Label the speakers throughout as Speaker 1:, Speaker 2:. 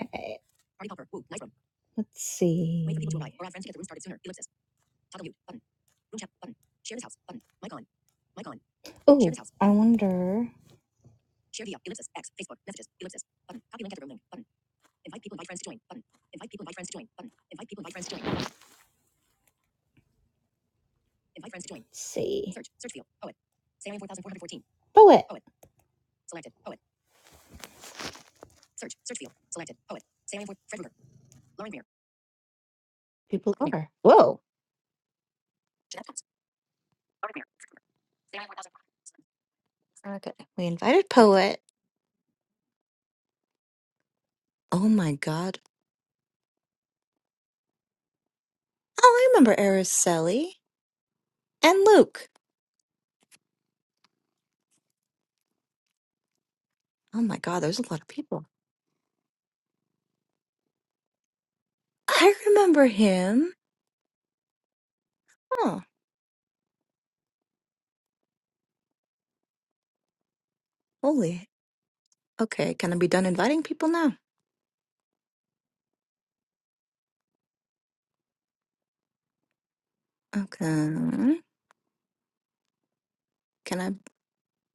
Speaker 1: Okay, let's see. Oh, I wonder. Let's see. Poet. People are. Whoa. Okay. We invited Poet. Oh my God. Oh, I remember Araceli and Luke. Oh my God, there's a lot of people. I remember him. Oh, holy. Okay, can I be done inviting people now? Okay. Can I?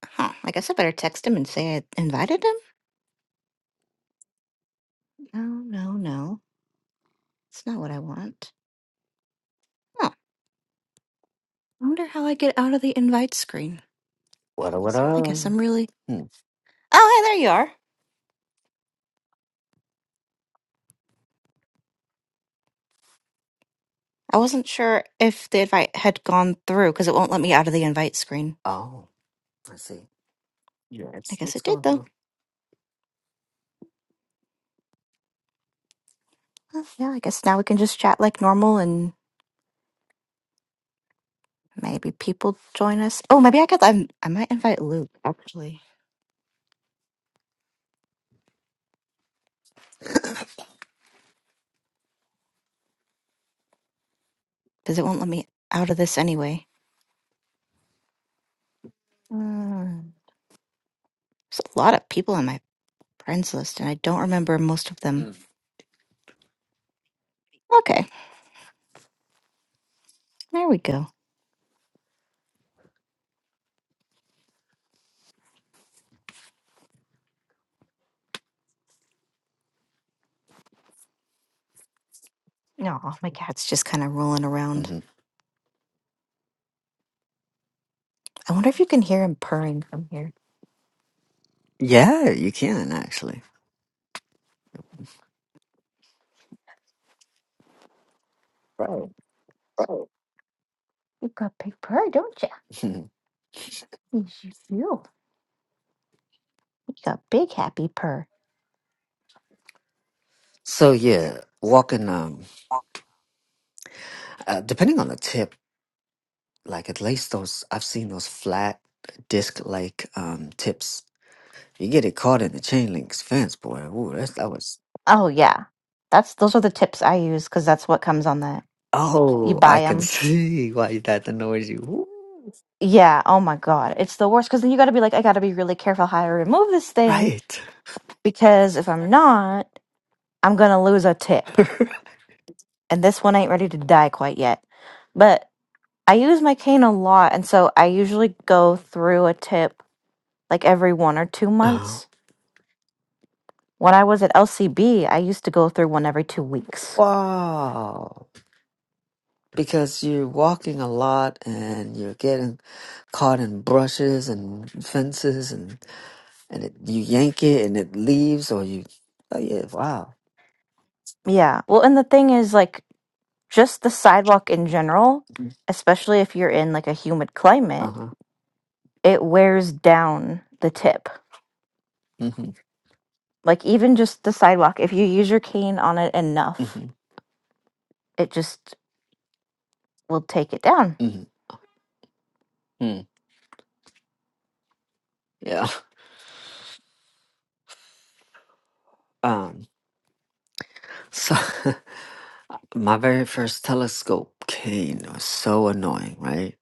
Speaker 1: Huh. I guess I better text him and say I invited him? No, no, no. It's not what I want. Huh. I wonder how I get out of the invite screen.
Speaker 2: What up, what
Speaker 1: I
Speaker 2: up?
Speaker 1: guess I'm really.
Speaker 2: Hmm.
Speaker 1: Oh, hey, there you are. I wasn't sure if the invite had gone through because it won't let me out of the invite screen.
Speaker 2: Oh, I see. Yeah,
Speaker 1: I
Speaker 2: it's
Speaker 1: guess
Speaker 2: it's
Speaker 1: it did
Speaker 2: going
Speaker 1: though.
Speaker 2: through.
Speaker 1: Well, yeah, I guess now we can just chat like normal and maybe people join us. Oh, maybe I could. i I might invite Luke actually because it won't let me out of this anyway. Mm. There's a lot of people on my friends list and I don't remember most of them.
Speaker 2: Mm.
Speaker 1: Okay, there we go. No, my cat's just kind of rolling around.
Speaker 2: hmm
Speaker 1: I wonder if you can hear him purring from here.
Speaker 2: Yeah, you can actually. Right.
Speaker 1: You got big purr, don't you?
Speaker 2: Mhm.
Speaker 1: Yes, you do. You got big happy purr.
Speaker 2: so yeah, walking. Um, uh, depending on the tip, like at least those I've seen those flat disc-like um tips. You get it caught in the chain link's fence, boy. Ooh, that's, that was.
Speaker 1: Oh yeah. That's those are the tips I use because that's what comes on that. You
Speaker 2: Oh, I
Speaker 1: buy
Speaker 2: can
Speaker 1: them.
Speaker 2: see why that annoys You Ooh,
Speaker 1: Yeah. Oh my God. It's the worst because then you got to be like, I got to be really careful how I remove this thing
Speaker 2: right.
Speaker 1: because if I'm not, I'm going to lose a tip. And this one ain't ready to die quite yet. But I use my cane a lot. And so I usually go through a tip like every one or two
Speaker 2: oh,
Speaker 1: months. When I was at LCB, I used to go through one every two weeks.
Speaker 2: wow. because you're walking a lot and you're getting caught in brushes and fences and and it, you yank it and it leaves or you oh yeah wow
Speaker 1: Yeah. Well, and the thing is, like, just the sidewalk in general, especially if you're in like a humid climate,
Speaker 2: uh-huh
Speaker 1: it wears down the tip.
Speaker 2: hmm
Speaker 1: Like, even just the sidewalk, if you use your cane on it enough,
Speaker 2: hmm
Speaker 1: it just will take it down.
Speaker 2: hmm hmm yeah um so my very first telescope cane was so annoying right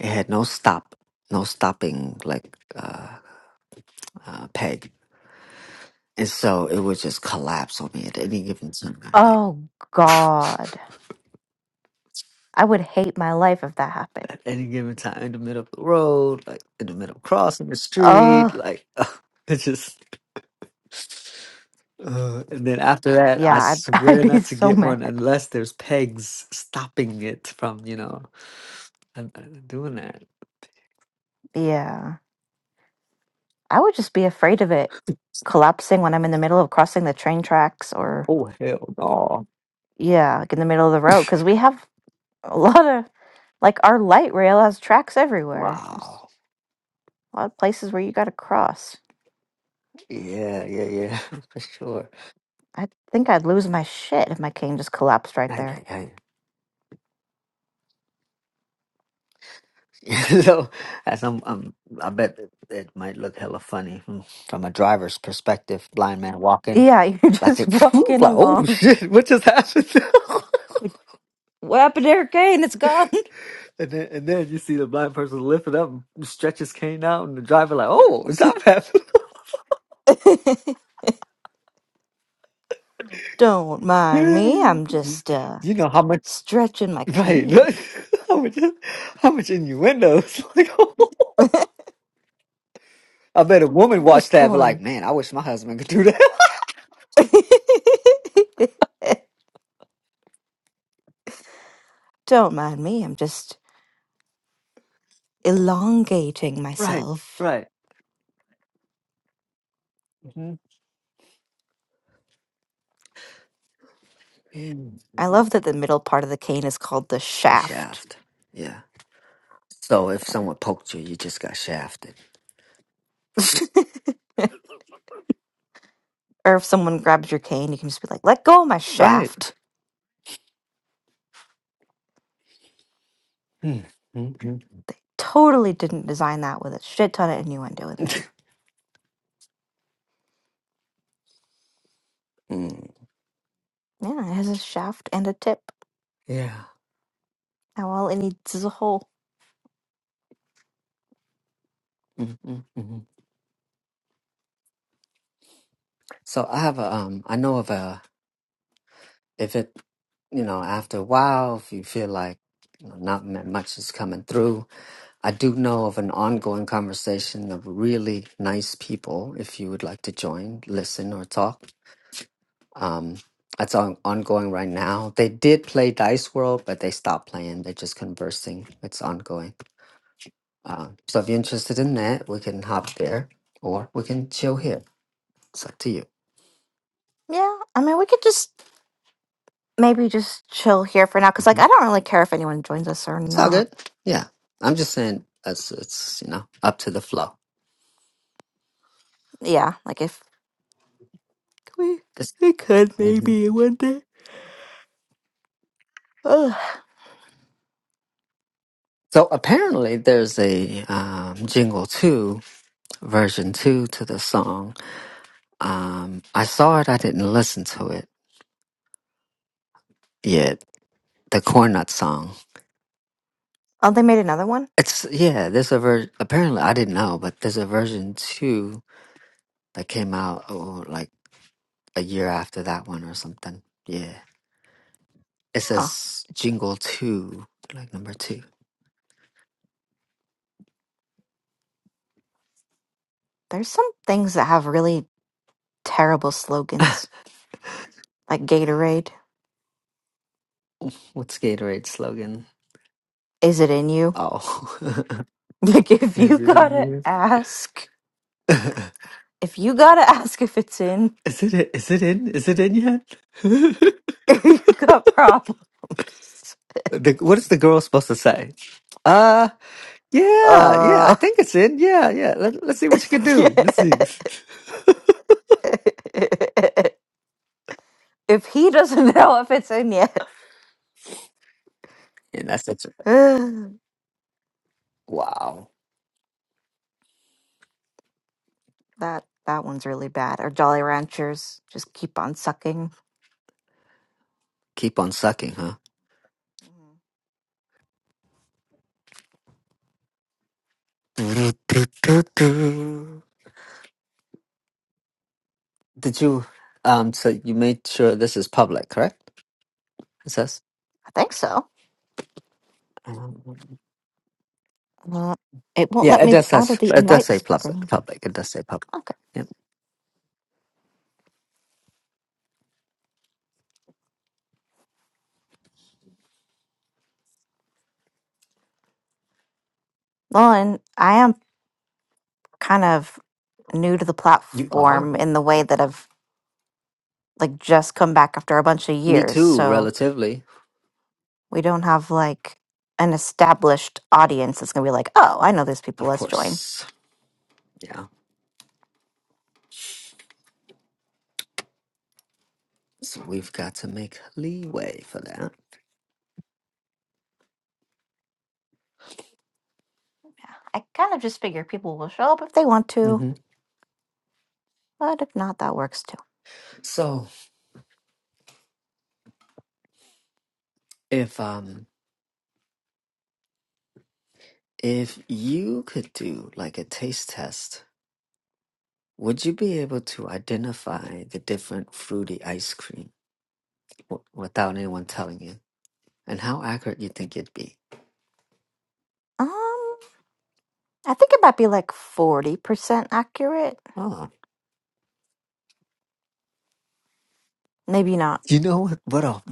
Speaker 2: it had no stop no stopping like uh, uh peg and so it would just collapse on me at any given time
Speaker 1: Oh god. I would hate my life if that happened.
Speaker 2: any given time in the middle of the road, like in the middle of crossing the
Speaker 1: Ugh.
Speaker 2: street, like it's just. Uh, and then after that,
Speaker 1: Yeah,
Speaker 2: I
Speaker 1: I'd, I'd
Speaker 2: swear
Speaker 1: be
Speaker 2: not to
Speaker 1: so
Speaker 2: get
Speaker 1: mad.
Speaker 2: one unless there's pegs stopping it from you know I'm, I'm doing that.
Speaker 1: Yeah. I would just be afraid of it collapsing when I'm in the middle of crossing the train tracks or,
Speaker 2: Oh hell no!
Speaker 1: yeah, like in the middle of the road. Because we have a lot of, like, our light rail has tracks everywhere. There's
Speaker 2: Wow.
Speaker 1: a lot of places where you got to cross.
Speaker 2: Yeah, yeah, yeah, for sure.
Speaker 1: I think I'd lose my shit if my cane just collapsed right
Speaker 2: Ay,
Speaker 1: there.
Speaker 2: ay, ay. so, as I'm, I'm, I bet it it might look hella funny from from a driver's perspective. Blind man walking,
Speaker 1: Yeah, you're
Speaker 2: that's
Speaker 1: just
Speaker 2: it.
Speaker 1: walking
Speaker 2: Like, oh
Speaker 1: along.
Speaker 2: shit, what just happened?
Speaker 1: Like, What happened to your cane? It's gone.
Speaker 2: And then, and then you see the blind person lift it up, and stretch his cane out, and the driver like, "Oh, is that happening?"
Speaker 1: Don't mind me. I'm
Speaker 2: you
Speaker 1: just uh
Speaker 2: you know how much,
Speaker 1: stretching my
Speaker 2: right?
Speaker 1: cane.
Speaker 2: how much, how much innuendos? like, I bet a woman
Speaker 1: I'm
Speaker 2: watched
Speaker 1: just
Speaker 2: that, and be like,
Speaker 1: pulling.
Speaker 2: "Man, I wish my husband could do that."
Speaker 1: Don't mind me. I'm just elongating
Speaker 2: right,
Speaker 1: myself.
Speaker 2: right. hmm
Speaker 1: I love that the middle part of the cane is called the
Speaker 2: A
Speaker 1: shaft.
Speaker 2: shaft. Yeah. So if someone poked you, you just got shafted.
Speaker 1: or if someone grabs your cane, you can just be like, "Let go of my
Speaker 2: Right.
Speaker 1: shaft."
Speaker 2: Mm-hmm. Mm. mm,
Speaker 1: Totally didn't design that with a shit ton of innuendo in there.
Speaker 2: mm.
Speaker 1: Yeah, it has a shaft and a tip.
Speaker 2: Yeah.
Speaker 1: Now all it needs is a hole.
Speaker 2: Mm, mm, mm. So I have a um I know of a if it, you know, after a while, if you feel like you know, not m- much is coming through, I do know of an ongoing conversation of really nice people. If you would like to join, listen, or talk, um, that's on, ongoing right now. They did play Dice World, but they stopped playing. They're just conversing. It's ongoing. Uh, so if you're interested in that, we can hop there or we can chill here. It's up to you.
Speaker 1: Yeah, I mean, we could just maybe just chill here for now because like i
Speaker 2: Mhm.
Speaker 1: don't really care if anyone joins us or
Speaker 2: It's all
Speaker 1: not
Speaker 2: good. Yeah. I'm just saying it's, it's you know, up to the flow.
Speaker 1: yeah like if we we could
Speaker 2: hmm
Speaker 1: maybe one day Ugh.
Speaker 2: So apparently, there's a um, jingle two version two to the song. Um, I saw it. I didn't listen to it yet. The corn nut song.
Speaker 1: oh they made another one.
Speaker 2: It's yeah. There's a version. Apparently, I didn't know, but there's a version two that came out oh, like a year after that one or something. Yeah. It
Speaker 1: Oh,
Speaker 2: says jingle two, like number two.
Speaker 1: there's some things that have really terrible slogans like gatorade
Speaker 2: What's Gatorade's slogan?
Speaker 1: is it in you
Speaker 2: Oh,
Speaker 1: like if you
Speaker 2: is it
Speaker 1: gotta
Speaker 2: in
Speaker 1: ask
Speaker 2: you?
Speaker 1: if you gotta ask if it's in
Speaker 2: Is it? Is it in? Is it in yet?
Speaker 1: you got problems
Speaker 2: the, what is the girl supposed to say? Uh, yeah, yeah. I
Speaker 1: uh
Speaker 2: think it's in. Yeah, yeah. Let, let's see what you can
Speaker 1: yeah.
Speaker 2: do. Let's see.
Speaker 1: if he doesn't know if it's in yet
Speaker 2: And that's it. Wow.
Speaker 1: That that one's really bad. Or Jolly Ranchers just keep on sucking.
Speaker 2: Keep on sucking, huh?
Speaker 1: Mhm.
Speaker 2: Do-do-do-do. Did you? Um. So you made sure this is public, correct? It says.
Speaker 1: I think so.
Speaker 2: Um,
Speaker 1: Well, it won't
Speaker 2: yeah,
Speaker 1: let
Speaker 2: it
Speaker 1: me
Speaker 2: does.
Speaker 1: out of
Speaker 2: Says,
Speaker 1: the
Speaker 2: it does
Speaker 1: invite
Speaker 2: say public.
Speaker 1: screen.
Speaker 2: Public. It does say public.
Speaker 1: Okay.
Speaker 2: Yep.
Speaker 1: Well, and I am kind of new to the
Speaker 2: You are.
Speaker 1: platform in the way that I've like just come back after a bunch of
Speaker 2: Me
Speaker 1: years,
Speaker 2: too.
Speaker 1: so
Speaker 2: Relatively,
Speaker 1: we don't have like an established audience that's gonna be like, oh, I know these people,
Speaker 2: of
Speaker 1: let's join.
Speaker 2: course. Yeah. So we've got to make leeway for that.
Speaker 1: Yeah. I kind of just figure people will show up if they want to,
Speaker 2: hmm
Speaker 1: but if not, that works too.
Speaker 2: So if um if you could do like a taste test, would you be able to identify the different fruity ice cream w- without anyone telling you? And how accurate you think it'd be?
Speaker 1: Um, I think it might be like 40% accurate.
Speaker 2: Oh,
Speaker 1: Maybe not.
Speaker 2: you know what? What'll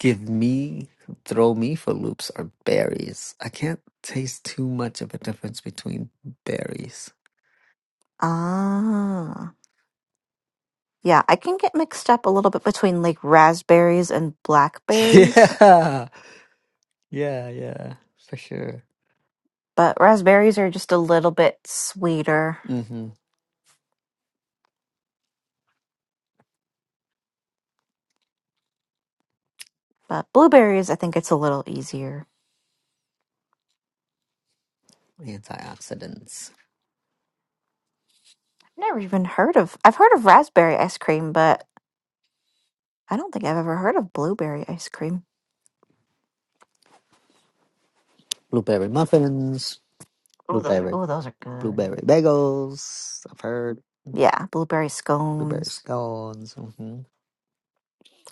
Speaker 2: give me throw me for loops are berries. I can't taste too much of a difference between berries.
Speaker 1: Ah. Yeah, I can get mixed up a little bit between like raspberries and blackberries,
Speaker 2: Yeah, yeah, yeah, for sure.
Speaker 1: but raspberries are just a little bit sweeter.
Speaker 2: Mm-hmm.
Speaker 1: But blueberries, I think it's a little easier.
Speaker 2: Antioxidants.
Speaker 1: I've never even heard of, I've heard of raspberry ice cream, but I don't think I've ever heard of blueberry ice cream.
Speaker 2: Blueberry muffins. Oh, the Blueberry
Speaker 1: Oh, those are good.
Speaker 2: blueberry bagels. I've heard
Speaker 1: Yeah, blueberry
Speaker 2: blueberry
Speaker 1: scones.
Speaker 2: scones. hmm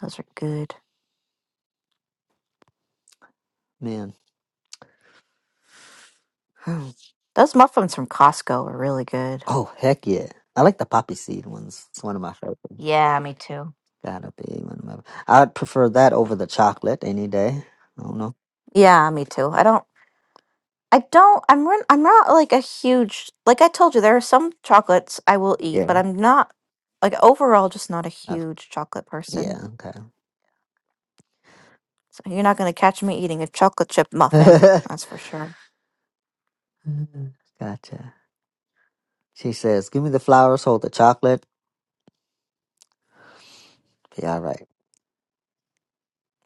Speaker 1: Those are good.
Speaker 2: Man.
Speaker 1: Those muffins from Costco are really good.
Speaker 2: Oh heck yeah! I like the poppy seed ones. It's one of my favorite.
Speaker 1: Yeah, me too.
Speaker 2: Gotta be one of my. I'd prefer that over the chocolate any day. I don't know.
Speaker 1: Yeah, me too. I don't. I don't. I'm. re- I'm not like a huge. Like I told you, there are some chocolates I will eat,
Speaker 2: Yeah.
Speaker 1: but I'm not like overall just not a
Speaker 2: I've,
Speaker 1: huge chocolate person.
Speaker 2: yeah.
Speaker 1: So you're not gonna catch me eating a chocolate chip muffin.
Speaker 2: Okay.
Speaker 1: That's for sure.
Speaker 2: gotcha. She says, "Give me the flowers, hold the chocolate." Be all right.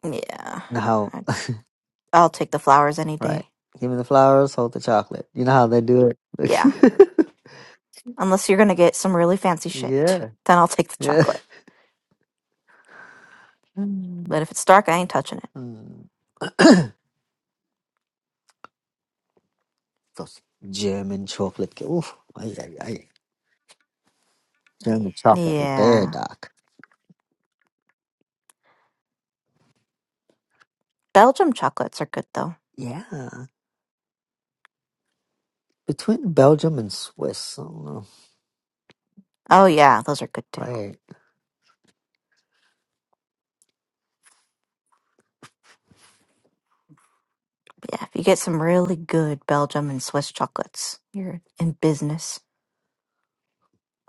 Speaker 1: Yeah,
Speaker 2: now.
Speaker 1: I, I'll take the flowers any
Speaker 2: Right.
Speaker 1: day.
Speaker 2: Give me the flowers, hold the chocolate. You know how they do
Speaker 1: Yeah,
Speaker 2: it.
Speaker 1: unless you're gonna get some really fancy shit,
Speaker 2: yeah.
Speaker 1: then I'll take the
Speaker 2: Yeah.
Speaker 1: chocolate.
Speaker 2: Mm.
Speaker 1: But if it's dark, I ain't touching it.
Speaker 2: Mm. Those German chocolate. ca- Oof. Ay, ay, ay. German chocolate with bear
Speaker 1: Yeah,
Speaker 2: doc.
Speaker 1: Belgium chocolates are good though.
Speaker 2: Yeah. Between Belgium and Swiss. I don't know.
Speaker 1: Oh yeah, those are good too.
Speaker 2: Right.
Speaker 1: Yeah, if you get some really good Belgium and Swiss chocolates, you're in business.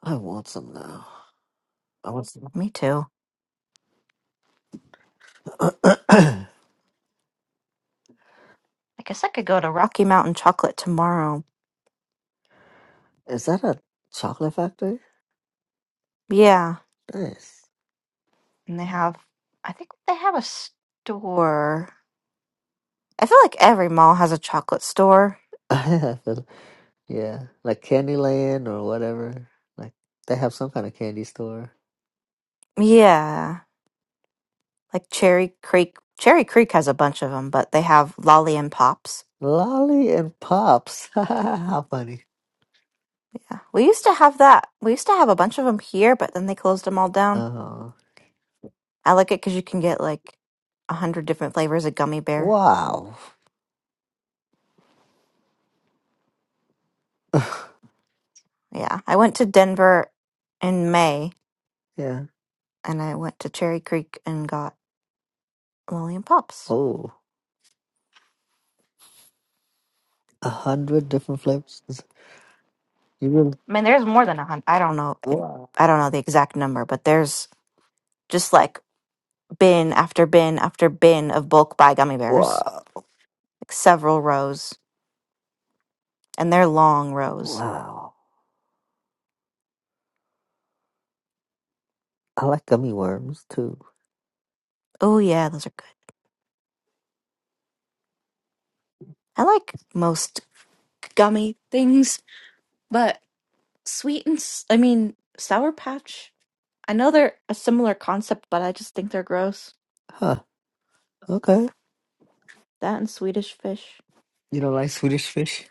Speaker 2: I want some now. I want some.
Speaker 1: Me too. I guess I could go to Rocky Mountain Chocolate tomorrow.
Speaker 2: Is that a chocolate factory?
Speaker 1: Yeah,
Speaker 2: Nice.
Speaker 1: and they have, I think they have a store. I feel like every mall has a chocolate store.
Speaker 2: I feel- yeah. Like Candyland or whatever. Like they have some kind of candy store.
Speaker 1: Yeah, like Cherry Creek. Cherry Creek has a bunch of them, but they have Lolly and Pops.
Speaker 2: Lolly and Pops. How funny.
Speaker 1: Yeah, we used to have that. We used to have a bunch of them here, but then they closed them all down.
Speaker 2: Uh,
Speaker 1: I like it because you can get like a hundred different flavors of gummy bear.
Speaker 2: wow.
Speaker 1: Yeah, I went to Denver in May,
Speaker 2: yeah.
Speaker 1: and I went to Cherry Creek and got Lillian Pops.
Speaker 2: Oh, a hundred different flavors. Is- You really?
Speaker 1: I mean, there's more than a hundred. I don't know. It,
Speaker 2: Wow.
Speaker 1: I don't know the exact number, but there's just like bin after bin after bin of bulk buy gummy bears,
Speaker 2: Wow.
Speaker 1: like several rows, and they're long rows.
Speaker 2: Wow. I like gummy worms too.
Speaker 1: Oh yeah, those are good. I like most gummy things, but sweet and s- I mean Sour Patch. I know they're a similar concept, but I just think they're gross.
Speaker 2: Huh. Okay.
Speaker 1: That and Swedish Fish.
Speaker 2: You don't like Swedish fish?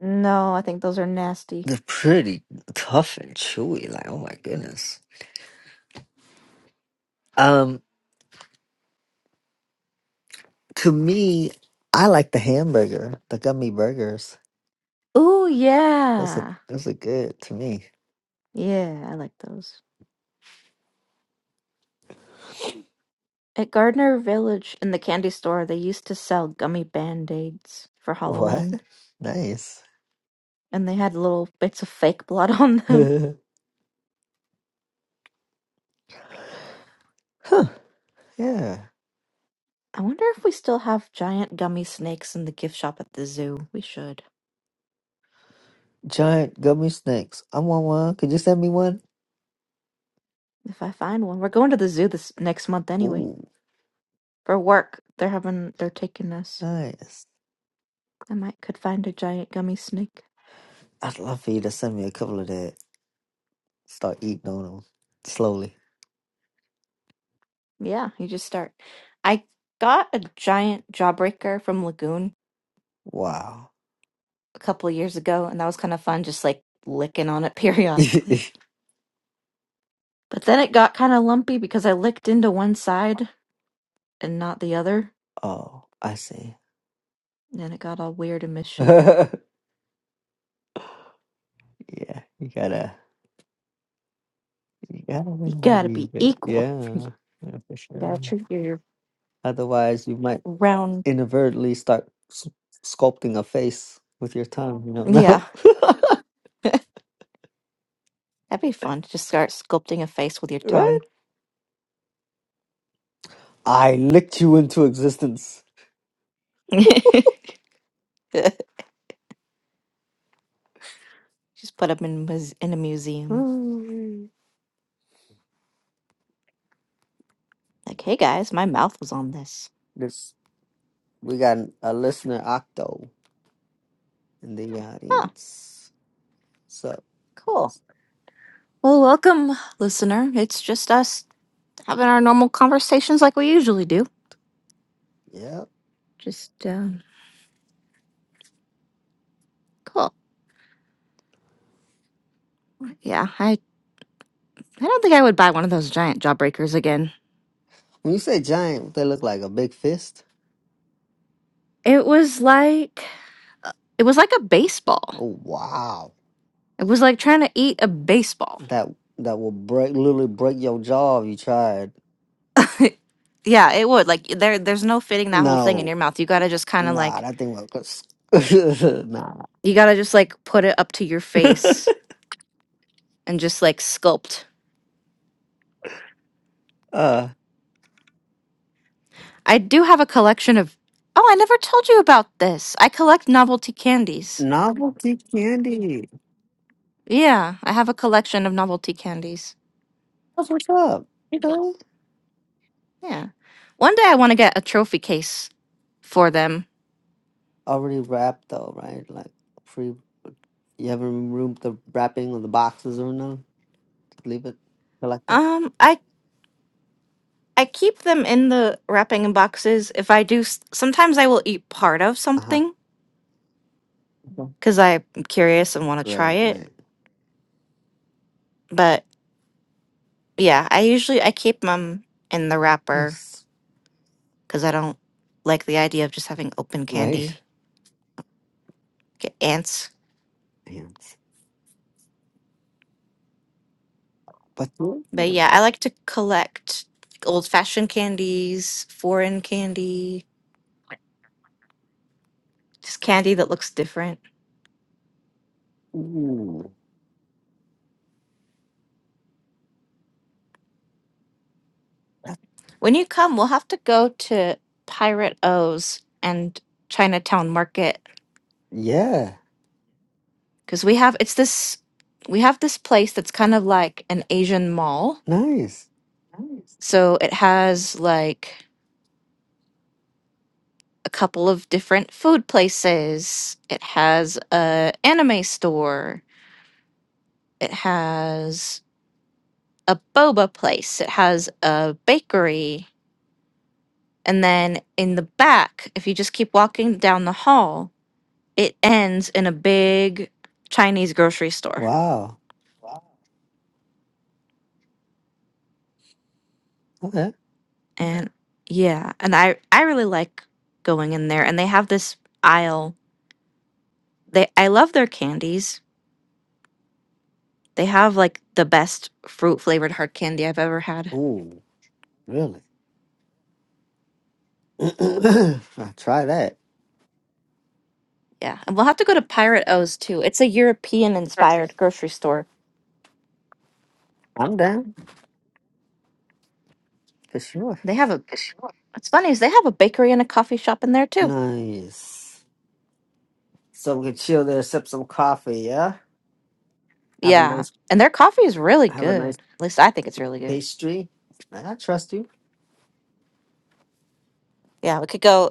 Speaker 1: No, I think those are nasty.
Speaker 2: They're pretty tough and chewy. Like, oh my goodness. Um, to me, I like the hamburger, the gummy burgers.
Speaker 1: Ooh,
Speaker 2: Those are
Speaker 1: yeah.
Speaker 2: those are good to me.
Speaker 1: Yeah, I like those. At Gardner Village in the candy store, they used to sell gummy band-aids for
Speaker 2: What?
Speaker 1: Halloween,
Speaker 2: Nice.
Speaker 1: and they had little bits of fake blood on them.
Speaker 2: huh. Yeah.
Speaker 1: I wonder if we still have giant gummy snakes in the gift shop at the zoo. We should.
Speaker 2: Giant gummy snacks. I want one. Could you send me one?
Speaker 1: If I find one, we're going to the zoo this next month anyway.
Speaker 2: Ooh,
Speaker 1: For work, they're having they're taking us.
Speaker 2: nice.
Speaker 1: I might could find a giant gummy snake.
Speaker 2: I'd love for you to send me a couple of that. Start eating on them slowly.
Speaker 1: Yeah, you just start. I got a giant jawbreaker from Lagoon
Speaker 2: Wow.
Speaker 1: a couple of years ago, and that was kind of fun, just like licking on it periodically. But then it got kind of lumpy because I licked into one side and not the other,
Speaker 2: oh, I see.
Speaker 1: and it got all weird and misshapen.
Speaker 2: yeah, you gotta, you gotta
Speaker 1: You gotta
Speaker 2: believe
Speaker 1: be
Speaker 2: it.
Speaker 1: equal.
Speaker 2: Yeah, yeah, for
Speaker 1: You
Speaker 2: sure.
Speaker 1: gotta treat your
Speaker 2: Otherwise, you might
Speaker 1: round.
Speaker 2: inadvertently start s- sculpting a face with your tongue. You don't know,
Speaker 1: Yeah, that'd be fun. Just start sculpting a face with your
Speaker 2: right?
Speaker 1: tongue.
Speaker 2: I licked you into existence.
Speaker 1: just put them in, mus- in a museum. Like, hey guys, my mouth was on this.
Speaker 2: This we got a listener Octo in the
Speaker 1: Huh,
Speaker 2: audience. So
Speaker 1: cool. Well, welcome, listener. It's just us having our normal conversations like we usually do.
Speaker 2: yeah.
Speaker 1: Just uh, cool. Yeah, I I don't think I would buy one of those giant jawbreakers again.
Speaker 2: When you say giant, they look like a big fist.
Speaker 1: It was like it was like a baseball.
Speaker 2: Oh wow.
Speaker 1: It was like trying to eat a baseball.
Speaker 2: That that will break literally break your jaw if you tried.
Speaker 1: yeah, it would. Like there there's no fitting that whole thing in
Speaker 2: No.
Speaker 1: your mouth. You got to just kind of
Speaker 2: Nah,
Speaker 1: like
Speaker 2: that thing will nah.
Speaker 1: you got to just like put it up to your face and just like sculpt.
Speaker 2: uh
Speaker 1: I do have a collection of Oh, I never told you about this. I collect novelty candies.
Speaker 2: novelty candy.
Speaker 1: Yeah, I have a collection of novelty candies.
Speaker 2: That's what's up. You know?
Speaker 1: Yeah. One day I want to get a trophy case for them.
Speaker 2: Already wrapped though, right? Like free you haven't removed the wrapping or the boxes or no? Just leave it. Collect it.
Speaker 1: Um, I I keep them in the wrapping boxes. If I do, s- sometimes I will eat part of
Speaker 2: Uh huh.
Speaker 1: something because I'm curious and want to try
Speaker 2: Right,
Speaker 1: it.
Speaker 2: right.
Speaker 1: But yeah, I usually I keep them in the wrapper
Speaker 2: Nice.
Speaker 1: because I don't like the idea of just having open
Speaker 2: Right.
Speaker 1: candy. Get ants.
Speaker 2: Hands. But ooh,
Speaker 1: But yeah, I like to collect old fashioned candies, foreign candy, just candy that looks different.
Speaker 2: that-
Speaker 1: When you come, we'll have to go to Pirate O's and Chinatown Market
Speaker 2: yeah.
Speaker 1: because we have it's this we have this place that's kind of like an Asian mall.
Speaker 2: Nice.
Speaker 1: So it has like a couple of different food places. It has a anime store. It has a boba place. It has a bakery. And then in the back, if you just keep walking down the hall, it ends in a big Chinese grocery store.
Speaker 2: Wow. Okay.
Speaker 1: And yeah, and I I really like going in there and they have this aisle. They I love their candies. They have like the best fruit flavored hard candy I've ever had.
Speaker 2: Ooh, really? I'll try that.
Speaker 1: Yeah. And we'll have to go to Pirate O's too. It's a European inspired grocery store.
Speaker 2: I'm down for sure.
Speaker 1: They have a What's funny is they have a bakery and a coffee shop in there too.
Speaker 2: Nice. So we can chill there, sip some coffee, yeah? Have a
Speaker 1: Yeah.
Speaker 2: nice
Speaker 1: And their coffee is really
Speaker 2: have a nice
Speaker 1: good. At least I think it's really good.
Speaker 2: pastry. I trust you.
Speaker 1: Yeah, we could go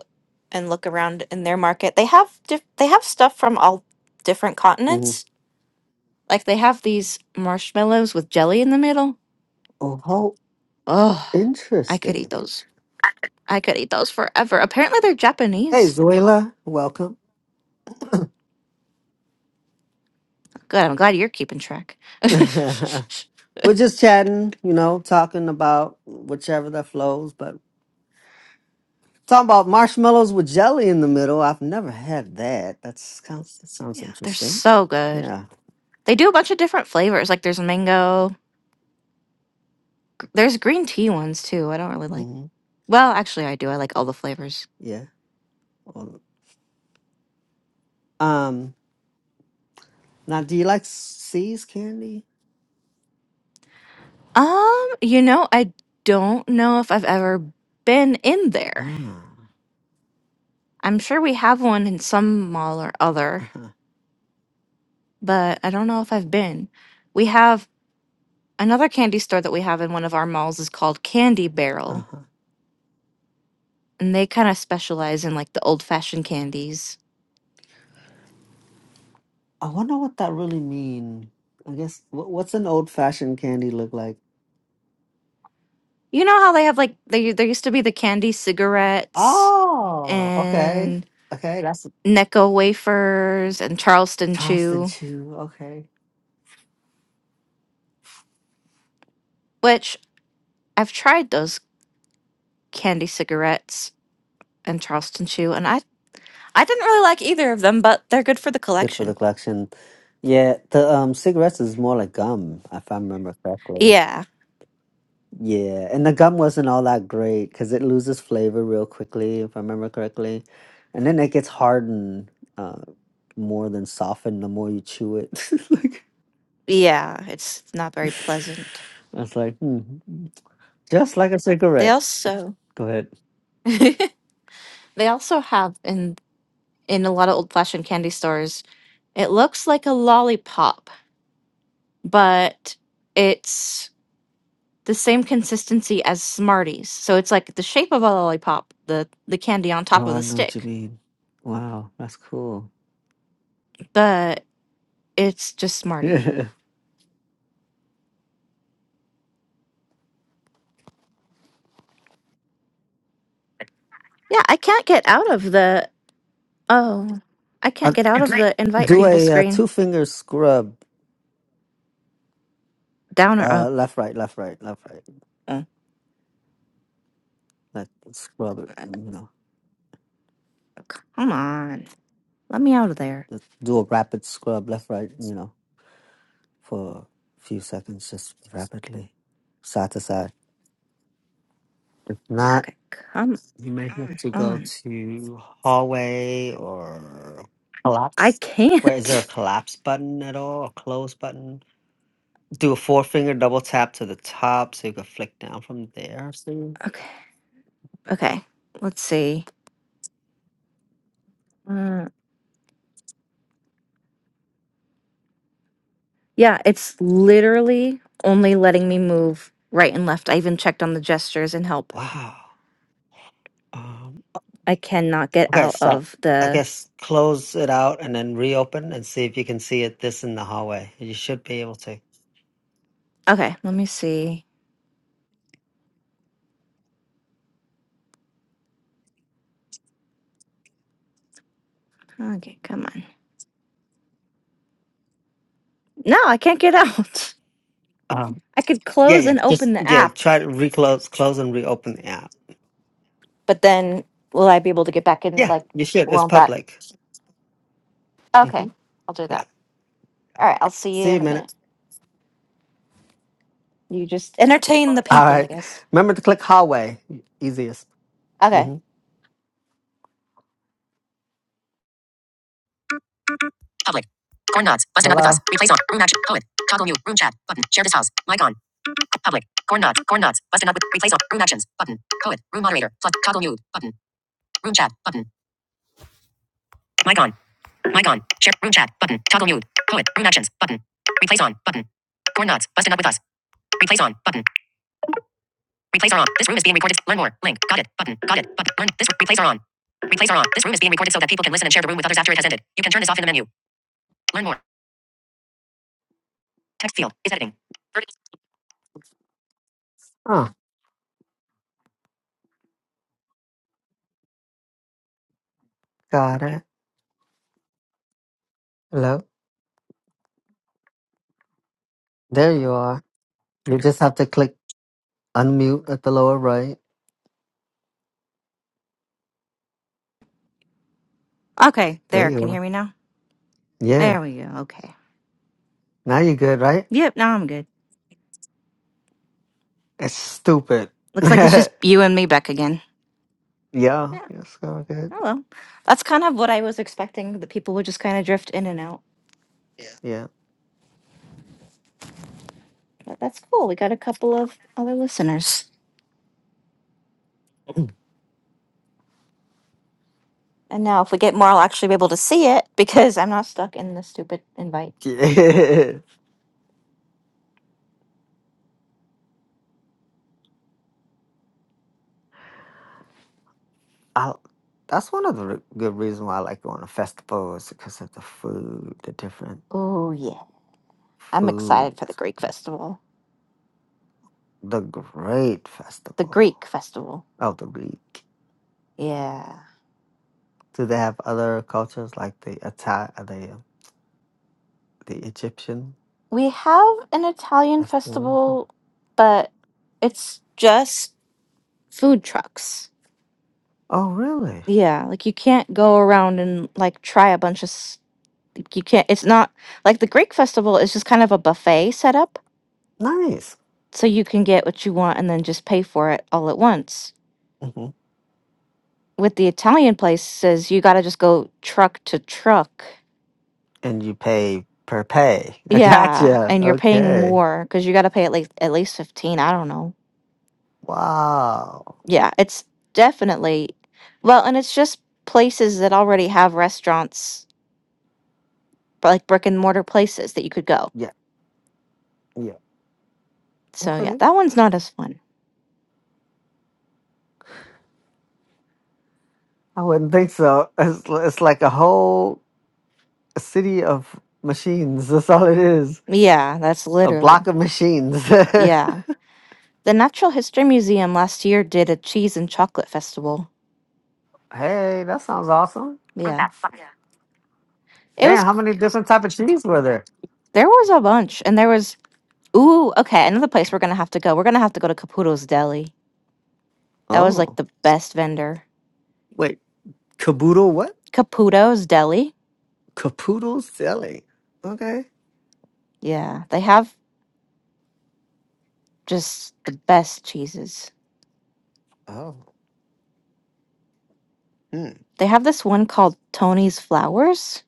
Speaker 1: and look around in their market. They have diff- they have stuff from all different
Speaker 2: hmm
Speaker 1: continents. Like they have these marshmallows with jelly in the middle.
Speaker 2: Oh, how
Speaker 1: Oh, I could eat
Speaker 2: interesting.
Speaker 1: those. I could eat those forever. Apparently they're
Speaker 2: Hey
Speaker 1: Japanese.
Speaker 2: Zoila, welcome.
Speaker 1: Good. I'm glad you're keeping track.
Speaker 2: We're just chatting, you know, talking about whichever that flows. But talking about marshmallows with jelly in the middle, I've never had that. That's sounds that sounds
Speaker 1: yeah, they're
Speaker 2: interesting.
Speaker 1: so good.
Speaker 2: Yeah.
Speaker 1: They do a bunch of different flavors. Like there's mango. gr- There's green tea ones too. I don't really like.
Speaker 2: hmm
Speaker 1: Well, actually I do. I like all the flavors.
Speaker 2: Yeah. Well, um. Now, do you like seas candy?
Speaker 1: Um, you know, I don't know if I've ever been in there.
Speaker 2: Ah.
Speaker 1: I'm sure we have one in some mall or
Speaker 2: Uh
Speaker 1: other,
Speaker 2: huh.
Speaker 1: but I don't know if I've been. We have another candy store that we have in one of our malls is called Candy
Speaker 2: Uh
Speaker 1: Barrel,
Speaker 2: huh.
Speaker 1: and they kind of specialize in like the old-fashioned candies.
Speaker 2: I wonder what that really mean. I guess wh- what's an old fashioned candy look like?
Speaker 1: You know how they have like they there used to be the candy cigarettes
Speaker 2: Oh. Okay.
Speaker 1: and
Speaker 2: Okay. That's a
Speaker 1: Necco wafers and Charleston
Speaker 2: Charleston
Speaker 1: chew,
Speaker 2: chew. Okay.
Speaker 1: which I've tried those candy cigarettes and Charleston Chew, and I I didn't really like either of them, but they're good for the
Speaker 2: Good for the
Speaker 1: collection.
Speaker 2: collection. Yeah, the um cigarettes is more like gum, if I remember correctly.
Speaker 1: Yeah,
Speaker 2: Yeah, and the gum wasn't all that great because it loses flavor real quickly, if I remember correctly, and then it gets hardened uh, more than softened the more you chew it. like,
Speaker 1: yeah, it's not very pleasant.
Speaker 2: I was like hmm, just like a
Speaker 1: They
Speaker 2: cigarette.
Speaker 1: also
Speaker 2: Go ahead.
Speaker 1: they also have in in a lot of old fashioned candy stores. It looks like a lollipop, but it's the same consistency as Smarties. So it's like the shape of a lollipop, the the candy on top
Speaker 2: Oh,
Speaker 1: of
Speaker 2: I
Speaker 1: the
Speaker 2: know what you
Speaker 1: stick,
Speaker 2: mean. Wow, that's cool.
Speaker 1: but it's just Smartie. Yeah, I can't get out of the Oh, I
Speaker 2: Yeah,
Speaker 1: can't get out of
Speaker 2: Uh,
Speaker 1: the invite
Speaker 2: do
Speaker 1: people
Speaker 2: a uh,
Speaker 1: screen.
Speaker 2: two finger scrub,
Speaker 1: Down or up?
Speaker 2: uh, left, right, left, right, left, right.
Speaker 1: Oh,
Speaker 2: like scrub it,
Speaker 1: uh,
Speaker 2: you know,
Speaker 1: come on. Let me out of there.
Speaker 2: just do a rapid scrub left, right, you know, for a few seconds, just rapidly, side to side. If not,
Speaker 1: Okay, come
Speaker 2: you may have to go
Speaker 1: on.
Speaker 2: to hallway or
Speaker 1: I
Speaker 2: collapse. Where is there a
Speaker 1: can't.
Speaker 2: collapse button at all? A close button? do a four finger double tap to the top so you can flick down from there. See?
Speaker 1: Okay, okay. Let's see. Uh, yeah, it's literally only letting me move right and left. I even checked on the gestures and help.
Speaker 2: Wow. Um,
Speaker 1: I cannot get
Speaker 2: okay,
Speaker 1: out
Speaker 2: so
Speaker 1: of
Speaker 2: I
Speaker 1: the.
Speaker 2: guess close it out and then reopen and see if you can see it this in the hallway. You should be able to.
Speaker 1: Okay, let me see. Okay, come on. No, I can't get out.
Speaker 2: Um,
Speaker 1: I could
Speaker 2: yeah,
Speaker 1: close
Speaker 2: yeah.
Speaker 1: and open
Speaker 2: Just
Speaker 1: the
Speaker 2: yeah.
Speaker 1: app.
Speaker 2: Try to reclose, close, and reopen the app.
Speaker 1: but then will I be able to get back in?
Speaker 2: Yeah,
Speaker 1: Like,
Speaker 2: you should. It's
Speaker 1: won't that?
Speaker 2: public.
Speaker 1: Okay,
Speaker 2: hmm
Speaker 1: I'll do
Speaker 2: Yeah.
Speaker 1: that. All right, I'll see you
Speaker 2: See you
Speaker 1: in
Speaker 2: in
Speaker 1: a
Speaker 2: a
Speaker 1: minute.
Speaker 2: minute.
Speaker 1: You just entertain the
Speaker 2: All
Speaker 1: people, I
Speaker 2: right.
Speaker 1: guess.
Speaker 2: Remember to click hallway. Easiest.
Speaker 1: Okay.
Speaker 2: hmm Public. Corn nuts. Busting up with us. Hello. Replace on. Room action. Poet. Toggle mute. Room chat. Button. Share this house. Mic on. Public. Corn nuts. Corn nuts. Busting up with. Replace on. Room actions. Button. Poet. Room moderator. Plus. Toggle mute. Button. Room chat. Button. Mic on. Mic on. Share. Room chat. Button. Toggle mute. Poet. Room actions. Button. Replace on. Button. Corn nuts. Busting up with us. Replace on. Button. Replace are on. This room is being recorded. Learn more. Link. Got it. Button. Got it. Button. Learn. This replace are on. Replace are on. This room is being recorded so that people can listen and share the room with others after it has ended. You can turn this off in the menu. Learn more. Text field is editing. Oh, got it. Hello. There you are. You just have to click unmute at the lower right.
Speaker 1: Okay,
Speaker 2: There
Speaker 1: there.
Speaker 2: you
Speaker 1: Can you
Speaker 2: are.
Speaker 1: hear me now?
Speaker 2: Yeah.
Speaker 1: There we go. Okay.
Speaker 2: Now you're good, right?
Speaker 1: Yep, now I'm good.
Speaker 2: That's stupid.
Speaker 1: Looks like it's
Speaker 2: yeah.
Speaker 1: just you and me back again. Yeah.
Speaker 2: You're so good.
Speaker 1: Oh, well. That's kind of what I was expecting, that people would just kind of drift in and out. But that's cool. We got a couple of other listeners. And now, if we get more, I'll actually be able to see it because I'm not stuck in the stupid invite.
Speaker 2: Yeah. I that's one of the r good reasons why I like going to festivals because of the food, the different
Speaker 1: Oh, yeah. I'm excited
Speaker 2: foods,
Speaker 1: for the Greek
Speaker 2: like,
Speaker 1: festival.
Speaker 2: the great
Speaker 1: the Greek
Speaker 2: festival
Speaker 1: festival.
Speaker 2: of the week.
Speaker 1: Yeah.
Speaker 2: Do they have other cultures like the Ita- uh, the uh, the Egyptian
Speaker 1: We have an Italian
Speaker 2: festival?
Speaker 1: festival, but it's just food trucks.
Speaker 2: Oh, really?
Speaker 1: Yeah, like you can't go around and like try a bunch of s- you can't it's not like the Greek festival is just kind of a buffet setup,
Speaker 2: Nice.
Speaker 1: so you can get what you want and then just pay for it all at once.
Speaker 2: hmm
Speaker 1: With the Italian places, you got to just go truck to truck.
Speaker 2: And you pay per pay. I
Speaker 1: Yeah,
Speaker 2: gotcha.
Speaker 1: and you're paying
Speaker 2: Okay.
Speaker 1: more cuz you got to pay at least at least 15, I don't know.
Speaker 2: Wow.
Speaker 1: Yeah, it's definitely well, and it's just places that already have restaurants, but like brick and mortar places that you could go.
Speaker 2: Yeah. Yeah.
Speaker 1: So yeah,
Speaker 2: Okay.
Speaker 1: that one's not as fun.
Speaker 2: I wouldn't think so. It's it's like a whole a city of machines. That's all it is.
Speaker 1: Yeah, that's
Speaker 2: A block
Speaker 1: literally
Speaker 2: of machines. hey,
Speaker 1: yeah. The Natural History Museum last year did a cheese and chocolate festival.
Speaker 2: that sounds awesome.
Speaker 1: Yeah, it was.
Speaker 2: Damn, how
Speaker 1: c-
Speaker 2: many different type of cheese were there?
Speaker 1: There was a bunch, and there was ooh okay another place we're gonna have to go. We're gonna have to go to Caputo's Deli. That was like
Speaker 2: Oh,
Speaker 1: the best vendor.
Speaker 2: wait, caboodle what?
Speaker 1: Caputo's Deli.
Speaker 2: Capoodle silly. Okay.
Speaker 1: Yeah, they have just the best cheeses.
Speaker 2: Oh. Hmm.
Speaker 1: They have this one called Tony's Flowers,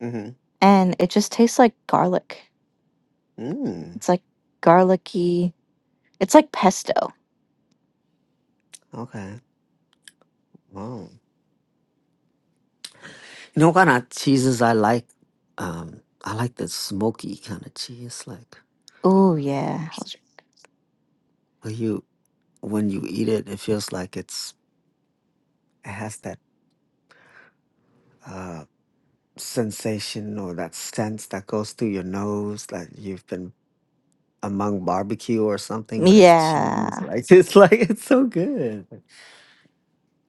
Speaker 2: Mm-hmm.
Speaker 1: and it just tastes like garlic.
Speaker 2: Mm.
Speaker 1: It's like garlicky. It's like pesto.
Speaker 2: Okay. Wow. You know what kind of cheeses I like? Um, I like the smoky kind of cheese. Like
Speaker 1: Oh yeah. Those are-
Speaker 2: when you when you eat it, it feels like it's it has that. uh, sensation or that sense that goes through your nose that you've been among barbecue or something, but it's cheese,
Speaker 1: Yeah.
Speaker 2: right? It's like it's so good.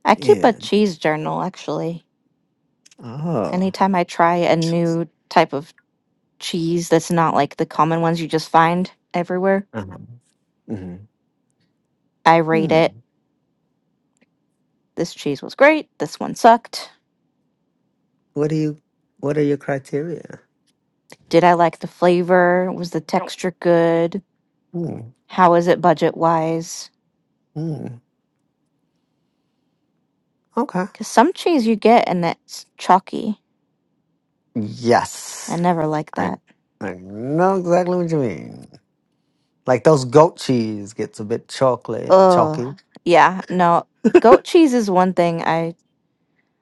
Speaker 1: I keep a
Speaker 2: Yeah.
Speaker 1: cheese journal actually.
Speaker 2: oh,
Speaker 1: Anytime I try a new type of cheese that's not like the common ones you just find everywhere,
Speaker 2: uh-huh. hmm
Speaker 1: I rate
Speaker 2: hmm.
Speaker 1: it. This cheese was great. This one sucked.
Speaker 2: what do you? What are your criteria?
Speaker 1: Did I like the flavor? Was the texture good?
Speaker 2: Mm,
Speaker 1: How is it budget wise?
Speaker 2: mm. Okay.
Speaker 1: Because some cheese you get and it's chalky. I
Speaker 2: Yes,
Speaker 1: never like
Speaker 2: I
Speaker 1: that.
Speaker 2: I know exactly what you mean. Like those goat cheese gets a bit chocolate
Speaker 1: Ugh.
Speaker 2: chalky.
Speaker 1: Yeah, no. Goat cheese is one thing I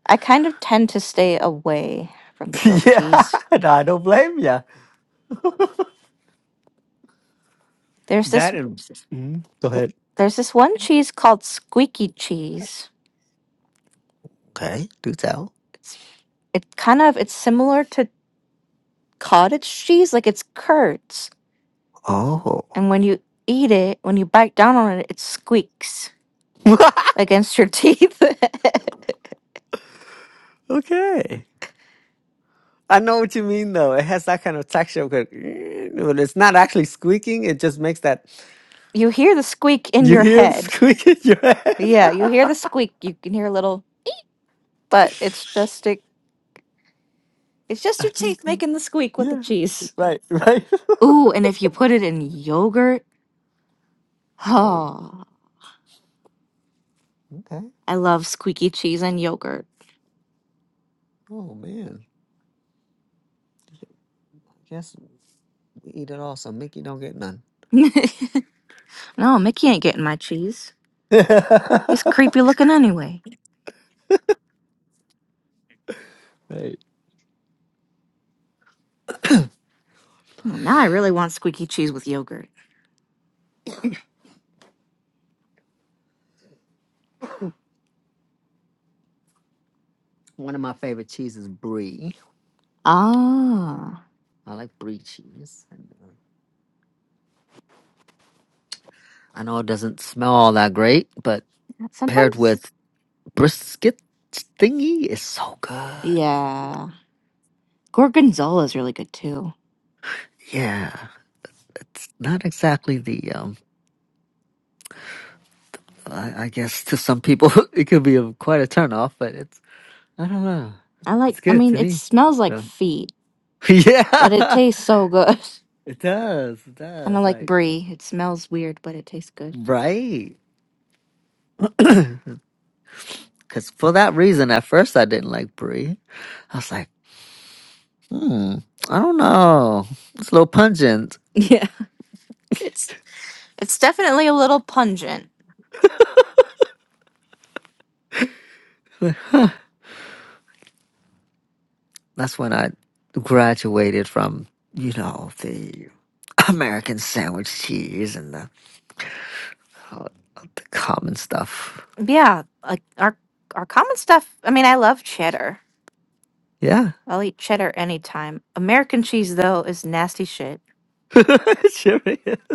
Speaker 1: I kind of tend to stay away from the goat
Speaker 2: yeah,
Speaker 1: cheese.
Speaker 2: no, I don't blame ya.
Speaker 1: There's this
Speaker 2: That is. mm, go ahead.
Speaker 1: there's this one cheese called squeaky cheese.
Speaker 2: Okay, do tell.
Speaker 1: It's it kind of it's similar to cottage cheese, like it's curds
Speaker 2: Oh,
Speaker 1: And when you eat it, when you bite down on it, it squeaks against your teeth.
Speaker 2: okay. I know what you mean, though. It has that kind of texture, but but it's not actually squeaking. It just makes that
Speaker 1: you hear the squeak in
Speaker 2: you
Speaker 1: your
Speaker 2: hear the
Speaker 1: head.
Speaker 2: squeak in your head.
Speaker 1: Yeah, you hear the squeak. You can hear a little, but it's just it, it's just
Speaker 2: I
Speaker 1: your
Speaker 2: think,
Speaker 1: teeth
Speaker 2: so.
Speaker 1: making the squeak with the
Speaker 2: yeah,
Speaker 1: cheese.
Speaker 2: right, right.
Speaker 1: Ooh, and if you put it in yogurt,
Speaker 2: Oh,
Speaker 1: oh,
Speaker 2: okay.
Speaker 1: I love squeaky cheese and yogurt.
Speaker 2: Oh man, I guess we eat it all, so Mickey don't get none.
Speaker 1: no, Mickey ain't getting my cheese.
Speaker 2: right.
Speaker 1: He's creepy looking anyway. Oh, now I really want squeaky cheese with yogurt.
Speaker 2: One of my favorite cheeses, brie.
Speaker 1: Ah,
Speaker 2: I like brie cheese. I know it doesn't smell all that great, but paired
Speaker 1: sometimes,
Speaker 2: with brisket thingy is so good.
Speaker 1: yeah. Gorgonzola is really good too.
Speaker 2: Yeah, it's not exactly the um. I, I guess to some people it could be a, quite a turnoff, but it's I don't know.
Speaker 1: I like.
Speaker 2: It's
Speaker 1: I
Speaker 2: good
Speaker 1: mean,
Speaker 2: to
Speaker 1: it
Speaker 2: me.
Speaker 1: smells like
Speaker 2: So
Speaker 1: feet, but it
Speaker 2: yeah,
Speaker 1: tastes so good.
Speaker 2: it does. It
Speaker 1: kind of
Speaker 2: does.
Speaker 1: like
Speaker 2: Like
Speaker 1: brie. It smells weird, but it tastes good.
Speaker 2: right. Because for that reason, at first I didn't like brie. I was like, hmm, I don't know. It's a little pungent.
Speaker 1: Yeah, it's it's definitely a little pungent.
Speaker 2: That's when I graduated from, you know, the American sandwich cheese and the, all the common stuff.
Speaker 1: Yeah, like our our common stuff. I mean, I love cheddar.
Speaker 2: Yeah.
Speaker 1: I'll eat cheddar anytime. American cheese though is nasty shit.
Speaker 2: it sure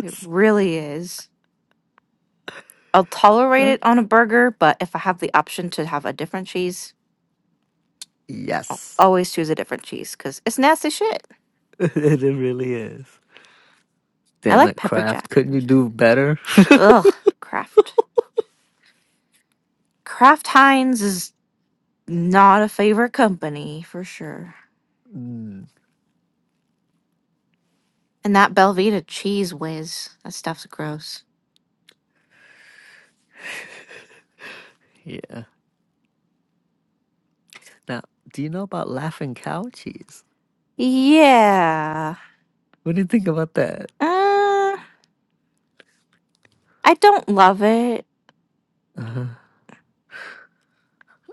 Speaker 1: It really is. I'll tolerate it on a burger, but if I have the option to have a different cheese,
Speaker 2: Yes.
Speaker 1: always choose a different cheese because it's nasty shit.
Speaker 2: it really is.
Speaker 1: I
Speaker 2: Damn
Speaker 1: like
Speaker 2: it,
Speaker 1: pepper
Speaker 2: Kraft.
Speaker 1: jack.
Speaker 2: Couldn't you do better?
Speaker 1: Ugh, Kraft. Kraft Heinz is not a favorite company for sure.
Speaker 2: Mm,
Speaker 1: And that Belvita cheese whiz, that stuff's gross.
Speaker 2: yeah. Now, do you know about laughing cow cheese?
Speaker 1: Yeah.
Speaker 2: What do you think about that?
Speaker 1: Uh, I don't love it.
Speaker 2: Uh,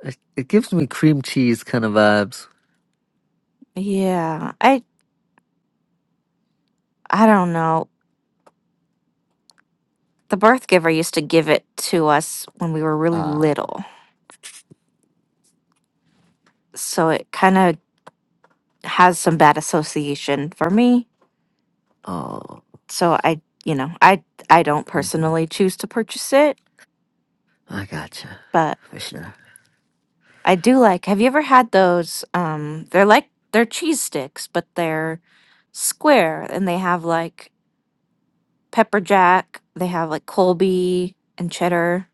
Speaker 2: it, it gives me cream cheese kind of vibes.
Speaker 1: Yeah. I I don't know. The birth giver used to give it to us when we were really
Speaker 2: Ah.
Speaker 1: little. So it kind of has some bad association for me.
Speaker 2: oh.
Speaker 1: So I, you know, I I don't
Speaker 2: hmm
Speaker 1: personally choose to purchase it,
Speaker 2: I gotcha.
Speaker 1: but
Speaker 2: For sure.
Speaker 1: I do like. Have you ever had those? Um, they're like they're cheese sticks, but they're square, and they have like pepper jack. They have like Colby and cheddar.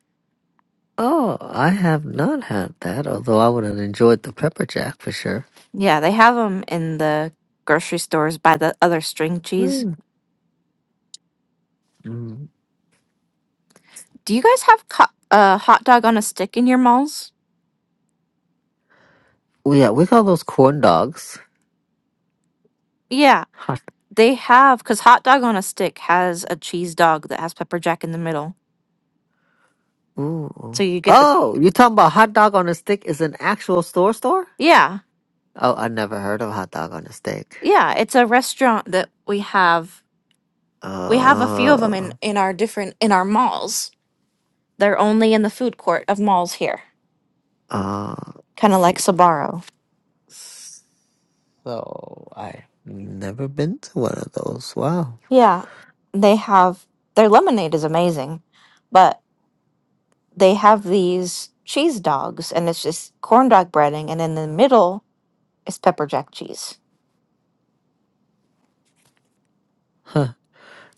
Speaker 2: Oh, I have not had that, although I would have enjoyed the pepper jack for sure.
Speaker 1: Yeah, they have them in the grocery stores by the other string cheese.
Speaker 2: Mm. Mm.
Speaker 1: Do you guys have co- uh, hot dog on a stick in your malls?
Speaker 2: Well, Yeah, we call those corn dogs.
Speaker 1: Yeah,
Speaker 2: Hot.
Speaker 1: they have because hot dog on a stick has a cheese dog that has pepper jack in the middle. So
Speaker 2: Ooh.
Speaker 1: you get the
Speaker 2: Oh, you talking about hot dog on a stick is an actual store store?
Speaker 1: yeah,
Speaker 2: Oh, I never heard of hot dog on a stick.
Speaker 1: yeah. It's a restaurant that we have We have a few of them
Speaker 2: Uh,
Speaker 1: in in our different in our malls. They're only in the food court of malls here,
Speaker 2: uh, let's
Speaker 1: kind of like
Speaker 2: see.
Speaker 1: Sabaro.
Speaker 2: So, I've never been to one of those. Wow.
Speaker 1: Yeah, they have their lemonade is amazing, but they have these cheese dogs, and it's just corn dog breading, and in the middle is pepper jack cheese.
Speaker 2: Huh.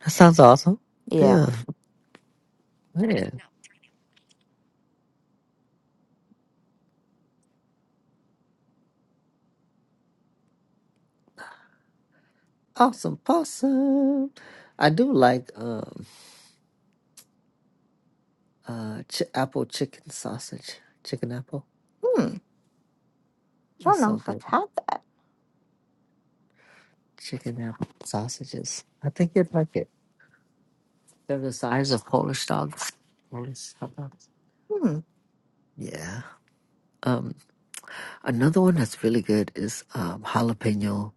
Speaker 2: That sounds awesome.
Speaker 1: Yeah.
Speaker 2: Yeah. Man. Awesome possum. I do like um uh ch- apple chicken sausage. Chicken apple.
Speaker 1: Hmm. I
Speaker 2: That's
Speaker 1: don't know
Speaker 2: so
Speaker 1: if I've
Speaker 2: good.
Speaker 1: had that.
Speaker 2: Chicken apple sausages. I think you'd like it. They're the size of Polish dogs. Polish hot dogs.
Speaker 1: Hmm.
Speaker 2: Yeah. Um another one that's really good is um jalapeno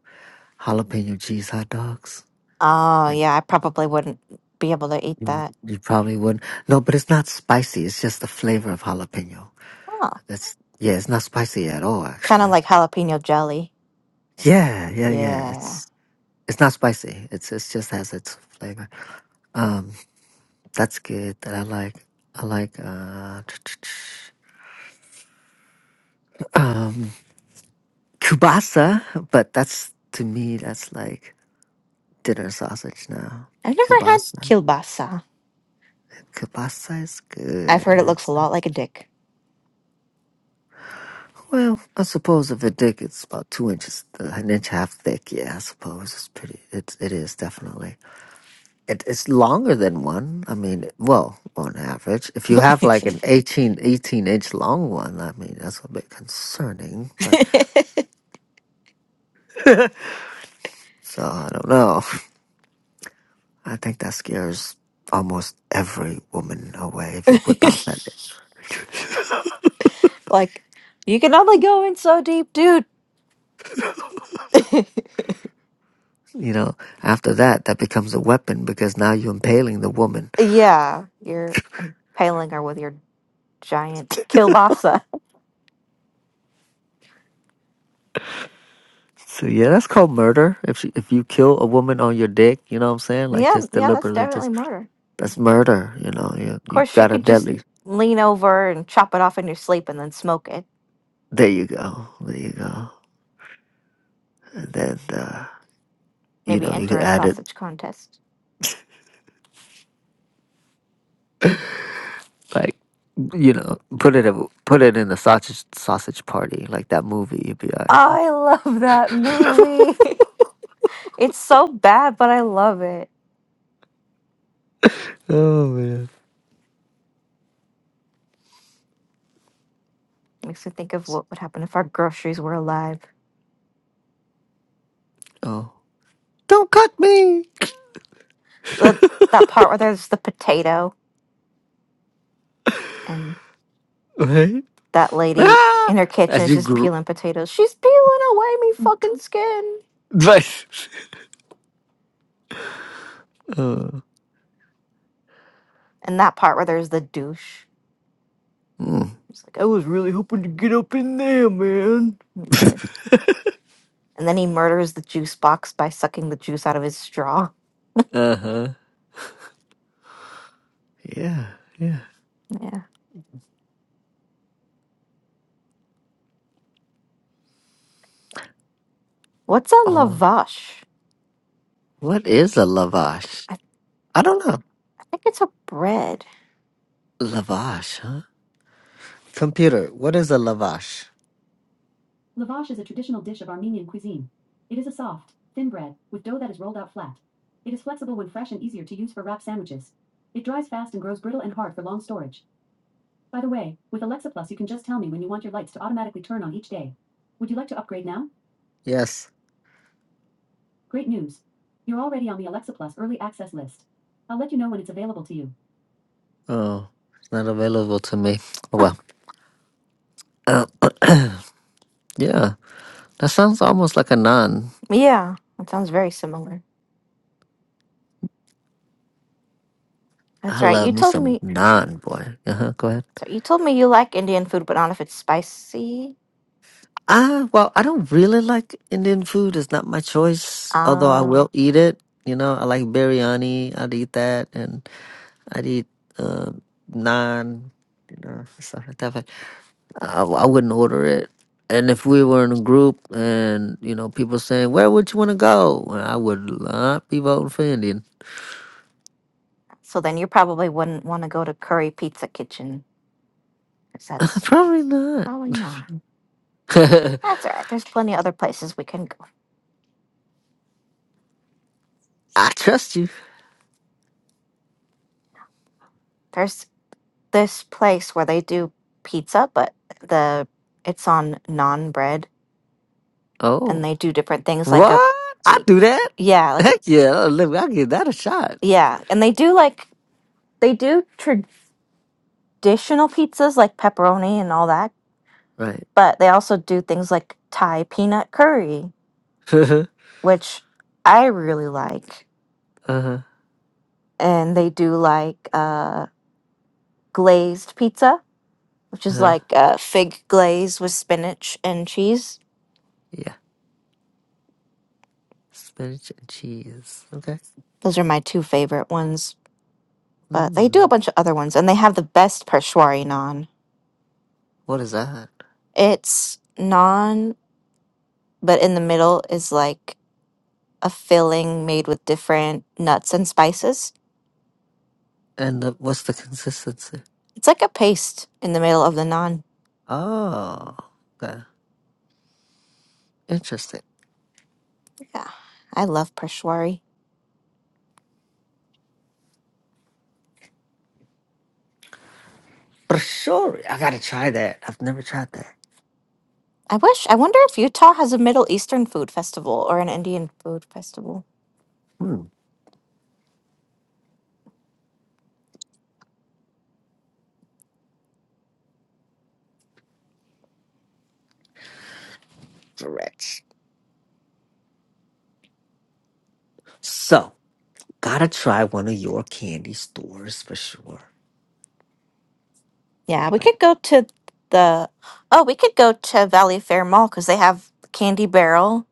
Speaker 2: jalapeno cheese hot dogs.
Speaker 1: Oh
Speaker 2: Like
Speaker 1: yeah, I probably wouldn't be able to eat
Speaker 2: you,
Speaker 1: that.
Speaker 2: you probably wouldn't no, but it's not spicy, it's just the flavor of jalapeno.
Speaker 1: Oh,
Speaker 2: That's yeah, it's not spicy at all
Speaker 1: kind
Speaker 2: actually.
Speaker 1: of like jalapeno jelly.
Speaker 2: Yeah, yeah, yeah.
Speaker 1: Yeah.
Speaker 2: It's it's not spicy. It's it's just has its flavor. Um, that's good. That I like. I like uh, um, kielbasa, but that's to me that's like dinner sausage now.
Speaker 1: I've never had
Speaker 2: Kielbasa,
Speaker 1: kielbasa.
Speaker 2: kielbasa is
Speaker 1: I've heard it
Speaker 2: good.
Speaker 1: looks
Speaker 2: It's,
Speaker 1: a lot like a dick.
Speaker 2: well, I suppose if it thick, it's about two inches, an inch and a half thick. Yeah, I suppose it's pretty. It's it is definitely. it, it's longer than one. I mean, well, on average, if you have like an 18, 18 inch long one, I mean, that's a bit concerning, but so I don't know. I think that scares almost every woman away if you whip out that. itch.
Speaker 1: like, you can only go in so deep, dude.
Speaker 2: You know, after that, that becomes a weapon because now you're impaling the woman.
Speaker 1: yeah, your Palinger with your giant kielbasa.
Speaker 2: So yeah, that's called murder. If she, if you kill a woman on your dick, you know what I'm saying? Like
Speaker 1: Yeah,
Speaker 2: just
Speaker 1: yeah, that's
Speaker 2: deliberately,
Speaker 1: definitely
Speaker 2: just
Speaker 1: murder.
Speaker 2: that's murder. You know, you
Speaker 1: Of course,
Speaker 2: you've
Speaker 1: she
Speaker 2: got a
Speaker 1: could just
Speaker 2: deadly
Speaker 1: lean over and chop it off in your sleep and then smoke it.
Speaker 2: There you go. There you go. And then uh, you
Speaker 1: Maybe
Speaker 2: know you
Speaker 1: enter
Speaker 2: could
Speaker 1: a
Speaker 2: add it
Speaker 1: sausage contest.
Speaker 2: like you know put it in- put it in the sausage sausage party like that movie. You'd be alright.
Speaker 1: I love that movie. it's so bad, but I love it.
Speaker 2: oh man.
Speaker 1: Makes me think of what would happen if our groceries were alive.
Speaker 2: Oh, don't cut me.
Speaker 1: the that part where there's the potato and
Speaker 2: Right.
Speaker 1: that lady
Speaker 2: Ah!
Speaker 1: in her kitchen
Speaker 2: As
Speaker 1: is
Speaker 2: you
Speaker 1: just
Speaker 2: grew.
Speaker 1: peeling potatoes. She's peeling away me fucking skin.
Speaker 2: Right. Uh,
Speaker 1: And that part where there's the douche.
Speaker 2: mm.
Speaker 1: He's like I was really hoping to get up in there, man. And then he murders the juice box by sucking the juice out of his straw.
Speaker 2: uh huh. Yeah. Yeah.
Speaker 1: Yeah. What's a
Speaker 2: Oh,
Speaker 1: lavash?
Speaker 2: what is a lavash?
Speaker 1: I,
Speaker 2: I don't know.
Speaker 1: I think it's a bread.
Speaker 2: Lavash, huh? Computer. What is a lavash? Lavash is a traditional dish of Armenian cuisine. It is a soft, thin bread, with dough that is rolled out flat. It is flexible when fresh and easier to use for wrap sandwiches. It dries fast and grows brittle and hard for long storage. By the way, with Alexa Plus, you can just tell me when you want your lights to automatically turn on each day. Would you like to upgrade now? Yes. Great news. You're already on the Alexa Plus early access list. I'll let you know when it's available to you. Oh, it's not available to me. Well, uh, yeah, that sounds almost like a naan.
Speaker 1: Yeah, that sounds very similar. That's
Speaker 2: I
Speaker 1: right.
Speaker 2: love
Speaker 1: You
Speaker 2: me
Speaker 1: told
Speaker 2: some
Speaker 1: me.
Speaker 2: naan, boy. Uh huh. Go ahead.
Speaker 1: Sorry, you told me you like Indian food, but not if it's spicy.
Speaker 2: Ah, well, I don't really like Indian food. It's not my choice, although I
Speaker 1: Ah.
Speaker 2: will eat it. You know, I like biryani. I'd eat that, and I'd eat uh, naan. You know, stuff like that. But I, I wouldn't order it. And if we were in a group, and you know, people saying, "Where would you want to go?" Well, I would not be voting for Indian.
Speaker 1: So then you probably wouldn't want to go to Curry Pizza Kitchen because that's
Speaker 2: Probably not.
Speaker 1: probably not. That's all right. There's plenty of other places we can go.
Speaker 2: I trust you.
Speaker 1: There's this place where they do pizza, but the it's on non bread
Speaker 2: Oh.
Speaker 1: and they do different things like a
Speaker 2: What? I
Speaker 1: y-
Speaker 2: do that?
Speaker 1: yeah, like a-
Speaker 2: Heck yeah! I'll live- I'll give that a shot.
Speaker 1: yeah, and they do like they do traditional pizzas like pepperoni and all that,
Speaker 2: Right.
Speaker 1: but they also do things like Thai peanut curry,
Speaker 2: uh
Speaker 1: which I really like.
Speaker 2: huh.
Speaker 1: And they do like uh glazed pizza, which
Speaker 2: Uh
Speaker 1: is
Speaker 2: huh.
Speaker 1: like uh, fig glaze with spinach and cheese.
Speaker 2: Yeah. Spinach and cheese. Okay.
Speaker 1: Those are my two favorite ones, but they do a
Speaker 2: Mm.
Speaker 1: bunch of other ones, and they have the best pershwari naan.
Speaker 2: What is that?
Speaker 1: It's naan, but in the middle is like a filling made with different nuts and spices.
Speaker 2: And the, what's the consistency?
Speaker 1: It's like a paste in the middle of the naan.
Speaker 2: Oh. Okay. Interesting.
Speaker 1: Yeah, I love pershwari.
Speaker 2: Brashori. I gotta try that. I've never tried that.
Speaker 1: I wish. I wonder if Utah has a Middle Eastern food festival or an Indian food festival.
Speaker 2: Hmm. Stretch. So gotta try one of your candy stores for sure. You're
Speaker 1: Yeah, we
Speaker 2: like,
Speaker 1: could go to the oh, we could go to Valley Fair Mall because they have Candy Barrel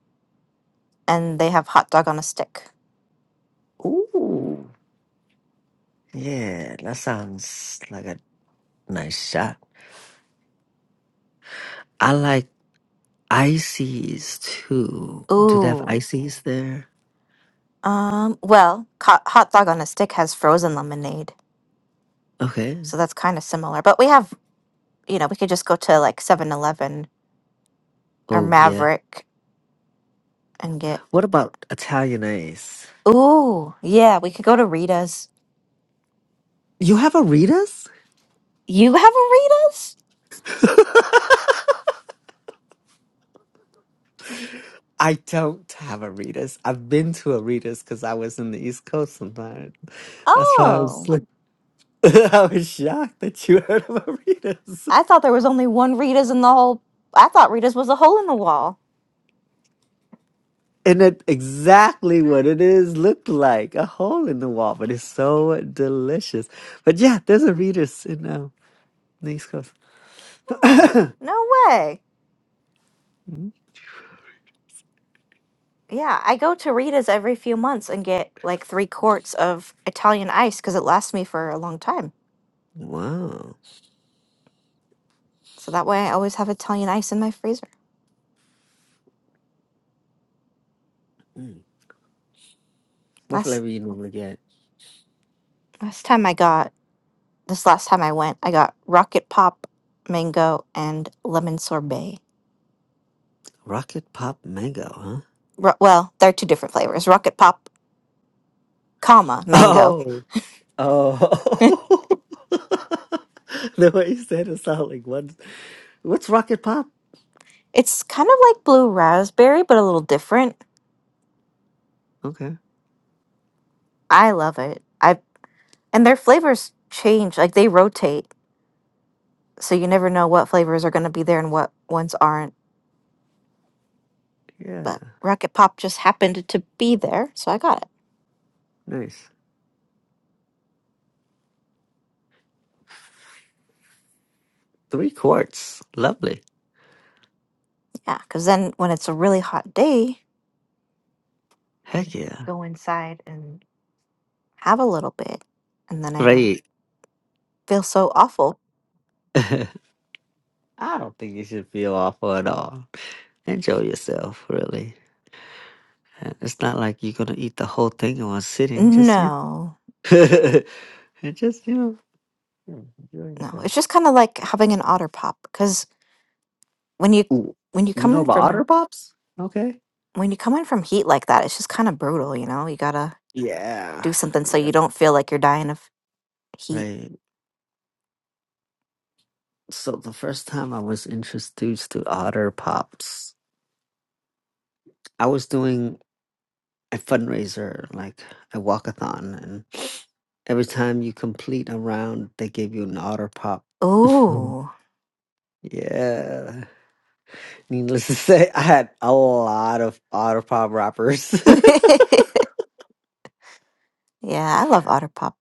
Speaker 1: and they have hot dog on a stick.
Speaker 2: ooh, yeah, that sounds like a nice shot. I like ices too. Do they have
Speaker 1: Ooh,
Speaker 2: ices there?
Speaker 1: um, well, co- hot dog on a stick has frozen lemonade,
Speaker 2: Okay.
Speaker 1: so that's kind of similar. But we have, you know, we could just go to like Seven Eleven or
Speaker 2: Oh yeah.
Speaker 1: Maverick and get.
Speaker 2: What about Italian ice?
Speaker 1: Ooh, yeah, we could go to Rita's.
Speaker 2: You have Aritas?
Speaker 1: You have a Rita's?
Speaker 2: I don't have Aritas. I've been to Aritas because I was in the East Coast sometimes. That's why I was
Speaker 1: Oh,
Speaker 2: like, I was shocked that you heard of Aritas.
Speaker 1: I thought there was only one Rita's in the whole. I thought Rita's was a hole in the wall.
Speaker 2: And it exactly what it is looked like a hole in the wall, but it's so delicious. But yeah, there's Aritas in uh, the East Coast.
Speaker 1: Oh, no way.
Speaker 2: Mm.
Speaker 1: Yeah, I go to Rita's every few months and get like three quarts of Italian ice because it lasts me for a long time.
Speaker 2: Wow.
Speaker 1: So that way I always have Italian ice in my freezer.
Speaker 2: Mm. What
Speaker 1: Last
Speaker 2: flavor you normally get?
Speaker 1: last time I got this last time I went, I got rocket pop, mango, and lemon sorbet.
Speaker 2: Rocket Pop Mango, huh?
Speaker 1: Ro- well, they're two different flavors. Rocket pop, comma, mango.
Speaker 2: Oh. Oh. the way you said it sounded like what? What's Rocket Pop?
Speaker 1: It's kind of like blue raspberry, but a little different.
Speaker 2: Okay.
Speaker 1: I love it. I and their flavors change, like they rotate, so you never know what flavors are going to be there and what ones aren't.
Speaker 2: Yeah.
Speaker 1: but Rocket Pop just happened to be there, so I got it.
Speaker 2: Nice. Three quarts. Lovely.
Speaker 1: Yeah, because then when it's a really hot day, you
Speaker 2: Heck
Speaker 1: can
Speaker 2: yeah.
Speaker 1: go inside and have a little bit, and then I don't
Speaker 2: Right.
Speaker 1: feel so awful.
Speaker 2: I don't think you should feel awful at all. Enjoy yourself, really. And It's not like you're gonna eat the whole thing in one sitting. Just you
Speaker 1: No,
Speaker 2: know, and just you know, yeah, enjoy
Speaker 1: no,
Speaker 2: yourself.
Speaker 1: it's just kind of like having an otter pop because when you
Speaker 2: Ooh,
Speaker 1: when you
Speaker 2: you
Speaker 1: come
Speaker 2: know
Speaker 1: in
Speaker 2: about Otter
Speaker 1: from
Speaker 2: Pops? Okay.
Speaker 1: when you come in from heat like that, it's just kind of brutal, you know. You gotta
Speaker 2: Yeah.
Speaker 1: do something so
Speaker 2: Yeah.
Speaker 1: you don't feel like you're dying of heat.
Speaker 2: Right. So the first time I was introduced to Otter Pops, I was doing a fundraiser, like a walkathon, and every time you complete a round, they give you an Otter Pop.
Speaker 1: Ooh,
Speaker 2: yeah. Needless to say, I had a lot of Otter Pop wrappers. it
Speaker 1: yeah, I love otter pop.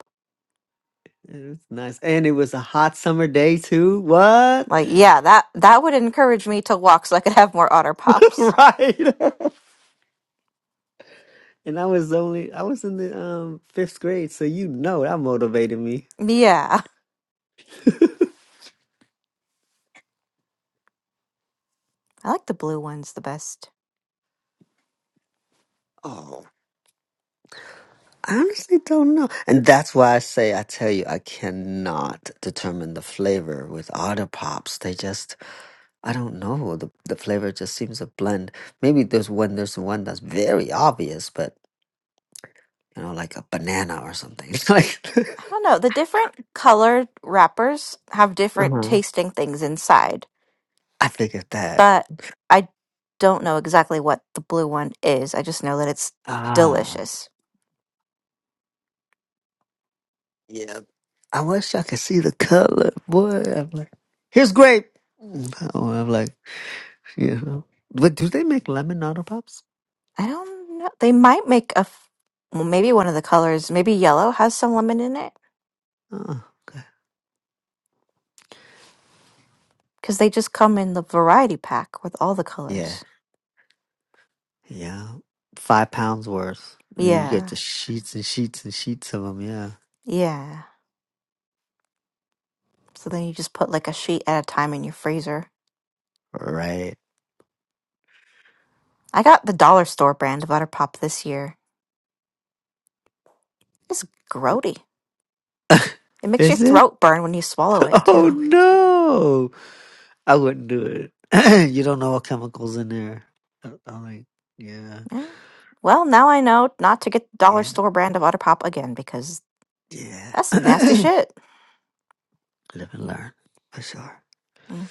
Speaker 2: was nice. And it was a hot summer day too. What?
Speaker 1: Like, yeah, that that would encourage me to walk so I could have more otter pops.
Speaker 2: right. And I was only I was in the um fifth grade, so you know that motivated me.
Speaker 1: Yeah. I like the blue ones the best.
Speaker 2: Oh, I honestly don't know. And that's why I say I tell you I cannot determine the flavor with Otter Pops. They just I don't know. The the flavor just seems to blend. Maybe there's one there's one that's very obvious, but you know, like a banana or something. like
Speaker 1: I don't know, the different colored wrappers have different
Speaker 2: uh-huh.
Speaker 1: tasting things inside,
Speaker 2: I figured that.
Speaker 1: but I don't know exactly what the blue one is. I just know that it's
Speaker 2: Ah.
Speaker 1: delicious.
Speaker 2: Yeah. I wish I could see the color, boy. I'm like, here's grape. Oh, I'm like, you know. But do they make lemon Nutter Pops?
Speaker 1: I don't know. They might make a f- well, maybe one of the colors, maybe yellow has some lemon in it
Speaker 2: Oh, okay.
Speaker 1: because they just come in the variety pack with all the
Speaker 2: Yeah.
Speaker 1: colors.
Speaker 2: Yeah. Five pounds worth. And you get
Speaker 1: Yeah.
Speaker 2: the sheets and sheets and sheets of them. Yeah.
Speaker 1: Yeah. So then you just put like a sheet at a time in your freezer.
Speaker 2: Right.
Speaker 1: I got the dollar store brand of Butter Pop this year. It's grody. It makes your
Speaker 2: Is it?
Speaker 1: throat burn when you swallow it
Speaker 2: Oh,
Speaker 1: too.
Speaker 2: no. I wouldn't do it. you don't know what chemicals in there. I- I'm like, yeah.
Speaker 1: Yeah. Well, now I know not to get the dollar
Speaker 2: Yeah.
Speaker 1: store brand of Butter Pop again because
Speaker 2: Yeah.
Speaker 1: that's some nasty shit.
Speaker 2: Live and learn. For sure.
Speaker 1: hmm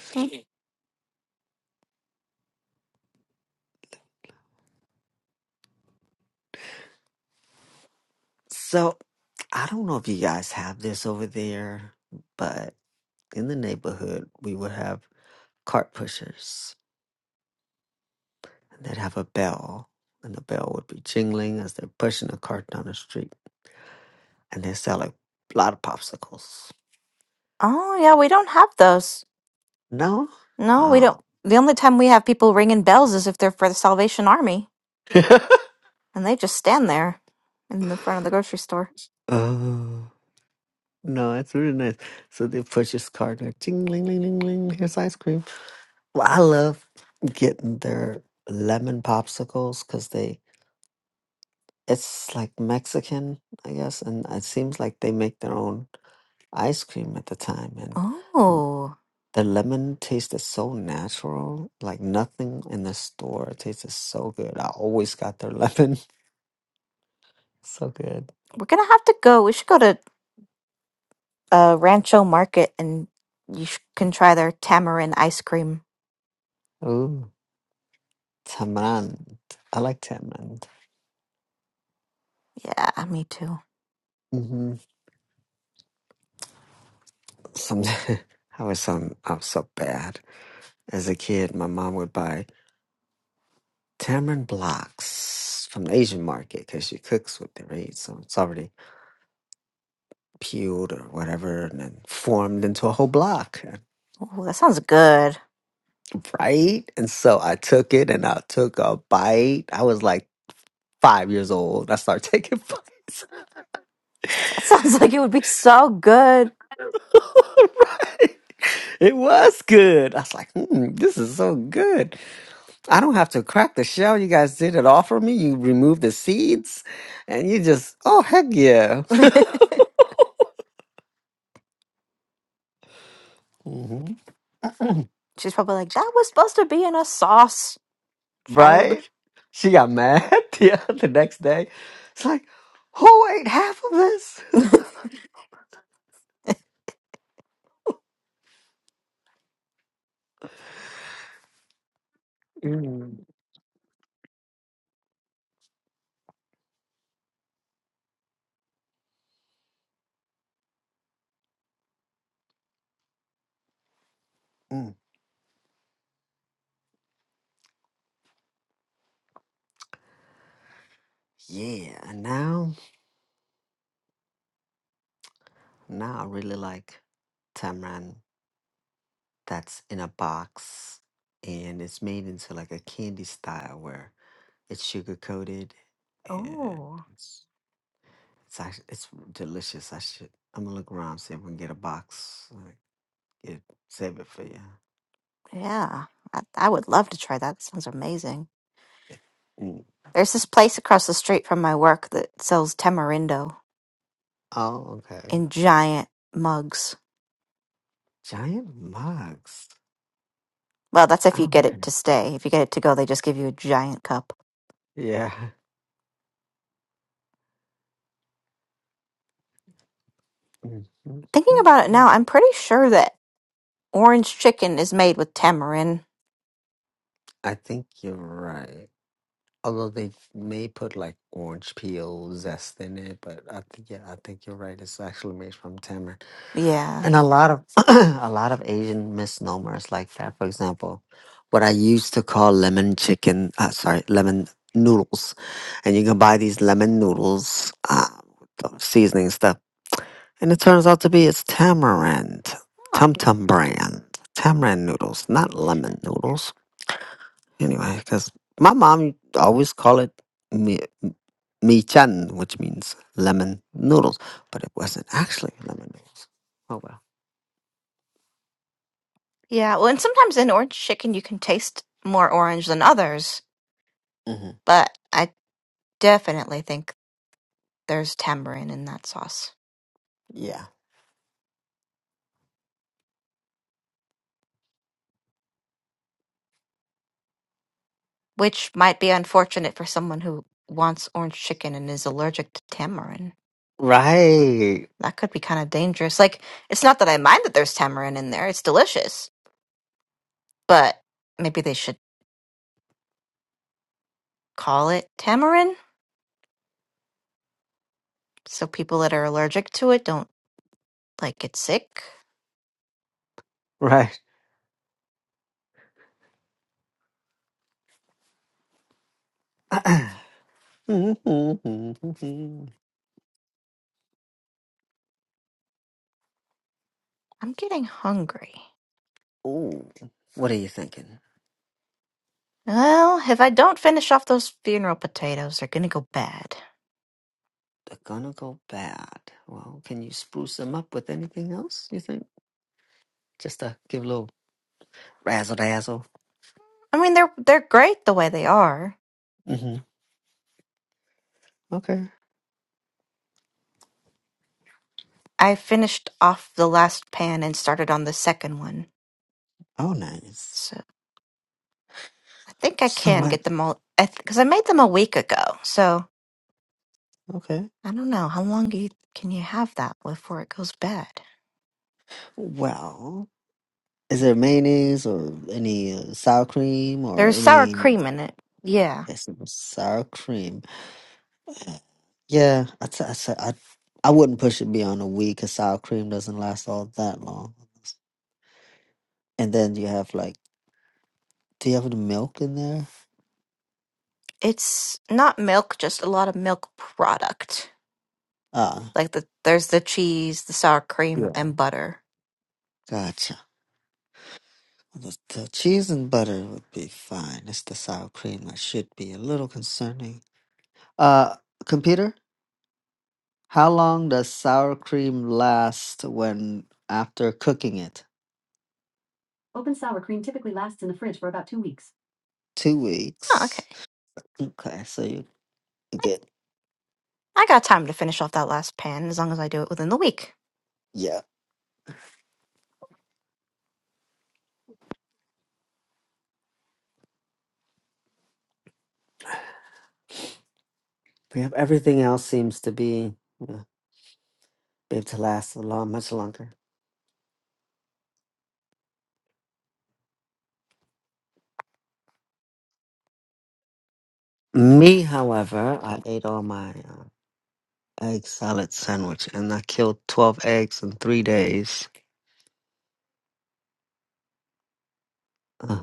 Speaker 2: So I don't know if you guys have this over there, but in the neighborhood, we would have cart pushers and they'd have a bell, and the bell would be jingling as they're pushing a cart down the street, and they sell a lot of popsicles.
Speaker 1: Oh yeah, we don't have those.
Speaker 2: No?
Speaker 1: No, we don't.
Speaker 2: Oh.
Speaker 1: The only time we have people ringing bells is if they're for the Salvation Army, and they just stand there in the front of the grocery store.
Speaker 2: Oh. No, it's really nice. So they push this cart, they're ting ling ling ling ling. Here's ice cream. Well, I love getting their lemon popsicles because they It's like Mexican, I guess, and it seems like they make their own ice cream at the time, and the
Speaker 1: Oh,
Speaker 2: the lemon tasted so natural, like nothing in the store. It tasted so good. I always got their lemon, so good.
Speaker 1: we're gonna have to go. We should go to uh, Rancho Market, and you sh- can try their tamarind ice cream.
Speaker 2: Ooh, tamarind. I like tamarind.
Speaker 1: Yeah, me too.
Speaker 2: Mm-hmm. Some, I was so I was so bad as a kid. My mom would buy tamarind blocks from the Asian market because she cooks with it, right? So it's already peeled or whatever and then formed into a whole block
Speaker 1: Ooh, that sounds good.
Speaker 2: right and so i took it and i took a bite i was like five years old i started taking bites
Speaker 1: That sounds like it would be so good.
Speaker 2: right it was good i was like hmm, this is so good i don't have to crack the shell you guys did it all for me you removed the seeds and you just oh heck yeah hmm
Speaker 1: She's probably like, that was supposed to be in a sauce, child.
Speaker 2: right? She got mad the, the next day. It's like, who ate half of this? Mm. Mm. Yeah, and now, now I really like tamarind that's in a box and it's made into like a candy style where it's sugar coated and
Speaker 1: oh,
Speaker 2: it's it's actually it's delicious. I should I'm gonna look around see if we can get a box. Like, get save it for you.
Speaker 1: yeah. I, I would love to try that. That sounds amazing.
Speaker 2: Mm.
Speaker 1: There's this place across the street from my work that sells tamarindo
Speaker 2: Oh, okay.
Speaker 1: in giant mugs.
Speaker 2: Giant mugs.
Speaker 1: Well, that's if you
Speaker 2: Oh,
Speaker 1: get
Speaker 2: okay.
Speaker 1: it to stay. If you get it to go, they just give you a giant cup
Speaker 2: Yeah. Mhm.
Speaker 1: thinking about it now, I'm pretty sure that Orange chicken is made with tamarind.
Speaker 2: I think you're right. Although they may put like orange peel zest in it, but I think yeah, I think you're right. It's actually made from tamarind,
Speaker 1: Yeah.
Speaker 2: and a lot of a lot of Asian misnomers like that. For example, what I used to call lemon chicken, uh, sorry, lemon noodles, and you can buy these lemon noodles uh, with the seasoning stuff. And it turns out to be it's tamarind,
Speaker 1: Huh.
Speaker 2: tum tum brand, tamarind noodles, not lemon noodles. Anyway, because my mom always call it mi, mi chan, which means lemon noodles, but it wasn't actually lemon noodles. Oh well.
Speaker 1: Yeah. Well, and sometimes in orange chicken, you can taste more orange than others,
Speaker 2: hmm
Speaker 1: but I definitely think there's tamarind in that sauce,
Speaker 2: Yeah.
Speaker 1: which might be unfortunate for someone who wants orange chicken and is allergic to tamarind.
Speaker 2: Right.
Speaker 1: That could be kind of dangerous. Like, it's not that I mind that there's tamarind in there, it's delicious, but maybe they should call it tamarind so people that are allergic to it don't like get sick.
Speaker 2: Right.
Speaker 1: I'm getting hungry.
Speaker 2: Ooh, what are you thinking?
Speaker 1: Well, if I don't finish off those funeral potatoes, they're gonna go bad.
Speaker 2: They're gonna go bad. Well, can you spruce them up with anything else? You think? Just to give a little. Razzle dazzle.
Speaker 1: I mean, they're they're great the way they are.
Speaker 2: hmm Okay.
Speaker 1: I finished off the last pan and started on the second one,
Speaker 2: Oh, nice.
Speaker 1: so I think I
Speaker 2: So
Speaker 1: can
Speaker 2: what?
Speaker 1: get them all. I because I made them a week ago, so
Speaker 2: Okay.
Speaker 1: I don't know how long you, can you have that before it goes bad.
Speaker 2: Well, is there mayonnaise or any uh, sour cream or
Speaker 1: There's sour
Speaker 2: any
Speaker 1: cream in it. Yeah,
Speaker 2: it's not sour cream? Uh, Yeah, I, t- I, t- I, I wouldn't push it beyond a week because sour cream doesn't last all that long. And then you have like, do you have the milk in there?
Speaker 1: it's not milk, just a lot of milk product.
Speaker 2: Ah,
Speaker 1: Like the there's the cheese, the sour cream,
Speaker 2: yeah.
Speaker 1: and butter.
Speaker 2: Gotcha. The, the cheese and butter would be fine. It's the sour cream that should be a little concerning. Uh, computer, how long does sour cream last when after cooking it? Two
Speaker 1: Oh, okay.
Speaker 2: weeks. Okay, so you you
Speaker 1: I,
Speaker 2: get
Speaker 1: I got time to finish off that last pan as long as I do it within the week.
Speaker 2: yeah. We have everything else seems to be uh, be able to last a lot much longer. Me, however, I ate all my uh, egg salad sandwich and I killed twelve eggs in three days. Uh,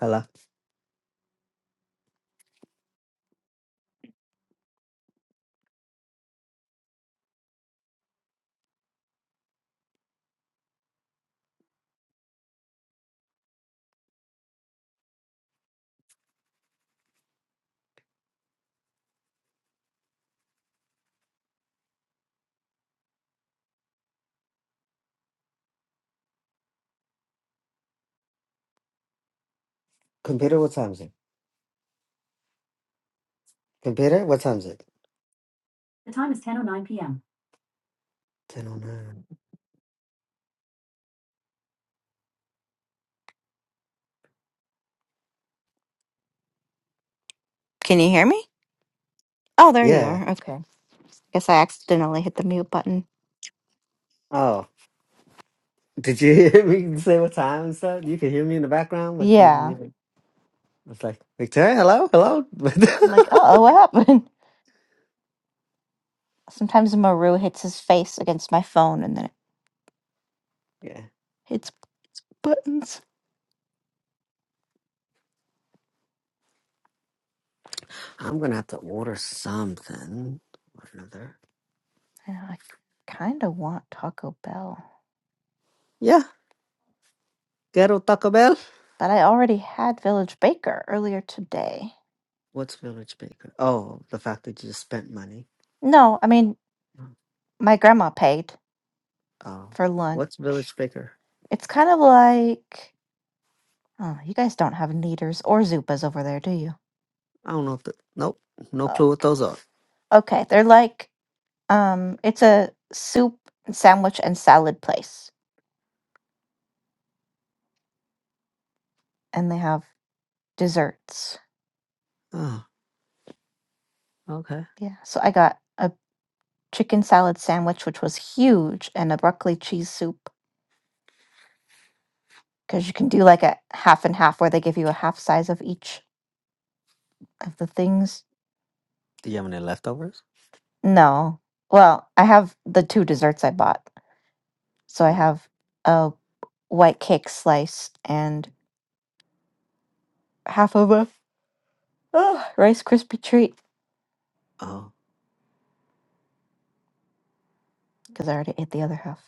Speaker 2: hello, computer. What time is it? Computer. What time is it? The time. Ten oh nine.
Speaker 1: Can you hear me? Oh, there you
Speaker 2: Yeah.
Speaker 1: are. Okay. Guess I accidentally hit the mute button.
Speaker 2: Oh. Did you hear me say what time and stuff? You could hear me in the background, but you didn't
Speaker 1: Yeah.
Speaker 2: hear. I was like, Victoria, hello, hello.
Speaker 1: I'm like, uh oh, what happened? Sometimes Maru hits his face against my phone and then it
Speaker 2: yeah,
Speaker 1: hits buttons.
Speaker 2: I'm gonna have to order something or another.
Speaker 1: And I kind of want Taco Bell.
Speaker 2: Yeah, ghetto Taco Bell.
Speaker 1: But I already had Village Baker earlier today.
Speaker 2: What's Village Baker? Oh, the fact that you just spent money.
Speaker 1: No, I mean, my grandma paid
Speaker 2: Oh,
Speaker 1: for lunch.
Speaker 2: what's Village Baker?
Speaker 1: It's kind of like oh, you guys don't have Kneaders or Zupas over there, do you?
Speaker 2: I don't know. If the, nope, no clue what
Speaker 1: Okay.
Speaker 2: those are.
Speaker 1: Okay, they're like, um, it's a soup, and sandwich, and salad place, and they have desserts.
Speaker 2: Oh, okay.
Speaker 1: Yeah, so I got a chicken salad sandwich, which was huge, and a broccoli cheese soup, because you can do like a half and half where they give you a half size of each of the things.
Speaker 2: Do you have any leftovers?
Speaker 1: No. Well, I have the two desserts I bought. So I
Speaker 2: Ooh.
Speaker 1: have a white cake slice and half of a oh, Rice Krispie treat
Speaker 2: Oh,
Speaker 1: because I already ate the other half.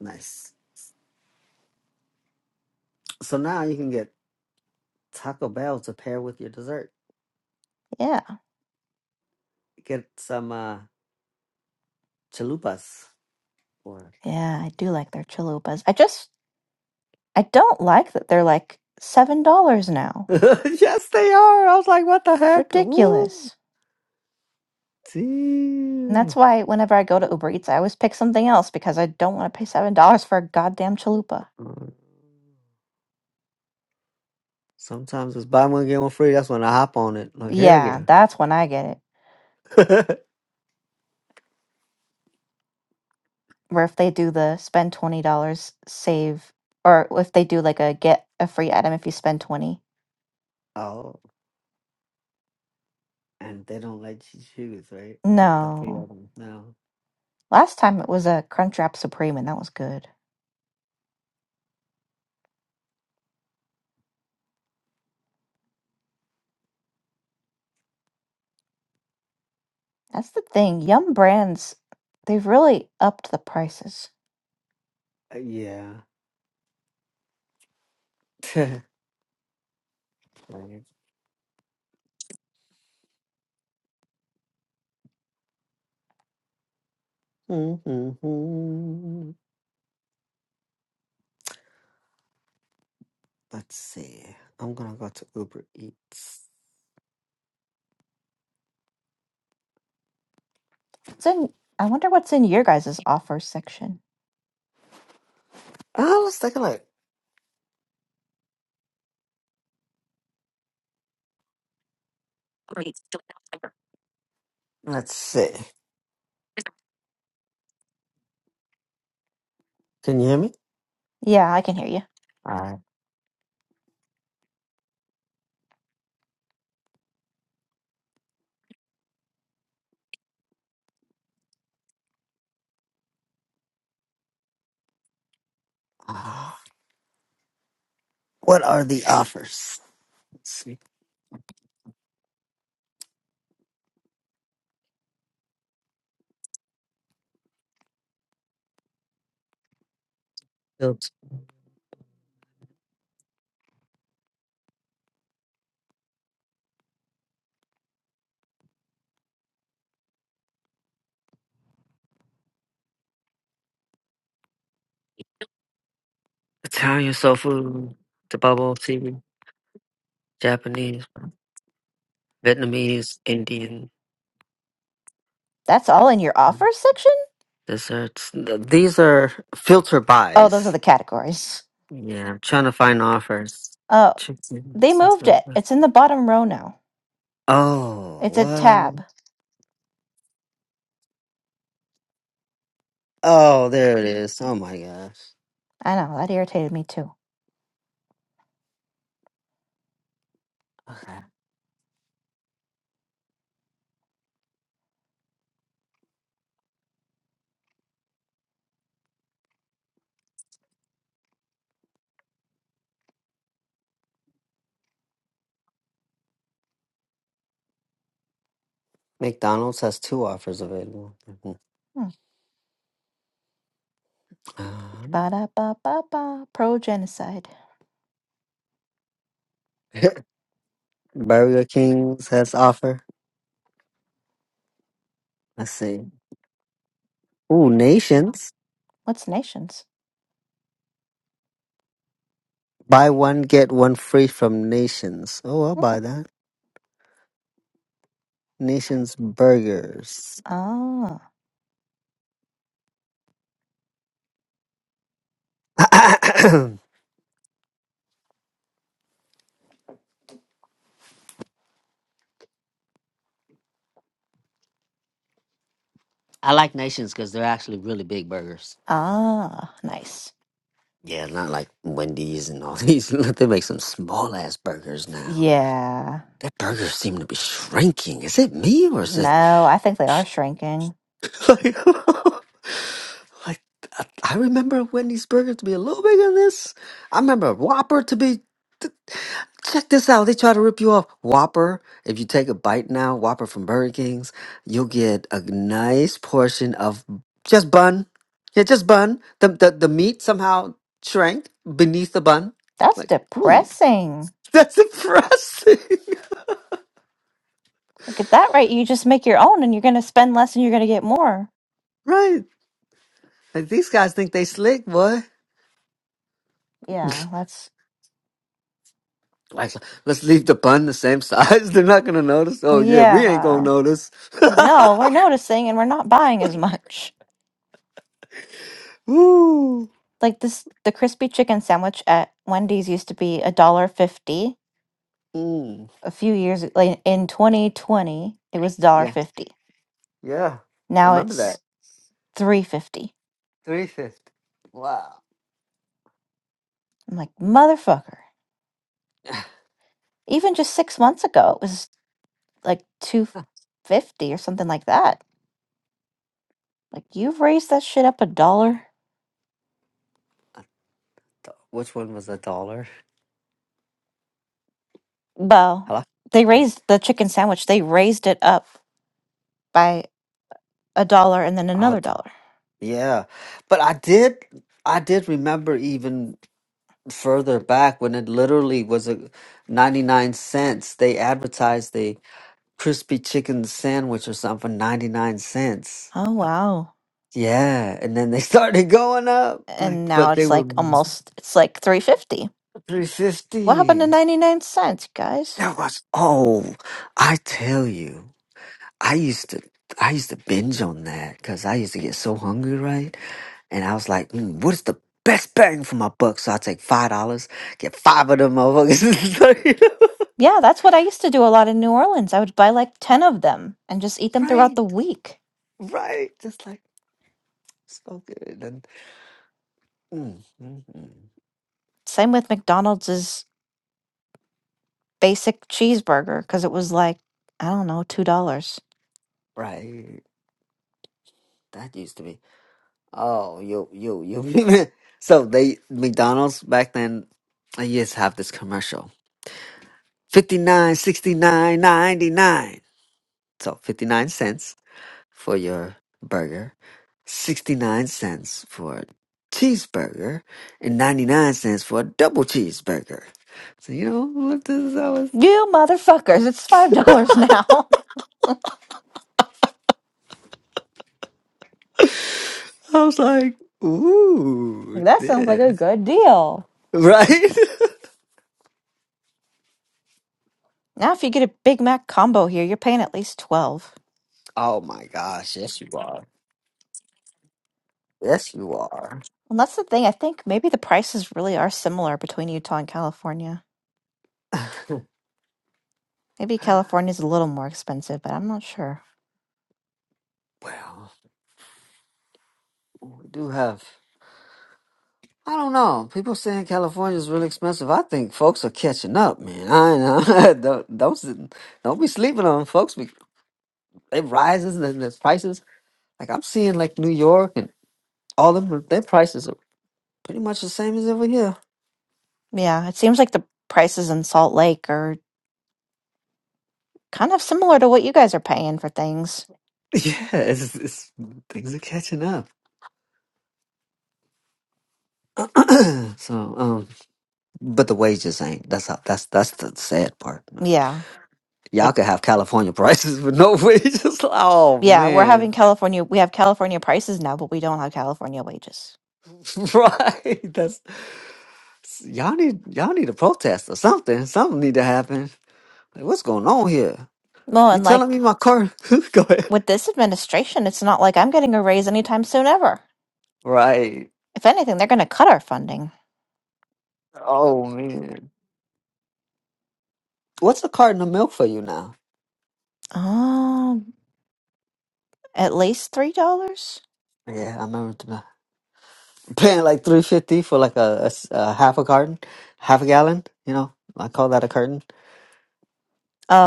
Speaker 2: nice. So now you can get Taco Bell to pair with your dessert.
Speaker 1: Yeah,
Speaker 2: Get some. uh chalupas. Or
Speaker 1: yeah, I do like their chalupas. I just I don't like that they're like seven dollars now.
Speaker 2: yes, they are. I was like, what the
Speaker 1: It's
Speaker 2: heck? Ooh,
Speaker 1: ridiculous, and that's
Speaker 2: damn.
Speaker 1: why whenever I go to Uber Eats, I always pick something else because I don't want to pay seven dollars for a goddamn chalupa.
Speaker 2: Uh, Sometimes it's buy one get one free. That's when I hop on it. Like hell
Speaker 1: Yeah,
Speaker 2: yeah.
Speaker 1: that's when I get it. Where if they do the spend twenty dollars save, or if they do like a get a free item if you spend twenty.
Speaker 2: oh, and they don't let you choose, right? The free
Speaker 1: No,
Speaker 2: item. No.
Speaker 1: last time it was a Crunchwrap Supreme, and that was good. That's the thing. Yum brands, they've really upped the prices.
Speaker 2: Uh, Yeah. Right. Mhm. Let's see. I'm gonna go to Uber Eats.
Speaker 1: What's in, I wonder what's in your guys' offer section.
Speaker 2: Oh, let's take a look. Let's see. Can you hear me?
Speaker 1: Yeah, I can hear you.
Speaker 2: All right. What are the offers? Let's see. Built Italian soul food, the bubble tea, Japanese, Vietnamese, Indian
Speaker 1: That's all in your offer section?
Speaker 2: desserts. Th- These are filter
Speaker 1: Oh, those are
Speaker 2: buys.
Speaker 1: the categories.
Speaker 2: Yeah, I'm trying to find offers.
Speaker 1: Oh,
Speaker 2: Chicken.
Speaker 1: they moved
Speaker 2: something
Speaker 1: it.
Speaker 2: like that.
Speaker 1: It's in the bottom row now.
Speaker 2: Oh,
Speaker 1: It's a
Speaker 2: what?
Speaker 1: tab.
Speaker 2: Oh, there it is. Oh my gosh.
Speaker 1: I know, that irritated me too.
Speaker 2: Okay. McDonald's has two offers available. Mhm.
Speaker 1: Hmm.
Speaker 2: Um,
Speaker 1: Ba da ba ba ba. Pro genocide.
Speaker 2: Burger King's has offer. Let's see. Ooh, Nations.
Speaker 1: What's nations?
Speaker 2: Buy one, get one free from Nations. Oh, I'll
Speaker 1: Hmm.
Speaker 2: buy that. Nations burgers.
Speaker 1: Ah.
Speaker 2: I like Nations because they're actually really big burgers.
Speaker 1: Ah. Nice.
Speaker 2: Yeah, not like Wendy's and all these. they make some small ass burgers now.
Speaker 1: Yeah.
Speaker 2: That burgers seem to be shrinking. Is it me or is it
Speaker 1: No, I think they are shrinking.
Speaker 2: Like, like I, I remember Wendy's Burger to be a little bigger than this. I remember Whopper to be. th- Check this out. They try to rip you off. Whopper, if you take a bite now, Whopper from Burger King's, you'll get a nice portion of just bun. Yeah, just bun. The the, the meat somehow shrank beneath the bun.
Speaker 1: That's
Speaker 2: Like, hmm,
Speaker 1: depressing.
Speaker 2: that's impressive.
Speaker 1: Look at that, right? You just make your own and you're going to spend less and you're going to get more.
Speaker 2: right. Like these guys think they slick, boy.
Speaker 1: Yeah, that's,
Speaker 2: Like, let's leave the bun the same size. They're not gonna notice. Oh yeah, we ain't gonna
Speaker 1: yeah.
Speaker 2: notice.
Speaker 1: Like, no, we're noticing and we're not buying as much.
Speaker 2: Woo.
Speaker 1: Like this, the crispy chicken sandwich at Wendy's used to be a dollar fifty
Speaker 2: Mm.
Speaker 1: a few years like in 2020, it was dollar
Speaker 2: Yeah.
Speaker 1: fifty.
Speaker 2: Yeah. I
Speaker 1: Now
Speaker 2: remember
Speaker 1: it's
Speaker 2: that.
Speaker 1: three fifty.
Speaker 2: Three fifty. Wow.
Speaker 1: I'm like, motherfucker. Even just six months ago, it was like two fifty or something like that. Like you've raised that shit up a dollar.
Speaker 2: Which one was a dollar?
Speaker 1: Well,
Speaker 2: Hello.
Speaker 1: they
Speaker 2: Uh,
Speaker 1: raised the chicken sandwich. They raised it up by a dollar and then
Speaker 2: oh,
Speaker 1: another
Speaker 2: do-
Speaker 1: dollar.
Speaker 2: yeah. But I did. I did remember even further back when it literally was a ninety nine cents. They advertised the crispy chicken sandwich or something for ninety nine cents.
Speaker 1: Oh wow.
Speaker 2: Yeah, and then they started going up, like,
Speaker 1: And now
Speaker 2: but they
Speaker 1: it's
Speaker 2: were
Speaker 1: like almost it's like 350. What happened to
Speaker 2: 350.
Speaker 1: 99 cents, guys?
Speaker 2: That was, oh, I tell you, I used to, I used to binge on that because I used to get so hungry, right? And I was like, mm, what is the best bang for my buck? So I take five dollars, get five of them motherfuckers.
Speaker 1: Yeah, that's what I used to do a lot in New Orleans. I would buy like 10 of them and just eat them throughout
Speaker 2: right,
Speaker 1: the week.
Speaker 2: right, just like so good, and mm, mm, mm,
Speaker 1: Same with McDonald's basic cheeseburger because it was like I don't know two dollars.
Speaker 2: right. That used to be. Oh, yo, yo, yo. so they McDonald's back then I used to have this commercial. 59, 69, 99. So 59 cents for your burger, 69 cents for a cheeseburger, and 99 cents for a double cheeseburger. So you know what this I was
Speaker 1: You motherfuckers! It's five dollars now.
Speaker 2: I was like,
Speaker 1: like
Speaker 2: ooh,
Speaker 1: that sounds like a
Speaker 2: this,
Speaker 1: good deal.
Speaker 2: right?
Speaker 1: Now, if you get a Big Mac combo here, you're paying at least twelve.
Speaker 2: oh my gosh, yes you are. Yes you are.
Speaker 1: And that's the thing. I think maybe the prices really are similar between Utah and California. Maybe California's a little more expensive, but I'm not sure.
Speaker 2: well. We do have. I don't know. People saying California is really expensive. I think folks are catching up, man. I know. don't don't s- don't be sleeping on folks. Be, it rises and the prices. Like I'm seeing, like New York and all them, their prices are pretty much the same as over here.
Speaker 1: Yeah, it seems like the prices in Salt Lake are kind of similar to what you guys are paying for things.
Speaker 2: Yeah, it's, it's things are catching up. so, um, but the wages ain't. That's how. That's that's the sad part. man.
Speaker 1: Yeah, like.
Speaker 2: Y'all could have California prices with no wages. Oh
Speaker 1: Yeah, we're
Speaker 2: man,
Speaker 1: having California, we have California prices now, but we don't have California wages.
Speaker 2: right? That's Y'all need y'all need to protest or something. Something need to happen. Like, what's going on here?
Speaker 1: Well,
Speaker 2: You
Speaker 1: and
Speaker 2: telling
Speaker 1: like
Speaker 2: me my car? Go ahead.
Speaker 1: with this administration, it's not like I'm getting a raise anytime soon ever.
Speaker 2: Right.
Speaker 1: If anything, they're going to cut our funding.
Speaker 2: Oh man. What's a carton of milk for you now?
Speaker 1: Um, at least three dollars.
Speaker 2: Yeah, I remember t- uh, paying like three fifty for like a, a s- a half a carton, half a gallon. You know, I call that a carton.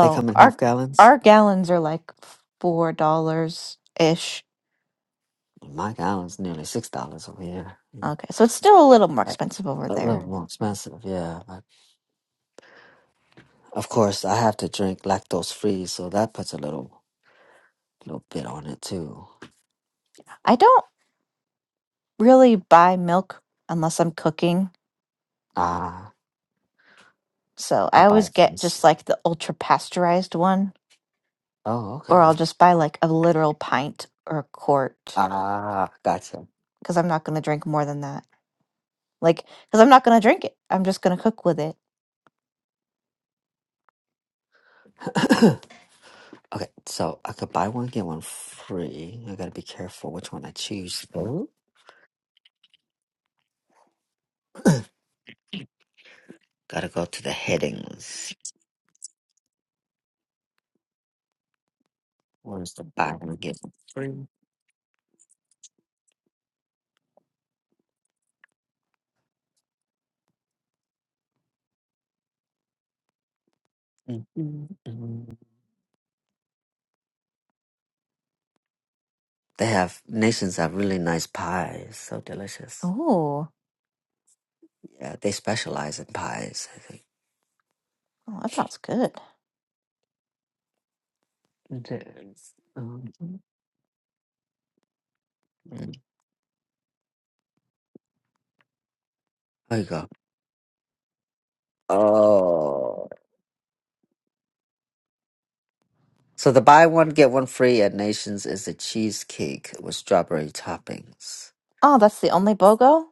Speaker 2: They come in half
Speaker 1: our
Speaker 2: gallons.
Speaker 1: our gallons are like four dollars ish.
Speaker 2: My gallon's nearly six dollars over here. you know,
Speaker 1: Okay, so it's still a little more
Speaker 2: Like
Speaker 1: expensive over
Speaker 2: a
Speaker 1: there.
Speaker 2: little more expensive, yeah. But of course, I have to drink lactose free, so that puts a little little bit on it too.
Speaker 1: I don't really buy milk unless I'm cooking,
Speaker 2: Ah,
Speaker 1: so
Speaker 2: I
Speaker 1: I
Speaker 2: buy
Speaker 1: always
Speaker 2: it from.
Speaker 1: get
Speaker 2: s-
Speaker 1: just like the ultra pasteurized one
Speaker 2: Oh, okay.
Speaker 1: or I'll just buy like a literal pint or a quart
Speaker 2: Ah, gotcha.
Speaker 1: because I'm not going to drink more than that. Like, because I'm not going to drink it. I'm just going to cook with it.
Speaker 2: Okay, so I could buy one get one free. I gotta be careful which one I choose though. Gotta go to the headings. Where's the buy one get one free? Mhm, mhm. They have nations have really nice pies. So delicious.
Speaker 1: Ooh,
Speaker 2: Yeah, they specialize in pies. I think.
Speaker 1: oh, that sounds good.
Speaker 2: Yes. Um, mm. There you go. Oh. So the buy one get one free at Nations is a cheesecake with strawberry toppings.
Speaker 1: Oh, that's the only BOGO?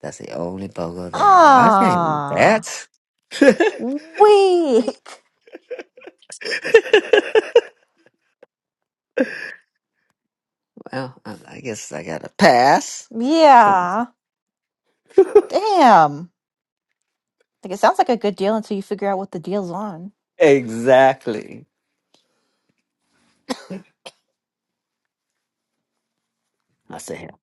Speaker 2: That's the only BOGO there. Well, I can't eat that.
Speaker 1: Ah, weak.
Speaker 2: well, I I guess I gotta pass.
Speaker 1: Yeah. Damn. Like it sounds like a good deal until you figure out what the deal's on.
Speaker 2: exactly. I said, hell,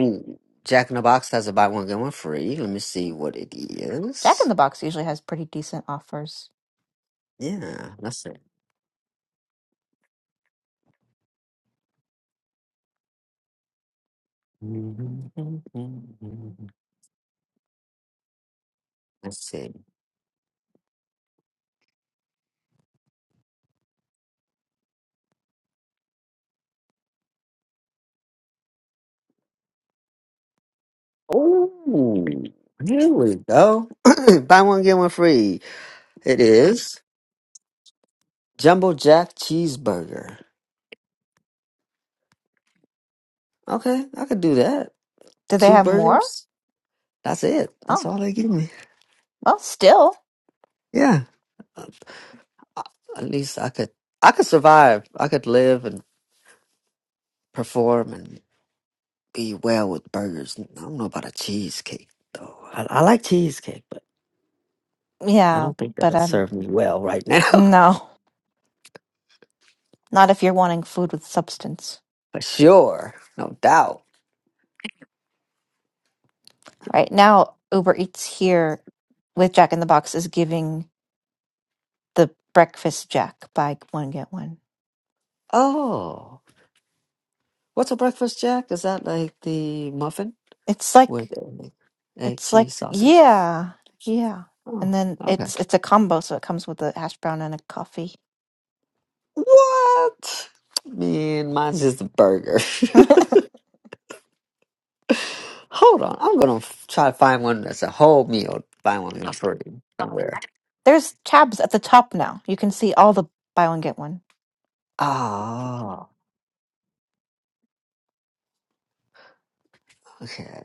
Speaker 2: ooh, Jack in the Box has a buy one get one free. Let me see what it
Speaker 1: Jack in
Speaker 2: is.
Speaker 1: the Box usually has pretty decent offers.
Speaker 2: Yeah, that's it. Let's see. Oh, here we go. Buy one, get one free. It is Jumbo Jack Cheeseburger. Okay, I could do that.
Speaker 1: Do they
Speaker 2: Two
Speaker 1: have more?
Speaker 2: burgers. That's it. That's
Speaker 1: Oh,
Speaker 2: all they give me.
Speaker 1: well, still.
Speaker 2: Yeah. Uh, uh, At least I could I could survive. I could live and perform and be well with burgers. I don't know about a cheesecake though. I, I like cheesecake, but I
Speaker 1: Yeah,
Speaker 2: don't think
Speaker 1: but
Speaker 2: that'll
Speaker 1: um,
Speaker 2: serve me well right now.
Speaker 1: no, not if you're wanting food with substance.
Speaker 2: For sure. No doubt.
Speaker 1: Right now, Uber Eats here with Jack in the Box is giving the breakfast Jack buy one get one.
Speaker 2: Oh. What's a breakfast jack? Is that like the muffin
Speaker 1: It's
Speaker 2: with
Speaker 1: like
Speaker 2: egg, egg
Speaker 1: it's like
Speaker 2: cheese sausage?
Speaker 1: yeah, yeah,
Speaker 2: Oh,
Speaker 1: and then
Speaker 2: okay.
Speaker 1: it's it's a combo, so it comes with a hash brown and a coffee.
Speaker 2: What? Man, mine's just a burger. Hold on, I'm gonna f- try to find one that's a whole meal. Find one that's free somewhere.
Speaker 1: There's tabs at the top now. You can see all the buy one get one.
Speaker 2: Ah, okay.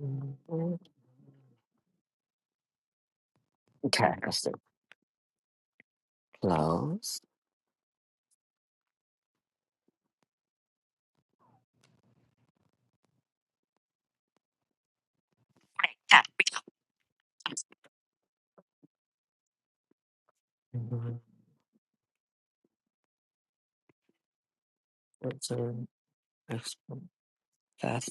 Speaker 2: Mhm. Okay, that's the close. Mhm. What's an extra fast?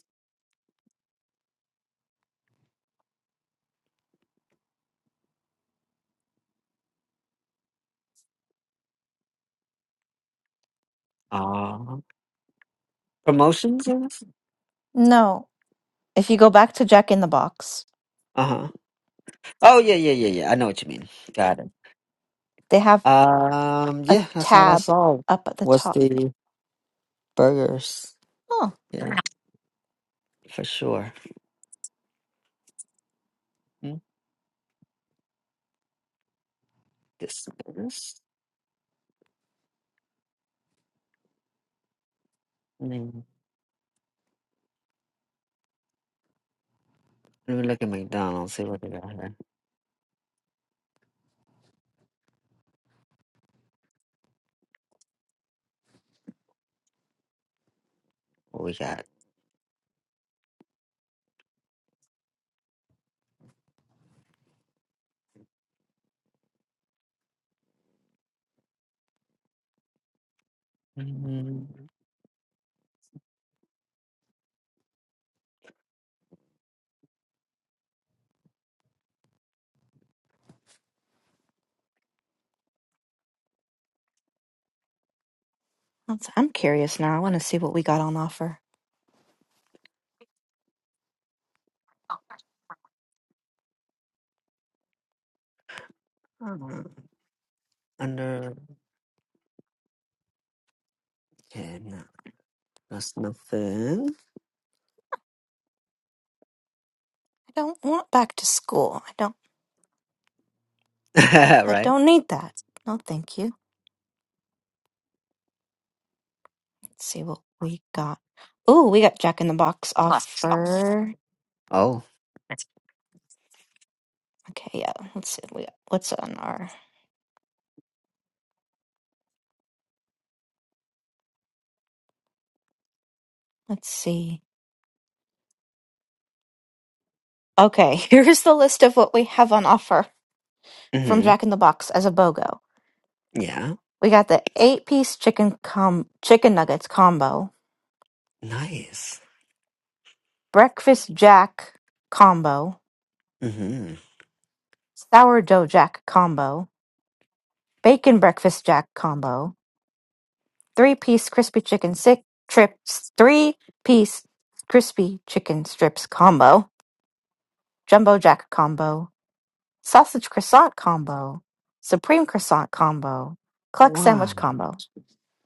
Speaker 2: Ah, promotions, I guess.
Speaker 1: No, if you go back to Jack in the Box,
Speaker 2: Uh huh. Oh yeah, yeah, yeah, yeah. I know what you mean. Got it.
Speaker 1: they have
Speaker 2: Um,
Speaker 1: a
Speaker 2: yeah, that's all I
Speaker 1: tab
Speaker 2: saw
Speaker 1: up at the
Speaker 2: was
Speaker 1: top.
Speaker 2: the burgers.
Speaker 1: Oh,
Speaker 2: Yeah, for sure. Mm, This burgers. Mm. Let me look at McDonald's. See what they got here. What we got? Mm,
Speaker 1: that's, I'm curious now. I want to see what we got on offer.
Speaker 2: uh, under ten. no, that's nothing.
Speaker 1: I don't want back to school. I don't. I
Speaker 2: right?
Speaker 1: don't need that. No, thank you. Let's see what we got. Oh, we got Jack in the Box
Speaker 2: Plus sauce.
Speaker 1: offer.
Speaker 2: Oh,
Speaker 1: Okay, yeah. Let's see. We got, what's on our? Let's see. Okay, here's the list of what we have on offer from
Speaker 2: mm-hmm.
Speaker 1: Jack in the Box as a BOGO.
Speaker 2: yeah.
Speaker 1: We got the eight piece chicken com chicken nuggets combo,
Speaker 2: Nice.
Speaker 1: breakfast jack combo,
Speaker 2: Mhm.
Speaker 1: sourdough jack combo, bacon breakfast jack combo, three piece crispy chicken sick trips, three piece crispy chicken strips combo, jumbo jack combo, sausage croissant combo, supreme croissant combo, cluck sandwich
Speaker 2: Wow,
Speaker 1: combo,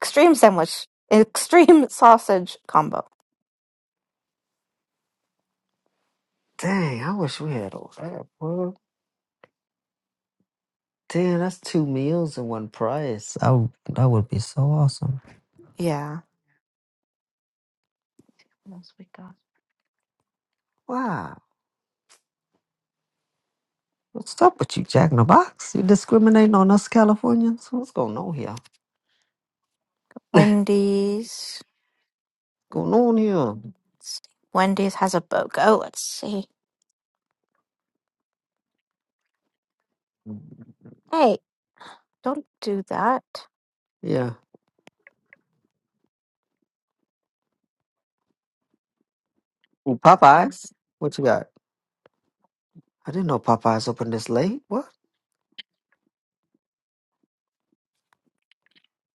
Speaker 1: extreme sandwich, extreme sausage combo.
Speaker 2: dang! I wish we had all that. Well, damn, that's two meals in one price. Oh, that would be so awesome.
Speaker 1: Yeah. What else we got?
Speaker 2: Wow, what's up with you, Jack in the Box? You discriminating on us Californians? What's going on here?
Speaker 1: Wendy's.
Speaker 2: Going on here?
Speaker 1: Wendy's has a BOGO. Let's see. Hey, don't do that.
Speaker 2: Yeah. Ooh, Popeyes, what you got? I didn't know Popeyes opened this late. What?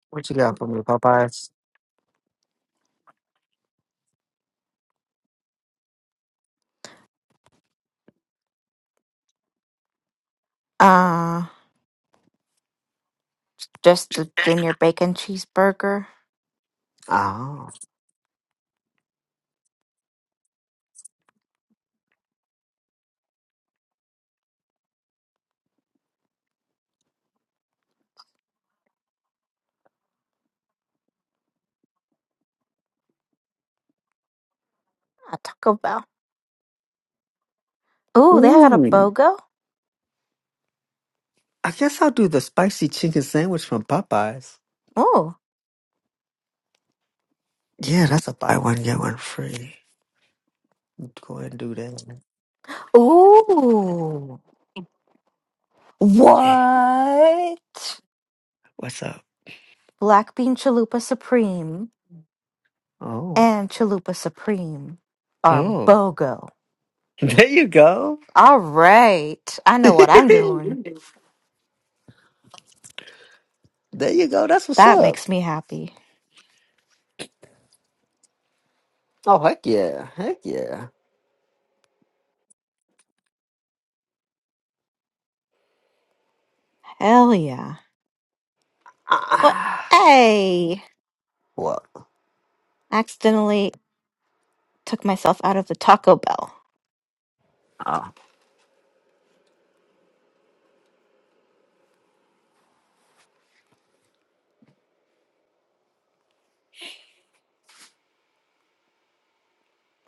Speaker 2: What you got for me, Popeyes?
Speaker 1: Uh, just the junior bacon cheeseburger
Speaker 2: Ah.
Speaker 1: at Taco Bell. Ooh, they got a
Speaker 2: Ooh.
Speaker 1: BOGO?
Speaker 2: I guess I'll do the spicy chicken sandwich from Popeyes.
Speaker 1: Ooh.
Speaker 2: Yeah, that's a buy one get one free. Go ahead and do that.
Speaker 1: Ooh.
Speaker 2: Yeah.
Speaker 1: What?
Speaker 2: What's up?
Speaker 1: Black bean chalupa supreme
Speaker 2: Oh.
Speaker 1: and chalupa supreme are
Speaker 2: Oh.
Speaker 1: BOGO.
Speaker 2: There you go.
Speaker 1: All right. I know what I'm doing.
Speaker 2: There you go. That's what's
Speaker 1: That
Speaker 2: up.
Speaker 1: makes me happy.
Speaker 2: Oh heck yeah. Heck yeah.
Speaker 1: Hell yeah. What?
Speaker 2: Ah.
Speaker 1: Hey.
Speaker 2: What?
Speaker 1: Accidentally Took myself out of the Taco Bell.
Speaker 2: Ah.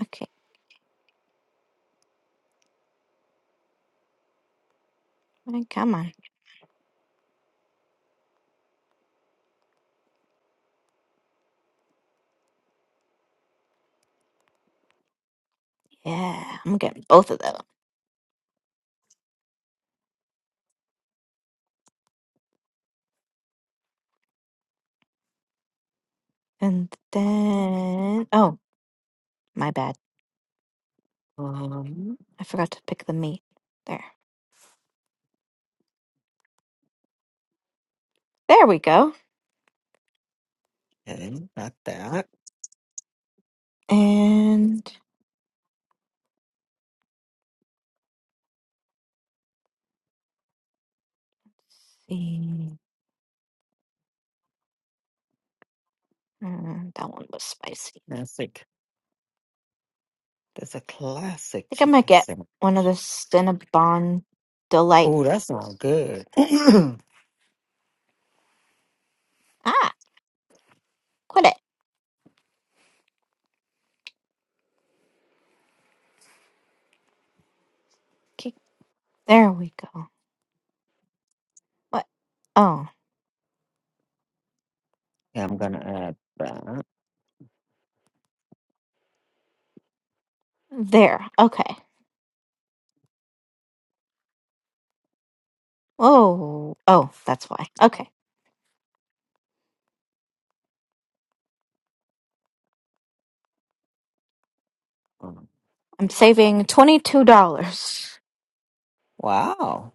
Speaker 1: Okay, Hey, come on. Yeah, I'm getting both of them. And then, oh, my bad.
Speaker 2: Um.
Speaker 1: I forgot to pick the meat. There. There we go.
Speaker 2: Okay. Got that.
Speaker 1: And let's see. Mm, that one was spicy. I
Speaker 2: Classic. That's a classic
Speaker 1: think I might
Speaker 2: chicken
Speaker 1: get
Speaker 2: sandwich.
Speaker 1: one of the Cinnabon Delight.
Speaker 2: Oh, that sounds good. yeah,
Speaker 1: Ah, quit it. Okay, there we go. What? Oh,
Speaker 2: I'm gonna add that.
Speaker 1: there. Okay. Whoa. Oh, that's why. Okay.
Speaker 2: Um,
Speaker 1: I'm saving $22.
Speaker 2: Wow.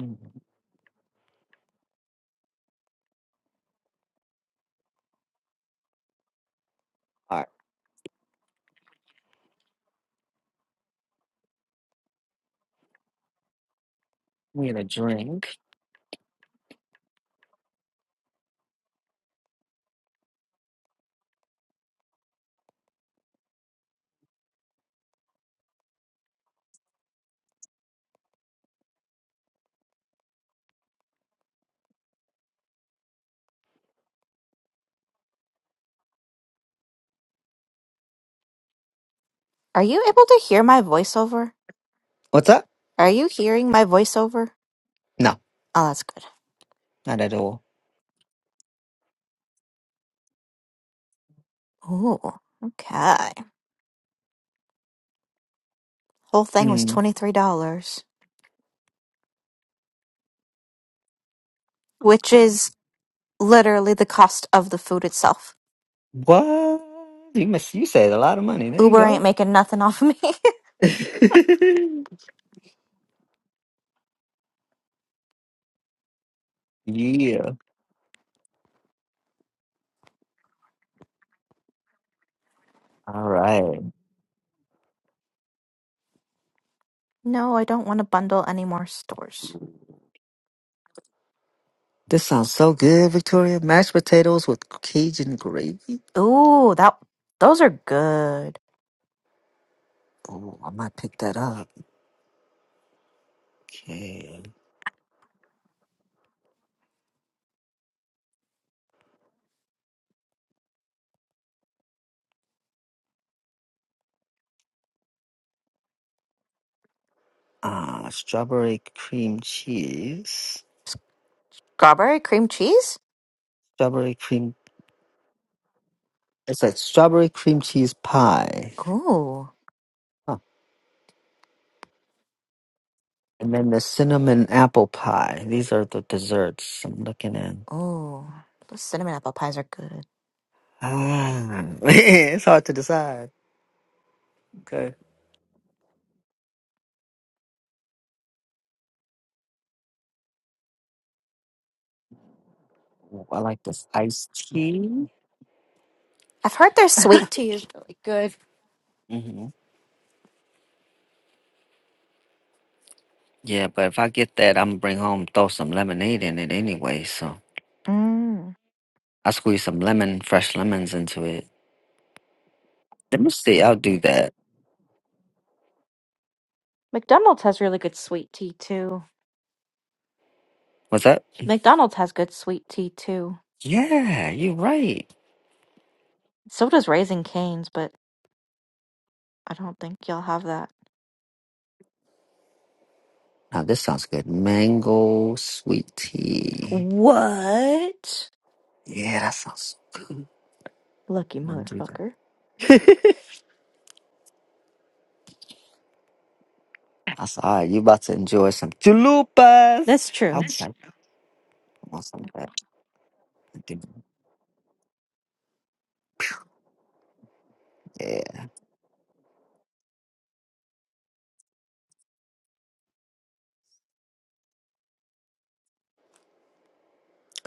Speaker 2: Mm. All right. We had a drink.
Speaker 1: Are you able to hear my voiceover?
Speaker 2: What's up?
Speaker 1: Are you hearing my voiceover?
Speaker 2: No,
Speaker 1: Oh, that's good.
Speaker 2: not at all.
Speaker 1: Ooh, okay. Whole thing was
Speaker 2: Mm.
Speaker 1: $23, which is literally the cost of the food itself.
Speaker 2: What? You miss you saved a lot of money. There you
Speaker 1: Uber
Speaker 2: go.
Speaker 1: ain't making nothing off of me.
Speaker 2: yeah. All right.
Speaker 1: no, I don't want to bundle any more stores.
Speaker 2: This sounds so good, Victoria. Mashed potatoes with Cajun gravy.
Speaker 1: Ooh, that those are good.
Speaker 2: Oh, I might pick that up. Okay. Uh, strawberry cream cheese.
Speaker 1: Strawberry cream cheese?
Speaker 2: Strawberry cream. It's like strawberry cream cheese pie.
Speaker 1: Ooh,
Speaker 2: Huh. And then the cinnamon apple pie. These are the desserts I'm looking at.
Speaker 1: ooh. Those cinnamon apple pies are good.
Speaker 2: Ah, it's hard to decide. Okay. Ooh, I like this iced tea.
Speaker 1: I've heard their sweet tea is really good.
Speaker 2: Mm-hmm. Yeah, but if I get that, I'm bring home throw some lemonade in it anyway. So
Speaker 1: Mm.
Speaker 2: I squeeze some lemon, fresh lemons into it. Let me see. I'll do that.
Speaker 1: McDonald's has really good sweet tea too.
Speaker 2: What's that?
Speaker 1: McDonald's has good sweet tea too.
Speaker 2: Yeah, you're right.
Speaker 1: So does Raising Cane's, but I don't think y'all have that.
Speaker 2: Now this sounds good. Mango sweet tea.
Speaker 1: What?
Speaker 2: Yeah, that sounds.
Speaker 1: Lucky
Speaker 2: Let me do
Speaker 1: motherfucker.
Speaker 2: that. That's all right. You about to enjoy some chalupas.
Speaker 1: That's true.
Speaker 2: Okay, I want some of that. I do. Yeah,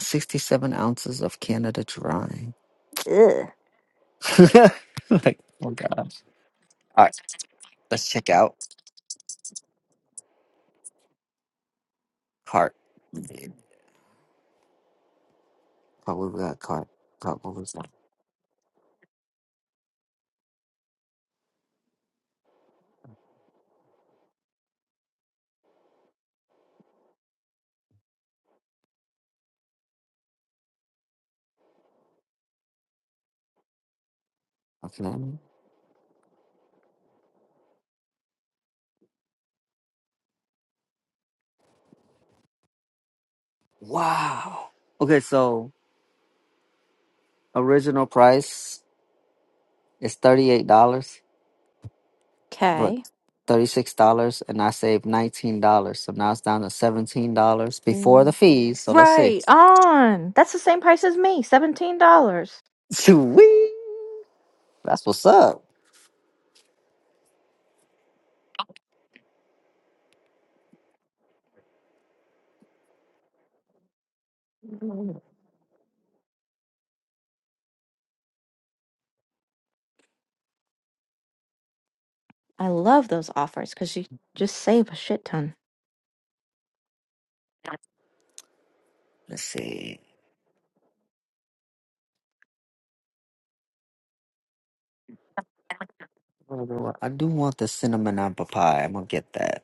Speaker 2: sixty-seven ounces of Canada Dry.
Speaker 1: Ugh.
Speaker 2: like, oh gosh. All right, let's check out. Cart. Probably got cart. Cart what was that? Okay. Wow. Okay, so original price is thirty eight dollars, but
Speaker 1: Okay.
Speaker 2: thirty six dollars, and I saved nineteen dollars. So now it's down to seventeen dollars before the fees. So let's see.
Speaker 1: Right on. That's the same price as me. Seventeen dollars.
Speaker 2: Sweet. That's what's up.
Speaker 1: I love those offers because you just save a shit ton.
Speaker 2: Let's see. What do I want? I do want the cinnamon apple pie. I'm gonna get that.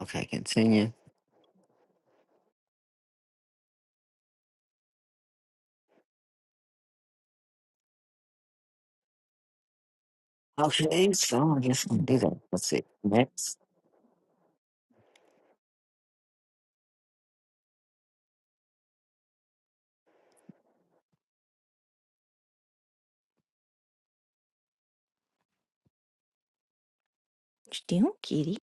Speaker 2: Okay, continue. Okay, so I guess I'm gonna do that. Let's see. Next.
Speaker 1: What you doing, kitty?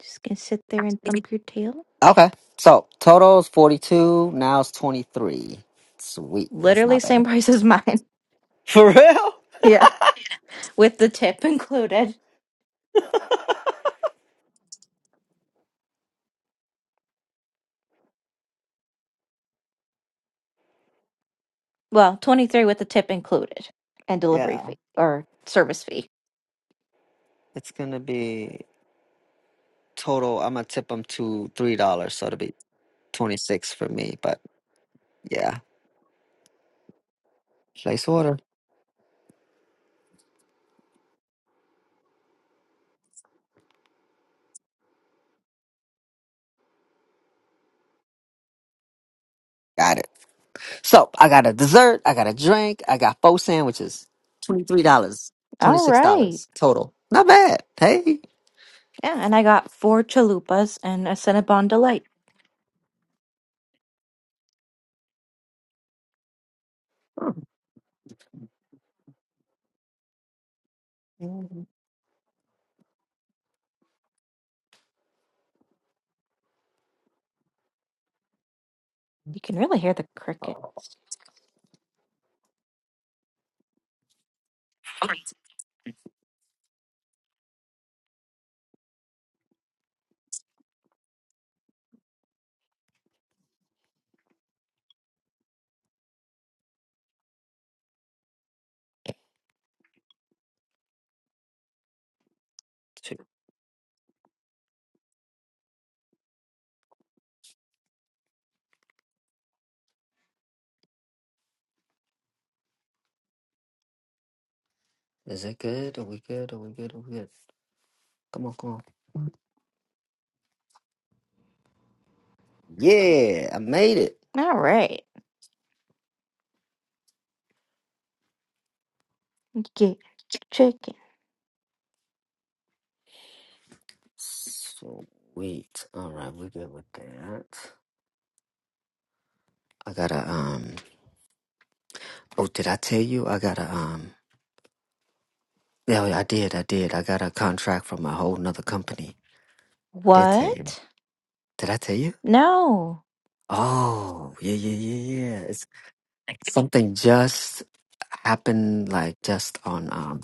Speaker 1: Just gonna sit there and thump your tail?
Speaker 2: Okay. So total is 42. Now it's 23. Sweet. That's
Speaker 1: Literally
Speaker 2: not
Speaker 1: same
Speaker 2: bad.
Speaker 1: price as mine.
Speaker 2: For real?
Speaker 1: Yeah. With the tip included. Well, 23 with the tip included and delivery
Speaker 2: Yeah.
Speaker 1: fee or service fee.
Speaker 2: It's going to be total. I'm going to tip them to $3. So it'll be 26 for me. But yeah, place order. Got it. So I got a dessert. I got a drink. I got four sandwiches. $23. dollars.
Speaker 1: All
Speaker 2: $26
Speaker 1: right.
Speaker 2: total. Not bad. Hey.
Speaker 1: Yeah, and I got four chalupas and a Cinnabon Delight. You can really hear the crickets.
Speaker 2: Two. Is it good? Are we good? Are we good? Are we good? Come on, come on. Yeah, I made it.
Speaker 1: All right. Get chicken.
Speaker 2: Sweet. All right, we're good with that. I gotta um. Oh, did I tell you? I gotta um. Yeah, yeah, I did. I did. I got a contract from a whole nother company. Did tell you?
Speaker 1: What?
Speaker 2: Did I tell you?
Speaker 1: No.
Speaker 2: Oh, yeah, yeah, yeah, yeah. It's something just happened, like just on um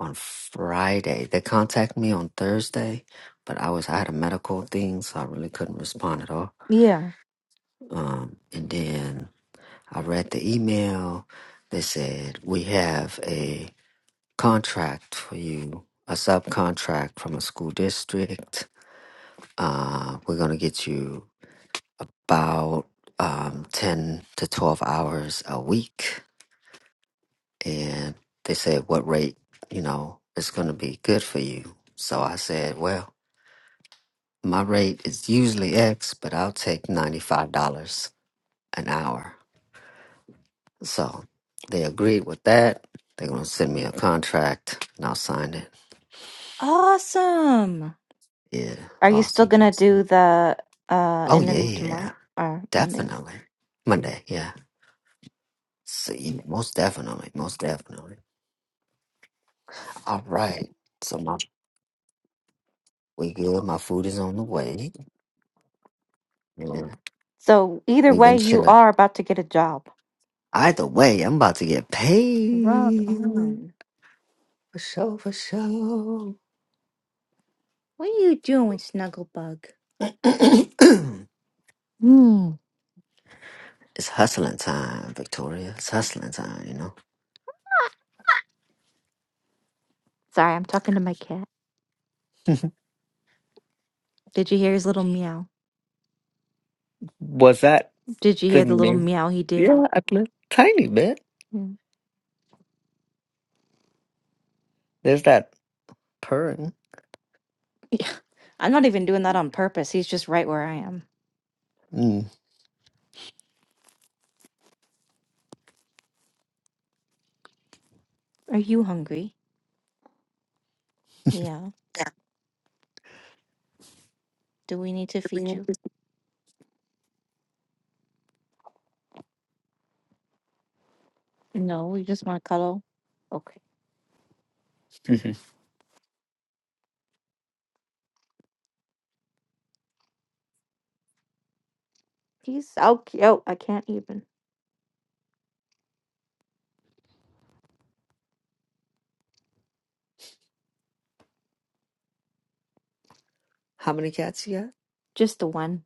Speaker 2: on Friday. They contacted me on Thursday, but I was I had a medical thing, so I really couldn't respond at all.
Speaker 1: Yeah.
Speaker 2: Um, and then I read the email. They said, We have a contract for you, a subcontract from a school district. Uh, we're going to get you about um, 10 to 12 hours a week. And they said, What rate, you know, is going to be good for you? So I said, Well, my rate is usually X, but I'll take $95 an hour. So they agreed with that. They're gonna send me a contract and I'll sign it.
Speaker 1: Awesome.
Speaker 2: Yeah,
Speaker 1: Are you still
Speaker 2: awesome,
Speaker 1: gonna
Speaker 2: awesome.
Speaker 1: do the uh
Speaker 2: Oh
Speaker 1: interview tomorrow
Speaker 2: yeah,
Speaker 1: or Monday?
Speaker 2: definitely. Monday, yeah. See, most definitely, most definitely. All right. So my we good. My food is on the way. Yeah,
Speaker 1: So either
Speaker 2: we've
Speaker 1: way,
Speaker 2: been
Speaker 1: you
Speaker 2: chilling.
Speaker 1: are about to get a job.
Speaker 2: Either way, I'm about to get
Speaker 1: Rock
Speaker 2: paid
Speaker 1: on.
Speaker 2: for sure, for sure.
Speaker 1: What are you doing, Snugglebug?
Speaker 2: it's
Speaker 1: Hmm.
Speaker 2: hustling time, Victoria. It's hustling time, you
Speaker 1: Sorry, I'm talking to my cat.
Speaker 2: know.
Speaker 1: Did you hear his little meow?
Speaker 2: Was that?
Speaker 1: Did you
Speaker 2: The
Speaker 1: hear the little
Speaker 2: new,
Speaker 1: meow he did?
Speaker 2: yeah, a little tiny bit.
Speaker 1: Mm.
Speaker 2: There's that purring.
Speaker 1: Yeah. I'm not even doing that on purpose. He's just right where I am.
Speaker 2: Mm.
Speaker 1: Are you hungry? Yeah. Do we need to feed you? No, you just want to cuddle. Okay. He's so cute. I can't even.
Speaker 2: How many cats you got?
Speaker 1: Just the one.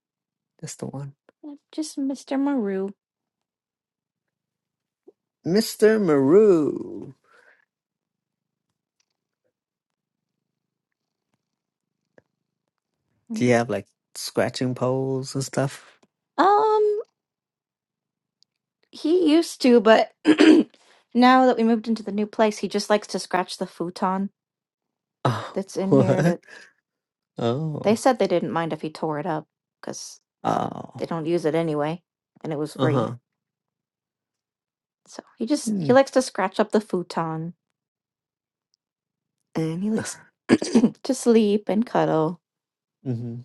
Speaker 2: Just the one.
Speaker 1: Uh, Just Mr. Maru.
Speaker 2: Mr. Maru. Do
Speaker 1: Mm.
Speaker 2: you have like scratching poles and stuff?
Speaker 1: Um, he used to, but now that we moved into the new place, he just likes to scratch the futon
Speaker 2: Oh,
Speaker 1: that's in here. That.
Speaker 2: what?
Speaker 1: They
Speaker 2: Oh,
Speaker 1: said they didn't mind if he tore it up because they
Speaker 2: oh,
Speaker 1: don't use it anyway, and it was
Speaker 2: uh
Speaker 1: free.
Speaker 2: huh.
Speaker 1: So he just he likes to scratch up the futon, and he likes to sleep and cuddle,
Speaker 2: Mm-hmm.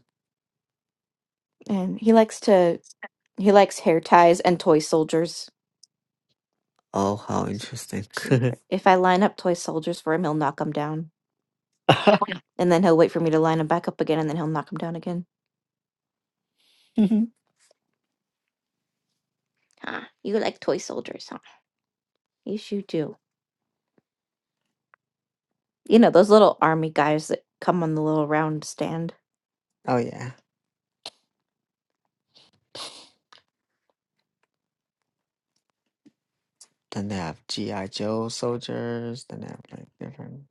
Speaker 1: and he likes to he likes hair ties and toy soldiers.
Speaker 2: Oh, how
Speaker 1: He's a
Speaker 2: interesting.
Speaker 1: favorite. If I line up toy soldiers for him, he'll knock them down,
Speaker 2: oh,
Speaker 1: and then he'll wait for me to line them back up again, and then he'll knock them down again. Huh? You like toy soldiers, huh? Yes, you do. You know, those little army guys that come on the little round stand.
Speaker 2: yeah. Then they have G.I. Joe soldiers. Then they have like different.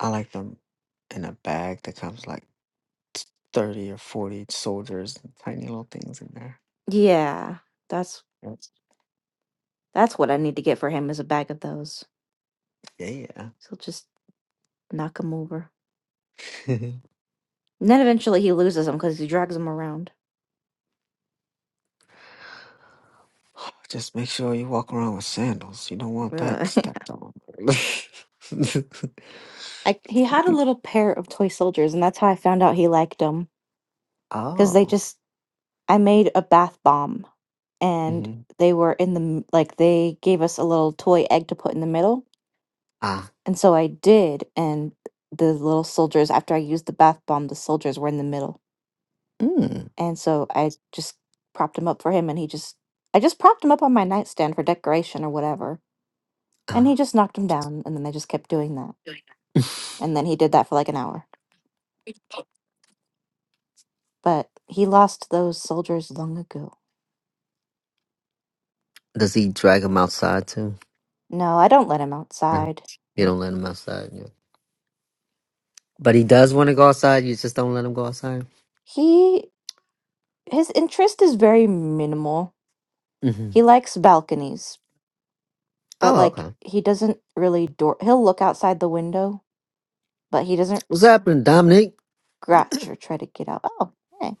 Speaker 2: I like them in a bag that comes like. 30 or 40 soldiers, and tiny little things in there.
Speaker 1: Yeah, that's
Speaker 2: That's-
Speaker 1: that's what I need to get for him is a bag of those.
Speaker 2: Yeah.
Speaker 1: So just knock him over. And then eventually he loses them because he drags them around.
Speaker 2: Just make sure you walk around with sandals. You don't want that
Speaker 1: Ugh.
Speaker 2: stepped on. it's
Speaker 1: I, he
Speaker 2: gonna
Speaker 1: had a
Speaker 2: be.
Speaker 1: little pair of toy soldiers, and that's how I found out he liked them. Because they
Speaker 2: Oh.
Speaker 1: just, I made a bath bomb, and
Speaker 2: hmm
Speaker 1: they were in the m- like they gave us a little toy egg to put in the middle,
Speaker 2: Ah.
Speaker 1: and so I did. And the little soldiers, after I used the bath bomb, the soldiers were in the middle,
Speaker 2: Mm.
Speaker 1: and so I just propped him up for him, and he just, I just propped him up on my nightstand for decoration or whatever, and he
Speaker 2: Ah.
Speaker 1: just knocked him down, and then they just kept doing that. And then he did that for like an hour. But he lost those soldiers long ago.
Speaker 2: Does he drag him outside too?
Speaker 1: No, I don't let him
Speaker 2: No.
Speaker 1: outside.
Speaker 2: You don't let him outside. Yeah. But he does want to go outside. You just don't let him go outside.
Speaker 1: He his interest is very minimal.
Speaker 2: hmm
Speaker 1: He likes balconies, but
Speaker 2: Oh,
Speaker 1: like
Speaker 2: okay.
Speaker 1: he doesn't really door he'll look outside the window, but he doesn't
Speaker 2: What's happening, Dominic?
Speaker 1: scratch or try to get out. Oh, hey.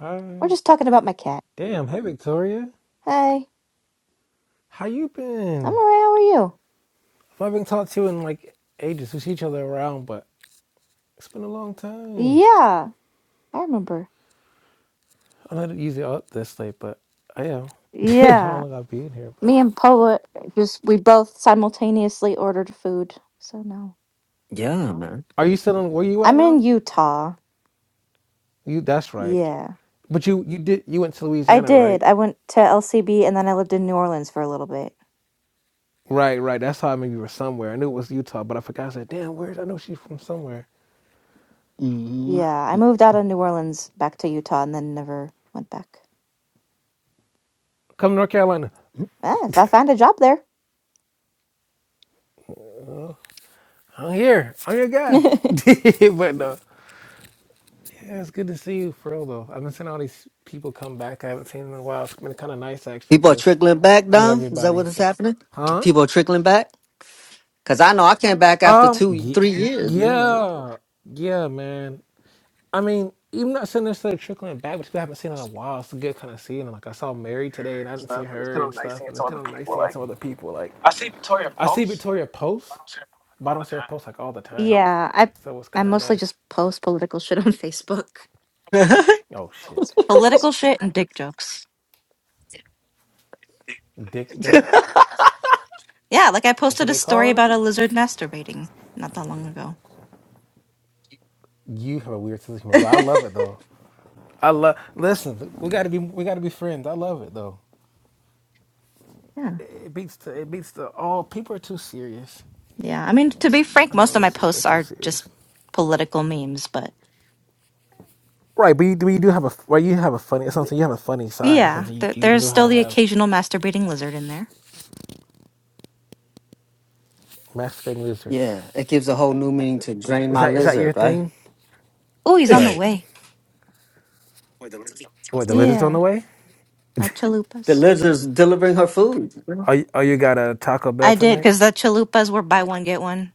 Speaker 3: Hi.
Speaker 1: We're just talking about my cat.
Speaker 3: Damn. Hey, Victoria.
Speaker 1: Hey,
Speaker 3: How you
Speaker 1: I'm
Speaker 3: been?
Speaker 1: alright, how are you?
Speaker 3: I haven't talked to you in like ages. We see each other around, but it's been a long time.
Speaker 1: Yeah, I remember.
Speaker 3: I am not usually up this late, but I am. I don't know
Speaker 1: Yeah.
Speaker 3: like I'll be in here. But
Speaker 1: Me and Poet just we both simultaneously ordered food. So no.
Speaker 2: Yeah, man.
Speaker 3: are you still in? Where you at
Speaker 1: I'm
Speaker 3: now?
Speaker 1: in Utah.
Speaker 3: You. That's right.
Speaker 1: Yeah.
Speaker 3: But you you did you went to
Speaker 1: I
Speaker 3: Louisiana,
Speaker 1: did.
Speaker 3: right?
Speaker 1: I went to LCB and then I lived in New Orleans for a little bit.
Speaker 3: Right, right. That's how I knew you were somewhere. I knew it was Utah, but I forgot. I said, "Damn, where's I know she's from somewhere."
Speaker 2: hmm
Speaker 1: Yeah, I moved out of New Orleans back to Utah and then never went back.
Speaker 3: Come to North Carolina.
Speaker 1: Ah, if I find a job there.
Speaker 3: I'm here. I'm your guy. but no. Yeah, it's good to see you for real though. I've been seeing all these people come back. I haven't seen them in a while. It's been kind of nice actually,
Speaker 2: People are
Speaker 3: cause
Speaker 2: trickling back,
Speaker 3: I know
Speaker 2: Dom. Is that
Speaker 3: everybody.
Speaker 2: what is
Speaker 3: So,
Speaker 2: happening?
Speaker 3: huh?
Speaker 2: People are trickling back because I know I came back after
Speaker 3: Um,
Speaker 2: two,
Speaker 3: y-
Speaker 2: three years, man. Like,
Speaker 3: yeah, yeah, man. I mean, even not saying necessarily trickling back, but people I haven't seen in a while. It's good kind of seeing them. Like I saw Mary today, and I didn't see her and stuff. And it's kind of nice seeing some other people. Like I see Victoria post, but I don't see her post like all the time.
Speaker 1: yeah, I
Speaker 3: So it's
Speaker 1: I
Speaker 3: kind of
Speaker 1: mostly
Speaker 3: nice.
Speaker 1: just post political shit on Facebook.
Speaker 3: Oh shit,
Speaker 1: Political shit and dick jokes.
Speaker 3: dick jokes.
Speaker 1: Yeah, like I
Speaker 3: That's what
Speaker 1: posted a
Speaker 3: they
Speaker 1: story
Speaker 3: calling it.
Speaker 1: about a lizard masturbating not that long ago.
Speaker 3: You have a weird sense of humor, but I love it though. I love. Listen, we gotta be we gotta be friends. I love it though.
Speaker 1: yeah.
Speaker 3: It beats the it beats the all. People are too serious.
Speaker 1: Yeah. I mean, to be frank,
Speaker 3: I
Speaker 1: most of my
Speaker 3: notice people are
Speaker 1: posts
Speaker 3: too
Speaker 1: are just
Speaker 3: serious.
Speaker 1: political memes, but
Speaker 3: Right, but you, but you do have a well, you have a funny something. You have a funny side.
Speaker 1: Yeah,
Speaker 3: Something you,
Speaker 1: there,
Speaker 3: you
Speaker 1: there's
Speaker 3: know how
Speaker 1: still
Speaker 3: to
Speaker 1: the
Speaker 3: have
Speaker 1: occasional masturbating lizard in there.
Speaker 3: masturbating lizards.
Speaker 2: yeah, it gives a whole new meaning to drain
Speaker 3: Is
Speaker 2: my
Speaker 3: that is that your
Speaker 2: lizard, right?
Speaker 3: thing?
Speaker 1: Oh, he's
Speaker 3: All
Speaker 1: on the
Speaker 3: right.
Speaker 1: way.
Speaker 3: What the lizards on
Speaker 1: Yeah,
Speaker 3: the way?
Speaker 1: my
Speaker 2: the
Speaker 1: chalupas.
Speaker 2: lizard's delivering her food.
Speaker 3: Oh, you, oh, you got a Taco Bell
Speaker 1: I did
Speaker 3: tonight?
Speaker 1: because the chalupas were buy one get one.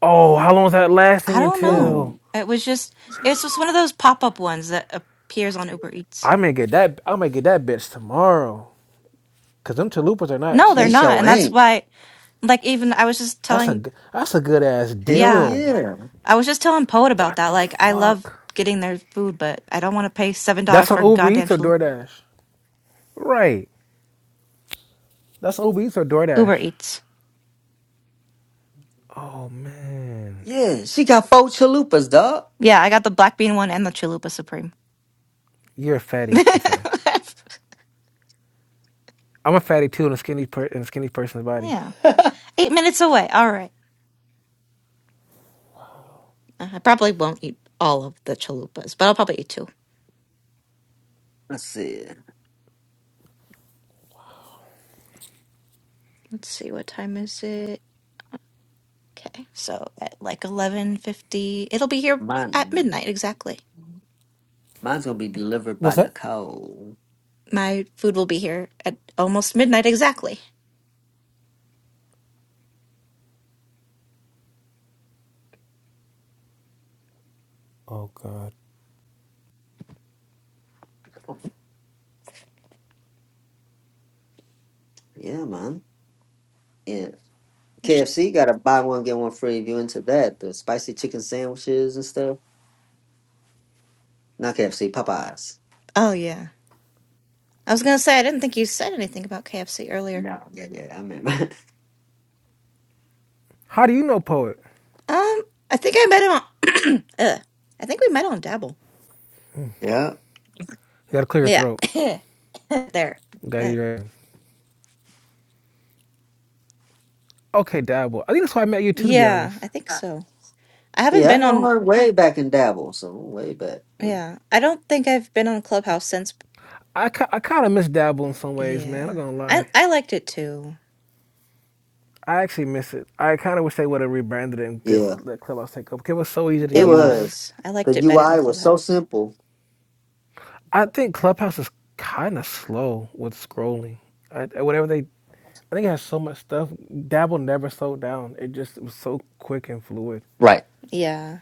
Speaker 3: Oh, how long is that
Speaker 1: I
Speaker 3: lasting
Speaker 1: don't know.
Speaker 3: until?
Speaker 2: Ooh,
Speaker 1: It was just it's just one of those pop up ones that appears on Uber Eats.
Speaker 3: I may get that. I may get that bitch tomorrow. Cause them chalupas are not
Speaker 1: No, they're
Speaker 2: they
Speaker 3: cheap.
Speaker 1: not,
Speaker 2: show
Speaker 1: and that's
Speaker 2: ain't.
Speaker 1: why. Like even I was just
Speaker 3: That's a
Speaker 1: telling,
Speaker 3: that's a good ass
Speaker 2: Hell
Speaker 1: yeah,
Speaker 3: deal.
Speaker 2: yeah,
Speaker 1: I was just telling Poet about
Speaker 3: What
Speaker 1: that.
Speaker 3: the
Speaker 1: Like I love
Speaker 3: fuck?
Speaker 1: getting their food, but I don't want to pay seven dollars
Speaker 3: That's
Speaker 1: for
Speaker 3: on
Speaker 1: a
Speaker 3: Uber
Speaker 1: goddamn
Speaker 3: Eats or
Speaker 1: chalupa.
Speaker 3: DoorDash? Right. That's on Uber Eats or DoorDash.
Speaker 1: Uber Eats.
Speaker 3: Oh man,
Speaker 2: yeah. She got four chalupas, dog.
Speaker 1: Yeah, I got the black bean one and the chalupa supreme.
Speaker 3: you're a fatty. I'm sorry. I'm a fatty too in a skinny per- in a skinny person's body.
Speaker 1: yeah. Eight minutes away. All right. Uh, I probably won't eat all of the chalupas, but I'll probably eat two.
Speaker 2: I said,
Speaker 1: Let's see what time is it. Okay, so at like eleven fifty, it'll be here at
Speaker 2: mine,
Speaker 1: midnight exactly.
Speaker 2: mine's gonna be delivered by
Speaker 3: What's that?
Speaker 2: Nicole.
Speaker 1: My food will be here at almost midnight exactly.
Speaker 3: Oh god.
Speaker 2: Yeah, man. Yeah.
Speaker 1: I should.
Speaker 2: KFC got a buy one get one free. If you into that, the spicy chicken sandwiches and stuff. Not KFC, Popeyes.
Speaker 1: Oh yeah, I was gonna say I didn't think you said anything about KFC earlier.
Speaker 2: No, yeah, yeah, I remember.
Speaker 3: How do you know poet?
Speaker 1: Um, I think I met him on. Ugh. I think we met on Dabble.
Speaker 2: yeah,
Speaker 3: You gotta clear your
Speaker 1: Yeah.
Speaker 3: throat.
Speaker 1: there.
Speaker 3: You gotta eat
Speaker 1: Uh,
Speaker 3: your- Okay, Dabble. I think that's why I met you too. To be
Speaker 1: yeah, I
Speaker 3: honest,
Speaker 1: think so. I haven't
Speaker 2: yeah, I
Speaker 1: been
Speaker 2: know
Speaker 1: on
Speaker 2: her way back in Dabble, so way back. you know.
Speaker 1: yeah. I don't think I've been on Clubhouse since
Speaker 3: I ki- I kind of miss Dabble in some ways, man. I'm
Speaker 1: yeah.
Speaker 3: not gonna
Speaker 1: I
Speaker 3: lie.
Speaker 1: I liked it too.
Speaker 3: I actually miss it. I kind of wish they would have rebranded it and just
Speaker 2: Yeah,
Speaker 3: let Clubhouse take over. 'cause It was so easy to
Speaker 2: it
Speaker 1: It
Speaker 3: use.
Speaker 2: was.
Speaker 1: was. I
Speaker 2: The
Speaker 1: liked it better than
Speaker 2: UI was so
Speaker 1: Clubhouse.
Speaker 2: simple.
Speaker 3: I think Clubhouse is kind of slow with scrolling. I, whatever they, I think it has so much stuff. Dabble never slowed down. It just was so quick and fluid.
Speaker 2: Right,
Speaker 1: Yeah.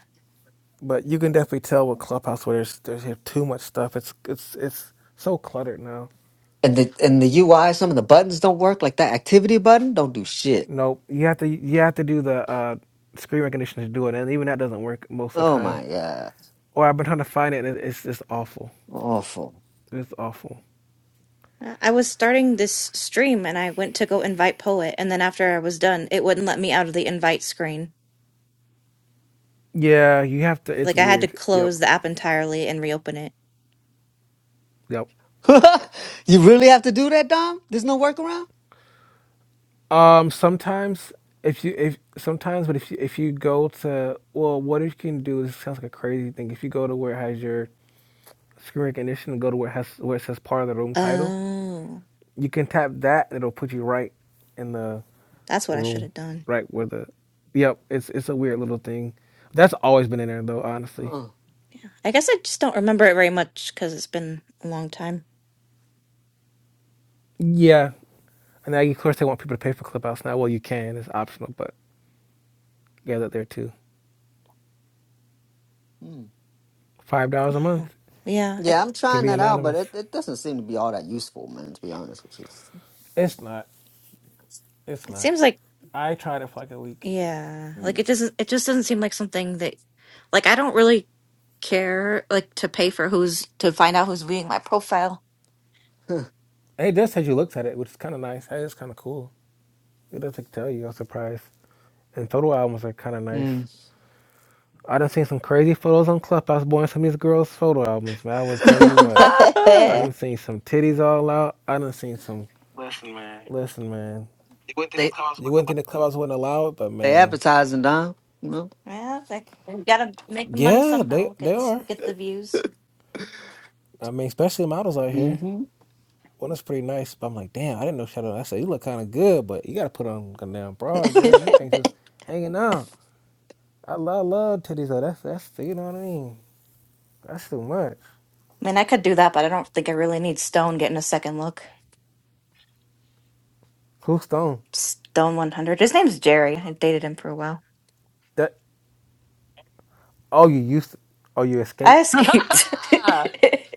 Speaker 3: But you can definitely tell with Clubhouse where there's there's too much stuff. It's it's it's so cluttered now.
Speaker 2: and the and the UI, some of the buttons don't work. Like that activity button, don't do shit.
Speaker 3: Nope. You have to you have to do the uh, screen recognition to do it, and even that doesn't work most of the
Speaker 2: Oh
Speaker 3: time.
Speaker 2: my god,
Speaker 3: Or I've been trying to find it, and it- it's just awful.
Speaker 2: awful.
Speaker 3: It's awful.
Speaker 1: I I was starting this stream and I went to go invite Poet and then after I was done, it wouldn't let me out of the invite screen.
Speaker 3: Yeah, you have to. It's
Speaker 1: Like I had to
Speaker 3: weird. Yep,
Speaker 1: close the app entirely and reopen it.
Speaker 3: yep.
Speaker 2: you really have to do that, Dom? There's no workaround.
Speaker 3: Um, sometimes if you if sometimes, but if you if you go to well, what you can do this sounds like a crazy thing. If you go to where it has your screen recognition and go to where it has where it says part of the room title,
Speaker 1: Oh.
Speaker 3: you can tap that and it'll put you right in the
Speaker 1: That's what I should
Speaker 3: room,
Speaker 1: have done.
Speaker 3: right where the yep. It's it's a weird little thing. That's always been in there though, honestly.
Speaker 2: Oh.
Speaker 1: Yeah, I guess I just don't remember it very much because it's been a long time.
Speaker 3: Yeah, and now of course they want people to pay for Clubhouse now. Well, you can. It's optional, but yeah, that there too. Five dollars a
Speaker 1: Oh.
Speaker 3: month
Speaker 1: Yeah, it,
Speaker 2: Yeah, I'm
Speaker 3: can
Speaker 2: trying
Speaker 3: be
Speaker 2: that out, but
Speaker 3: anonymous.
Speaker 2: it, it doesn't seem to be all that useful, man, to be honest with
Speaker 3: It's not. It's
Speaker 1: it
Speaker 3: not.
Speaker 1: seems like
Speaker 3: I tried it for like a week.
Speaker 1: yeah, like
Speaker 2: you.
Speaker 1: it
Speaker 2: Mm.
Speaker 1: doesn't. It just doesn't seem like something that, like, I don't really care like to pay for who's to find out who's reading my profile.
Speaker 3: It does say you looked at it, which is kind of nice. Hey, it's kind of cool. It does not tell you. I was surprised. And photo albums are kind of nice.
Speaker 2: Mm.
Speaker 3: I done seen some crazy photos on Clubhouse, boy, and some of these girls' photo albums, man. I would tell you what. I
Speaker 1: yeah,
Speaker 3: done seen some titties all out. I done seen some. Listen, man.
Speaker 2: they
Speaker 3: You wouldn't think the clubhouse wouldn't allow it, but
Speaker 2: they
Speaker 3: man,
Speaker 2: advertising, Don. You know?
Speaker 1: it's like we gotta make the money
Speaker 3: yeah, they
Speaker 1: somehow.
Speaker 3: they
Speaker 1: Get this,
Speaker 3: are.
Speaker 1: get the views.
Speaker 3: I mean, especially models out here.
Speaker 2: hmm
Speaker 3: Well, that's pretty nice. But I'm like, damn, I didn't know Shadow. I said, you look kind of good, but you gotta put on a damn bra, girl. Them things just hanging out. I love love titties though. That's that's you know what I mean. That's too much.
Speaker 1: I mean, I could do that, but I don't think I really need Stone getting a second look.
Speaker 3: Cool stone.
Speaker 1: Stone one hundred. His name's Jerry. I dated him for a while.
Speaker 3: That oh you used to, oh you
Speaker 1: I
Speaker 3: escaped.
Speaker 1: escaped.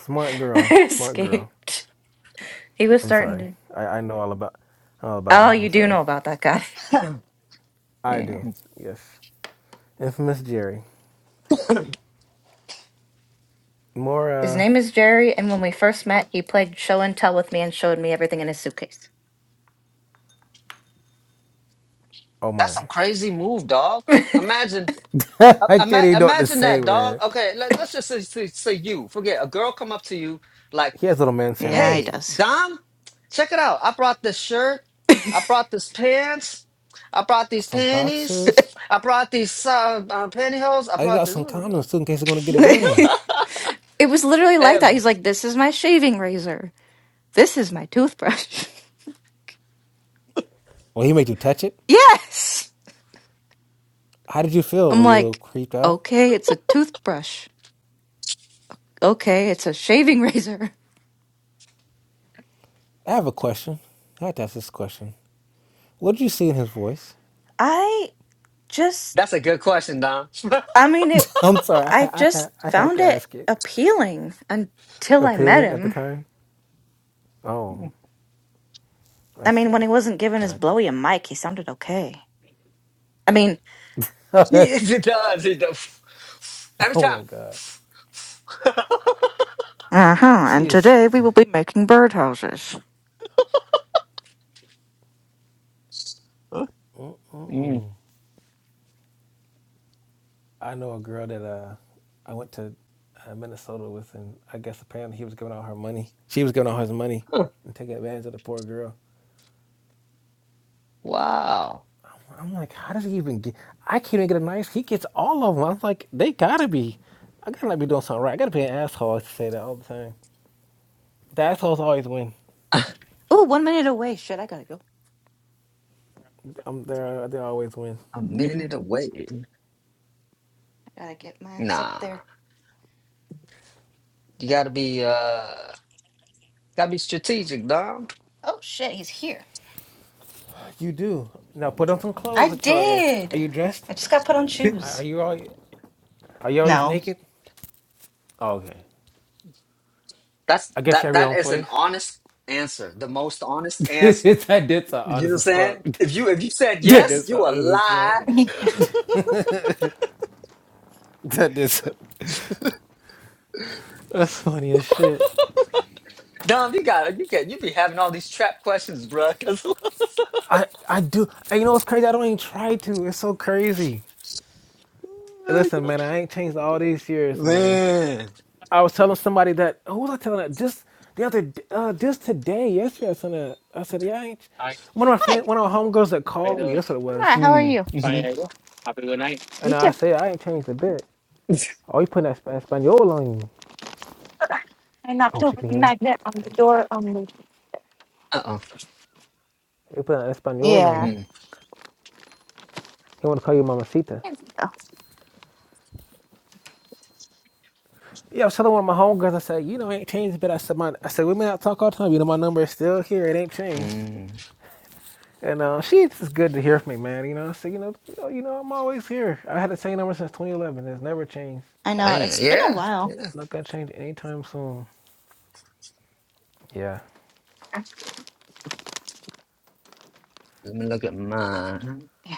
Speaker 3: Smart girl, smart girl.
Speaker 1: escaped. He was
Speaker 3: I'm
Speaker 1: starting
Speaker 3: sorry.
Speaker 1: to.
Speaker 3: I, I know all about all about
Speaker 1: Oh,
Speaker 3: him.
Speaker 1: you
Speaker 3: I'm
Speaker 1: do
Speaker 3: sorry.
Speaker 1: know about that guy.
Speaker 3: I
Speaker 1: Yeah.
Speaker 3: do.
Speaker 2: That's
Speaker 3: Yes. Infamous Jerry. More
Speaker 1: His
Speaker 3: uh
Speaker 1: name is Jerry, and when we first met, he played show and tell with me and showed me everything in his suitcase.
Speaker 3: oh my.
Speaker 2: some crazy move, dog. Imagine uh,
Speaker 3: I
Speaker 2: ima-
Speaker 3: can't even know what to
Speaker 2: imagine
Speaker 3: say,
Speaker 2: that, dog.
Speaker 3: man.
Speaker 2: Okay, let, us just say, say, say you. Forget a girl come up to you like
Speaker 3: He has little man
Speaker 1: Yeah, he
Speaker 3: syndrome.
Speaker 2: Hey,
Speaker 1: does.
Speaker 2: Dom, check it out. I brought this shirt. I brought this pants. I brought these
Speaker 3: Some
Speaker 2: panties.
Speaker 3: boxers.
Speaker 2: I brought these uh, uh, pantyhose. I
Speaker 3: I
Speaker 2: brought
Speaker 3: got
Speaker 2: this.
Speaker 3: some condoms too in case I'm gonna get it in.
Speaker 1: it was literally like that. He's
Speaker 2: Ev,
Speaker 1: like, this is my shaving razor. This is my toothbrush.
Speaker 3: Well, he made you touch it.
Speaker 1: yes.
Speaker 3: How did you feel? Were
Speaker 1: I'm
Speaker 3: you a little
Speaker 1: like,
Speaker 3: creeped out?
Speaker 1: okay, it's a toothbrush. Okay, it's a shaving razor.
Speaker 3: I have a question. I have to ask this question. What did you see in his voice?
Speaker 1: I just,
Speaker 2: that's a good question, Dom.
Speaker 1: I mean, it,
Speaker 3: I'm sorry.
Speaker 1: I
Speaker 3: I I,
Speaker 1: just
Speaker 3: I have
Speaker 1: found
Speaker 3: to
Speaker 1: it
Speaker 3: ask it.
Speaker 1: appealing until I met
Speaker 3: Appealing at the
Speaker 1: him.
Speaker 3: time. Oh, I
Speaker 1: I
Speaker 3: see.
Speaker 1: mean, when he wasn't giving his
Speaker 3: Gotcha.
Speaker 1: blowy a mic, he sounded okay. I mean,
Speaker 2: it does. It does. Every
Speaker 3: oh
Speaker 2: time.
Speaker 3: my God.
Speaker 1: uh huh.
Speaker 3: She
Speaker 1: And
Speaker 3: is.
Speaker 1: today we will be making birdhouses.
Speaker 2: Huh? Mm.
Speaker 3: I know a girl that uh, I went to uh, Minnesota with, and I guess apparently he was giving out her money. She was giving out his money
Speaker 2: Huh.
Speaker 3: and taking advantage of the poor girl.
Speaker 2: Wow.
Speaker 3: I'm like, how does he even get? I can't even get a nice. He gets all of them. I'm like, they gotta be. I gotta not be doing something right. I gotta be an asshole. I used to say that all the time. The assholes always win.
Speaker 2: A
Speaker 1: Oh, one minute away. Shit, I gotta go.
Speaker 3: Um, they they always win.
Speaker 2: minute away.
Speaker 1: I gotta get my ass up
Speaker 2: Nah.
Speaker 1: there.
Speaker 2: You gotta be uh gotta be strategic, Dom.
Speaker 1: Oh shit, he's here.
Speaker 3: You do. Now put on some clothes,
Speaker 1: I
Speaker 3: Victoria. Are
Speaker 1: did.
Speaker 3: you dressed?
Speaker 1: I just got put on
Speaker 3: Are
Speaker 1: shoes.
Speaker 3: you all? Are you always
Speaker 1: No.
Speaker 3: naked? Oh, okay.
Speaker 2: That's
Speaker 3: I guess you
Speaker 2: that
Speaker 3: have your
Speaker 2: that
Speaker 3: own
Speaker 2: is an
Speaker 3: place.
Speaker 2: honest answer. The most honest answer.
Speaker 3: that did sound
Speaker 2: You know what
Speaker 3: honest
Speaker 2: I'm
Speaker 3: as
Speaker 2: saying?
Speaker 3: fuck.
Speaker 2: If you if you said
Speaker 3: That
Speaker 2: yes,
Speaker 3: did
Speaker 2: you
Speaker 3: sound
Speaker 2: a
Speaker 3: honest as fuck.
Speaker 2: lie.
Speaker 1: On
Speaker 3: That That is that's funny as shit.
Speaker 2: Dom, you got you can you be having all these trap questions, bruh. 'cause-
Speaker 3: I I do. And you know what's crazy? I don't even try to. It's so crazy. And Listen, man, I ain't changed all these years, man.
Speaker 2: man.
Speaker 3: I was telling somebody that who was I telling that just the other d- uh just today, yesterday I said that I said, Yeah, I ain't ch-"
Speaker 1: Hi,
Speaker 3: one of my friends one of my homegirls that
Speaker 1: how you
Speaker 3: called me,
Speaker 1: doing?
Speaker 3: that's what it was.
Speaker 2: Mm,
Speaker 1: Fine, how you
Speaker 2: mm-hmm.
Speaker 1: doing? Have a good night.
Speaker 3: And I said, I ain't changed a bit. Oh, you putting that Sp- Espanol on you. Oh, she can hear me.
Speaker 1: on the
Speaker 3: Like
Speaker 1: door on the
Speaker 2: Uh-oh.
Speaker 3: You putting that Espanol on
Speaker 1: yeah
Speaker 3: you.
Speaker 2: Mm,
Speaker 3: He wanna call you Mamacita.
Speaker 1: There we go.
Speaker 3: Yeah, I was telling one of my homegirls, I said, you know, I ain't changed a bit. I said my I said, women I talk all the time, you know my number is still here, it ain't changed.
Speaker 2: mm.
Speaker 3: And uh, she, it's just good to hear from me, man. You know, I said, you know, you know, you know, I'm always here. I had the same number since 2011. It's never changed.
Speaker 1: i know
Speaker 2: Damn,
Speaker 1: it's been a
Speaker 2: yeah,
Speaker 1: while
Speaker 2: yeah.
Speaker 3: Not gonna change anytime soon. Yeah.
Speaker 2: Let me look at mine.
Speaker 1: yeah.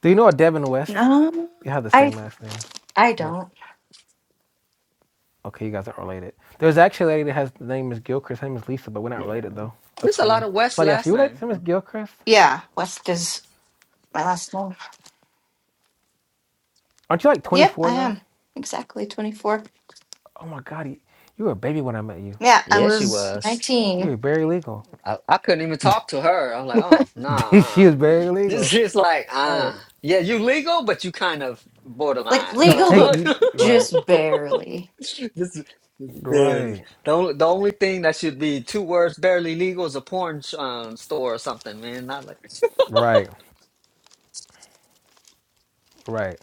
Speaker 3: Do you know a Devin West?
Speaker 1: no
Speaker 3: You have the
Speaker 1: i
Speaker 3: same last name.
Speaker 1: i
Speaker 3: Good.
Speaker 1: don't
Speaker 3: Okay, you guys aren't related. There's actually a lady that has the name is Gilchrist. Her name is Lisa, but we're not
Speaker 2: Yeah.
Speaker 3: related though. That's
Speaker 2: There's a lot
Speaker 3: funny.
Speaker 2: of West
Speaker 3: Somebody asked, you
Speaker 2: last
Speaker 3: related
Speaker 2: name.
Speaker 3: to Miss Gilchrist?
Speaker 1: yeah west is my last name
Speaker 3: Aren't you like
Speaker 1: yep
Speaker 3: 24
Speaker 1: i
Speaker 3: now?
Speaker 1: am exactly 24
Speaker 3: Oh my God, you, you were a baby when I met you.
Speaker 1: I
Speaker 2: Yeah, she
Speaker 1: was
Speaker 2: was.
Speaker 3: You were
Speaker 1: 19.
Speaker 3: very legal.
Speaker 2: I, I couldn't even talk to her. I was like, oh, nah.
Speaker 3: she
Speaker 2: Uh.
Speaker 3: was very
Speaker 2: This
Speaker 3: legal.
Speaker 2: is like,
Speaker 3: All
Speaker 2: ah,
Speaker 3: right.
Speaker 2: yeah, you legal, but you kind of
Speaker 1: Like,
Speaker 2: borderline. Go
Speaker 1: look,
Speaker 3: you,
Speaker 2: on.
Speaker 3: right.
Speaker 1: just barely.
Speaker 2: This is this barely
Speaker 3: Right.
Speaker 2: the only the only thing that should be two words barely legal is a porn sh- um, store or something, man. Not like,
Speaker 3: Right, right.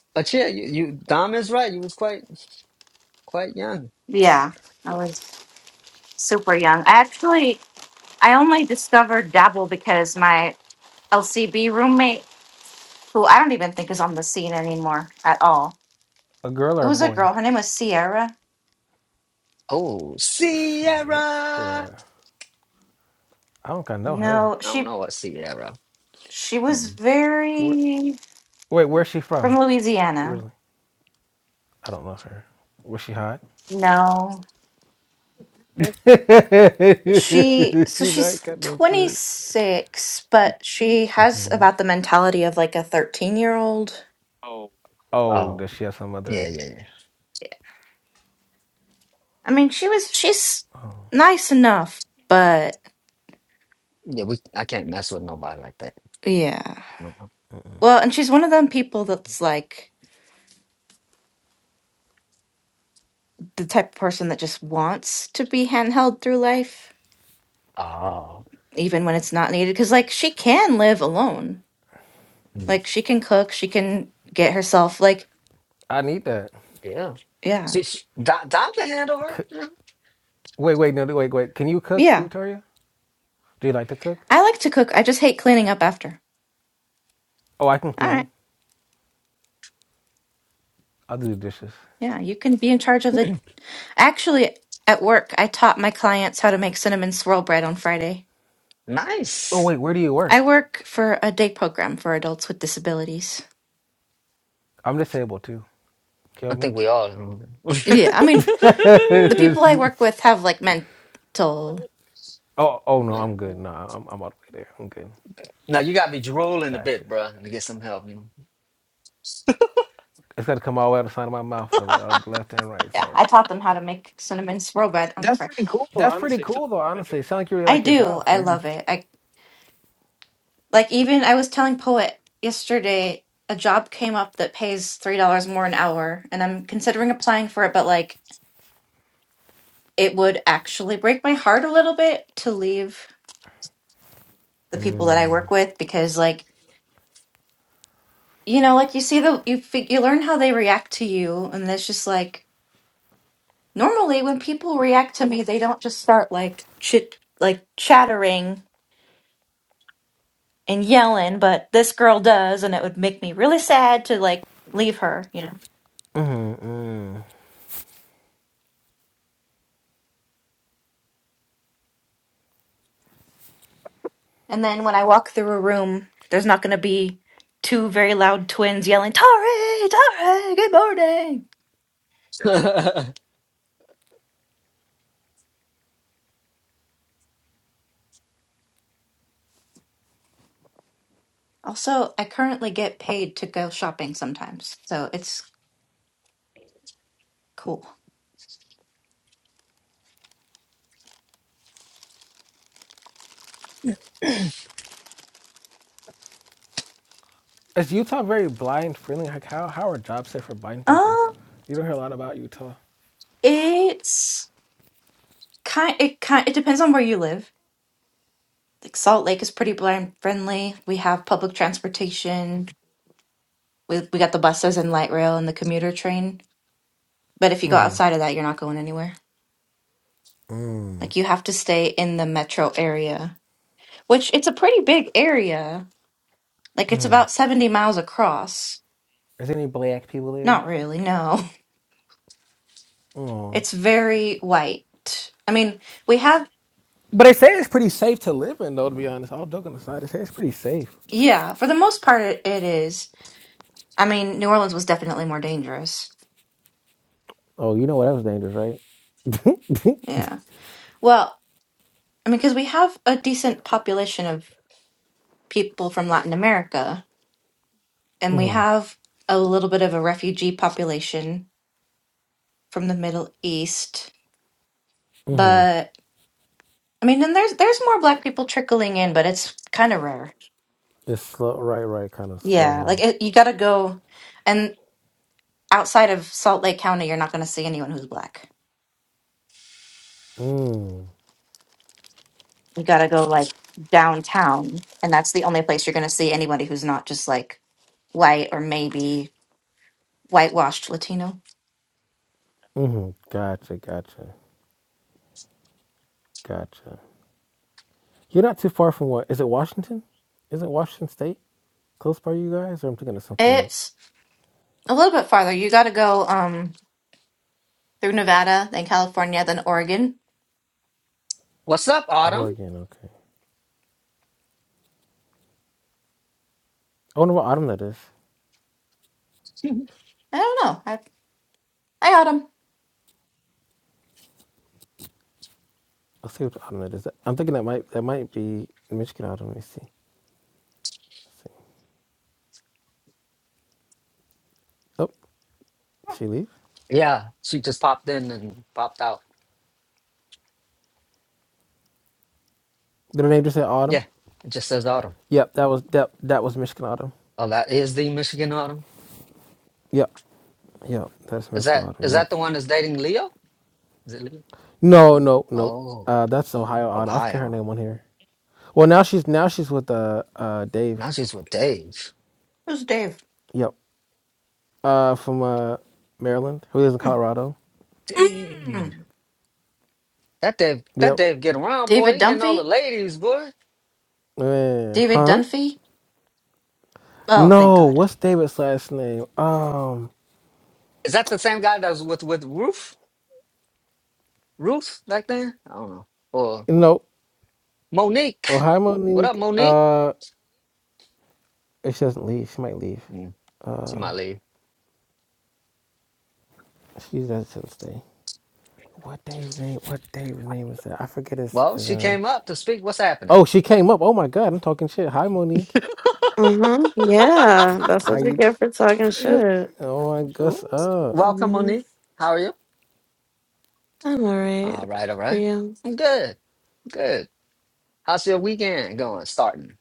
Speaker 2: but yeah, you, you Dom is right. You was quite quite young.
Speaker 1: Yeah. I was super young. I actually, I only discovered Dabble because my LCB roommate, who I don't even think is on the scene anymore at all.
Speaker 3: A girl
Speaker 1: It
Speaker 3: or a
Speaker 1: was a
Speaker 3: boy?
Speaker 1: girl. Her name was Sierra.
Speaker 2: Oh, Sierra. I
Speaker 3: Sierra. I don't kinda know her.
Speaker 1: No,
Speaker 2: don't
Speaker 1: she
Speaker 2: know what Sierra.
Speaker 1: she was
Speaker 2: Mm.
Speaker 3: Where,
Speaker 1: very
Speaker 3: wait, where's she
Speaker 1: from
Speaker 3: from?
Speaker 1: Louisiana.
Speaker 3: Really? I don't know her. Was she hot?
Speaker 1: No, she so
Speaker 3: she
Speaker 1: she's
Speaker 3: not got no sense.
Speaker 1: 26, but she has about the mentality of like a 13 year old
Speaker 3: Oh,
Speaker 2: Oh,
Speaker 3: does she have some
Speaker 2: yeah,
Speaker 3: other?
Speaker 2: yeah, yeah.
Speaker 1: I mean, she was she's nice enough, but
Speaker 2: Yeah, we I can't mess with nobody like that.
Speaker 1: yeah.
Speaker 2: No, no.
Speaker 1: Well, and she's one of them people that's like the type of person that just wants to be handheld through life,
Speaker 2: Oh,
Speaker 1: even when it's not needed. Because like she can live alone,
Speaker 2: mm,
Speaker 1: like she can cook, she can get herself like
Speaker 3: I need that.
Speaker 2: yeah.
Speaker 1: yeah,
Speaker 2: She, she, Dom, Dom can handle her.
Speaker 3: C-
Speaker 2: Yeah.
Speaker 3: wait, wait, no, wait, wait. Can you cook,
Speaker 1: yeah.
Speaker 3: Victoria? Do you like to cook?
Speaker 1: I like to cook. I just hate cleaning up after.
Speaker 3: Oh, I can
Speaker 1: All right,
Speaker 3: clean. I'll do the dishes.
Speaker 1: yeah, you can be in charge of the. Actually, at work, I taught my clients how to make cinnamon swirl bread on Friday.
Speaker 3: Oh,
Speaker 2: Nice.
Speaker 3: wait, where do you work?
Speaker 1: I work for a day program for adults with disabilities.
Speaker 3: I'm disabled too. Kill
Speaker 2: I
Speaker 3: me.
Speaker 2: think we all.
Speaker 3: Oh, oh no, I'm good. No, I'm, I'm all the way there. I'm good.
Speaker 2: Now you got me drooling a
Speaker 3: Gotcha.
Speaker 2: bit, bruh, Let me get some help. You
Speaker 3: It's got to come all the way out the side of my mouth, the, uh, the left and right side.
Speaker 1: make some good on the Friday. price.
Speaker 3: That's pretty cool, though. Honestly, it sounds like you really like your job.
Speaker 2: know?
Speaker 1: Like even I was telling Poet yesterday, a job came up that pays three dollars more an hour, and I'm considering applying for it. But like, it would actually break my heart a little bit to leave the people that I work with because, like, you know, like you see the you fig- you learn how they react to you, and it's just like normally when people react to me, they don't just start like chit like chattering and yelling, but this girl does, and it would make me really sad to like leave her, you know. And then when I walk through a room, there's not going to be two very loud twins yelling, Tari, Tari, good morning.
Speaker 2: Yeah.
Speaker 1: Also, I currently get paid to go shopping sometimes, so it's cool.
Speaker 3: Is Utah very blind friendly? Like, how how are jobs set for blind people?
Speaker 1: Um,
Speaker 3: You don't hear a lot about Utah.
Speaker 1: it's kind it kind it depends on where you live. Like Salt Lake is pretty blind friendly. We have public transportation. We we got the buses and light rail and the commuter train. But if you go outside of that, you're not going anywhere. Like you have to stay in the metro area, which it's a pretty big area Like it's about 70 miles across.
Speaker 3: Is there any black people there?
Speaker 1: Not really, no.
Speaker 3: Oh,
Speaker 1: It's very white. I mean, we have,
Speaker 3: but they say it's pretty safe to live in, though. To be honest, all joking aside, they say it's pretty safe.
Speaker 1: yeah, for the most part, it, it is. I mean, New Orleans was definitely more dangerous.
Speaker 3: Oh, you know what? That was dangerous, right?
Speaker 1: Yeah. Well, I mean, because we have a decent population of people from Latin America, and we have a little bit of a refugee population from the Middle East. But I mean, and there's there's more black people trickling in, but it's kind of rare.
Speaker 3: it's slow, right, right, kind of
Speaker 1: Yeah,
Speaker 3: slow.
Speaker 1: like
Speaker 3: Huh?
Speaker 1: it, you got to go. and. outside of Salt Lake County, you're not going to see anyone who's black.
Speaker 3: Mm,
Speaker 1: You got to go like downtown, and that's the only place you're going to see anybody who's not just like white or maybe whitewashed Latino.
Speaker 3: mm, gotcha, gotcha, gotcha. You're not too far from what? Is it Washington? is it Washington State close by you guys? Or I'm thinking of something else.
Speaker 1: It's a little bit farther. You got to go um through Nevada, then California, then Oregon.
Speaker 2: What's up, Autumn?
Speaker 3: Oregon, okay. I wonder what autumn that is.
Speaker 1: I don't know. I I got him.
Speaker 3: I'll see what autumn that is. I'm thinking that might that might be Michigan autumn. Let me see. Let's see. Oh, did she leave?
Speaker 2: Yeah, she just popped in and popped out.
Speaker 3: Did her name just say autumn?
Speaker 2: Yeah, it just says Autumn.
Speaker 3: Yep, that was that that was Michigan autumn.
Speaker 2: Oh, that is the Michigan Autumn.
Speaker 3: Yep, yep, that's
Speaker 2: Is
Speaker 3: Michigan
Speaker 2: that
Speaker 3: autumn.
Speaker 2: is
Speaker 3: Yep.
Speaker 2: that the one that's dating Leo? Is it Leo?
Speaker 3: No, no, no.
Speaker 2: Oh,
Speaker 3: Uh, that's Ohio autumn. I forget her
Speaker 2: Ohio.
Speaker 3: name on here. Well, now she's now she's with uh, uh Dave.
Speaker 2: Now she's with Dave.
Speaker 1: Who's Dave?
Speaker 3: Yep. uh, from uh, Maryland who lives in
Speaker 1: Hmm.
Speaker 3: Colorado.
Speaker 1: Mm.
Speaker 2: Dang. That Dave, that
Speaker 3: Yep.
Speaker 2: Dave getting around, boy.
Speaker 1: David
Speaker 2: He getting all the
Speaker 1: Dunphy?
Speaker 2: ladies, boy.
Speaker 3: Man,
Speaker 1: David
Speaker 3: huh?
Speaker 1: Dunphy? Oh, thank
Speaker 3: No,
Speaker 1: God.
Speaker 3: what's David's last name? Um,
Speaker 2: Is that the same guy that was with with Ruth? Ruth back then? I don't know. Or
Speaker 3: no. Oh,
Speaker 2: Monique.
Speaker 3: hi,
Speaker 2: What up,
Speaker 3: Monique.
Speaker 2: Monique?
Speaker 3: Uh, if she doesn't leave, she might leave.
Speaker 2: Mm, she
Speaker 3: Uh,
Speaker 2: might leave.
Speaker 3: she's she doesn't stay. What Dave's name? What Dave's name is that? I forget his,
Speaker 2: Well,
Speaker 3: his
Speaker 2: she
Speaker 3: um.
Speaker 2: came up to speak. What's happening?
Speaker 3: Oh, she came up. Oh my God, I'm talking shit. Hi, Monique.
Speaker 4: Mm-hmm. Yeah, that's
Speaker 3: How
Speaker 4: what you
Speaker 3: you?
Speaker 4: get for talking shit.
Speaker 3: Oh, I guess
Speaker 2: Ooh,
Speaker 3: uh,
Speaker 2: welcome,
Speaker 4: hmm
Speaker 2: Monique. How are you?
Speaker 4: I'm alright.
Speaker 2: All right, all
Speaker 4: How are
Speaker 2: right.
Speaker 4: you?
Speaker 2: I'm good. Good. How's your weekend going? Starting.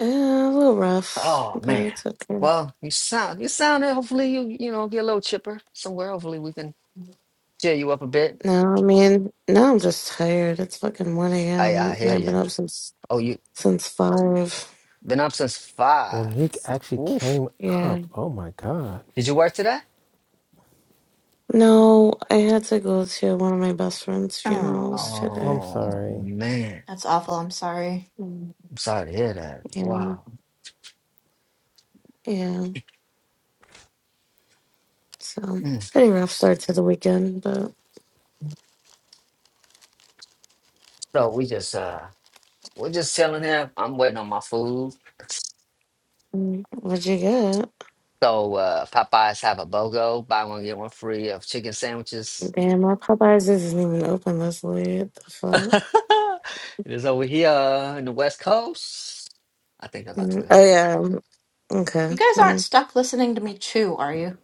Speaker 4: Yeah, a little rough,
Speaker 2: Oh
Speaker 4: but
Speaker 2: man.
Speaker 4: it's okay.
Speaker 2: Well, you sound you sound. Hopefully, you you know get a little chipper somewhere. Hopefully, we can cheer you up a bit.
Speaker 4: No, I mean, now I'm just tired. It's fucking 1
Speaker 2: I
Speaker 4: a.m.
Speaker 2: I
Speaker 4: and
Speaker 2: hear
Speaker 4: I've been
Speaker 2: you.
Speaker 4: up since
Speaker 2: Oh, you
Speaker 4: since 5.
Speaker 2: been up since five.
Speaker 3: Monique actually
Speaker 2: Oof.
Speaker 3: came
Speaker 4: Yeah.
Speaker 3: up. Oh my God.
Speaker 2: Did you work today?
Speaker 4: No, I had to go to one of my best friend's
Speaker 1: Oh,
Speaker 4: funerals
Speaker 3: I'm
Speaker 4: today.
Speaker 2: Oh
Speaker 3: sorry.
Speaker 2: man.
Speaker 1: that's awful. I'm sorry.
Speaker 4: Mm,
Speaker 2: I'm sorry to hear that.
Speaker 4: And
Speaker 2: Wow.
Speaker 4: yeah, so
Speaker 2: Mm.
Speaker 4: pretty rough start to the weekend, but
Speaker 2: So we just uh we're just chilling here. I'm waiting on my food.
Speaker 4: mm, what'd you get?
Speaker 2: So uh, Popeyes have a BOGO, buy one get one free of chicken sandwiches.
Speaker 4: Damn, my Popeyes isn't even open this late. The
Speaker 2: it
Speaker 4: fuck?
Speaker 2: is over here in the West Coast. I think they're about to be
Speaker 4: Mm,
Speaker 2: here.
Speaker 4: Oh yeah. um, Okay.
Speaker 1: You guys aren't
Speaker 4: Yeah.
Speaker 1: stuck listening to me chew, are you?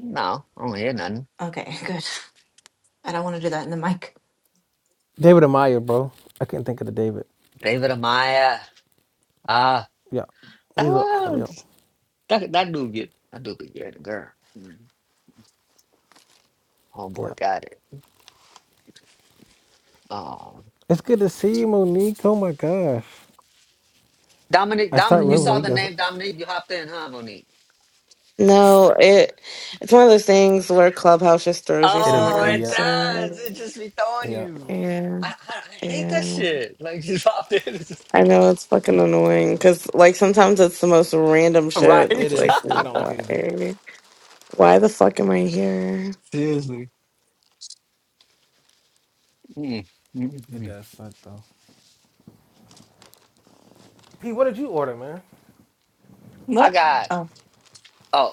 Speaker 2: No, I don't hear nothing.
Speaker 1: Okay, good. I don't want to do that in the mic.
Speaker 3: David Amaya, bro. I couldn't think of the David.
Speaker 2: David Amaya. Ah,
Speaker 3: Yeah.
Speaker 2: that,
Speaker 3: He's a Autumn.
Speaker 2: one-
Speaker 3: Yeah.
Speaker 2: that that dude get that dude be getting girl. Mm,
Speaker 3: Yeah.
Speaker 2: Homeboy got it. Oh,
Speaker 3: It's good to see you, Monique. Oh my gosh.
Speaker 2: Dominique,
Speaker 3: I
Speaker 2: Dom,
Speaker 3: start
Speaker 2: you
Speaker 3: runs
Speaker 4: Mm.
Speaker 2: saw
Speaker 3: Monique
Speaker 2: the
Speaker 3: doesn't.
Speaker 2: name Dominique. You hopped in, huh, Monique?
Speaker 4: No, it it's one of those things where Clubhouse just throws you
Speaker 3: It'll
Speaker 2: Oh,
Speaker 4: somewhere.
Speaker 2: it
Speaker 3: yeah.
Speaker 2: does. It
Speaker 4: So
Speaker 2: just be throwing
Speaker 3: Yeah.
Speaker 2: you.
Speaker 4: yeah,
Speaker 2: I, I, I hate that
Speaker 4: yeah.
Speaker 2: shit. Like just popped in. It's just-
Speaker 4: I know it's fucking annoying because like sometimes it's the most random shit.
Speaker 3: It
Speaker 4: It's
Speaker 2: Right.
Speaker 4: like
Speaker 3: is. I don't like it either.
Speaker 4: why? Why the fuck am I here?
Speaker 2: Seriously. Mm, mm,
Speaker 3: It
Speaker 2: mm.
Speaker 3: does suck though. P, what did you order, man?
Speaker 2: I
Speaker 1: What?
Speaker 2: got
Speaker 1: Oh,
Speaker 2: oh,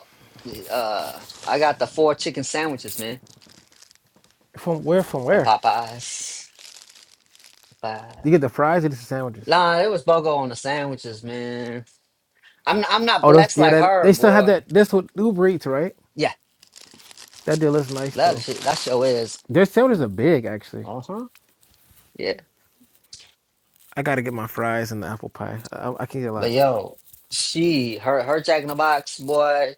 Speaker 2: uh, I got the four chicken sandwiches, man,
Speaker 3: From where? From
Speaker 2: from
Speaker 3: where?
Speaker 2: Popeyes. Popeyes.
Speaker 3: You get the fries or just the sandwiches?
Speaker 2: Nah, it was bogo on the sandwiches, man. I'm I'm not
Speaker 3: Oh, those
Speaker 2: blessed
Speaker 3: yeah,
Speaker 2: like
Speaker 3: that
Speaker 2: her,
Speaker 3: they still have
Speaker 2: boy.
Speaker 3: that. That's what Uber Eats, right?
Speaker 2: Yeah,
Speaker 3: That deal is nice
Speaker 2: that
Speaker 3: though.
Speaker 2: shit, that show is.
Speaker 3: Their sandwiches are big, actually.
Speaker 2: Uh huh. Yeah,
Speaker 3: I gotta get my fries and the apple pie. I, I can get a
Speaker 2: but
Speaker 3: lot.
Speaker 2: yo, she her her Jack in the Box, boy.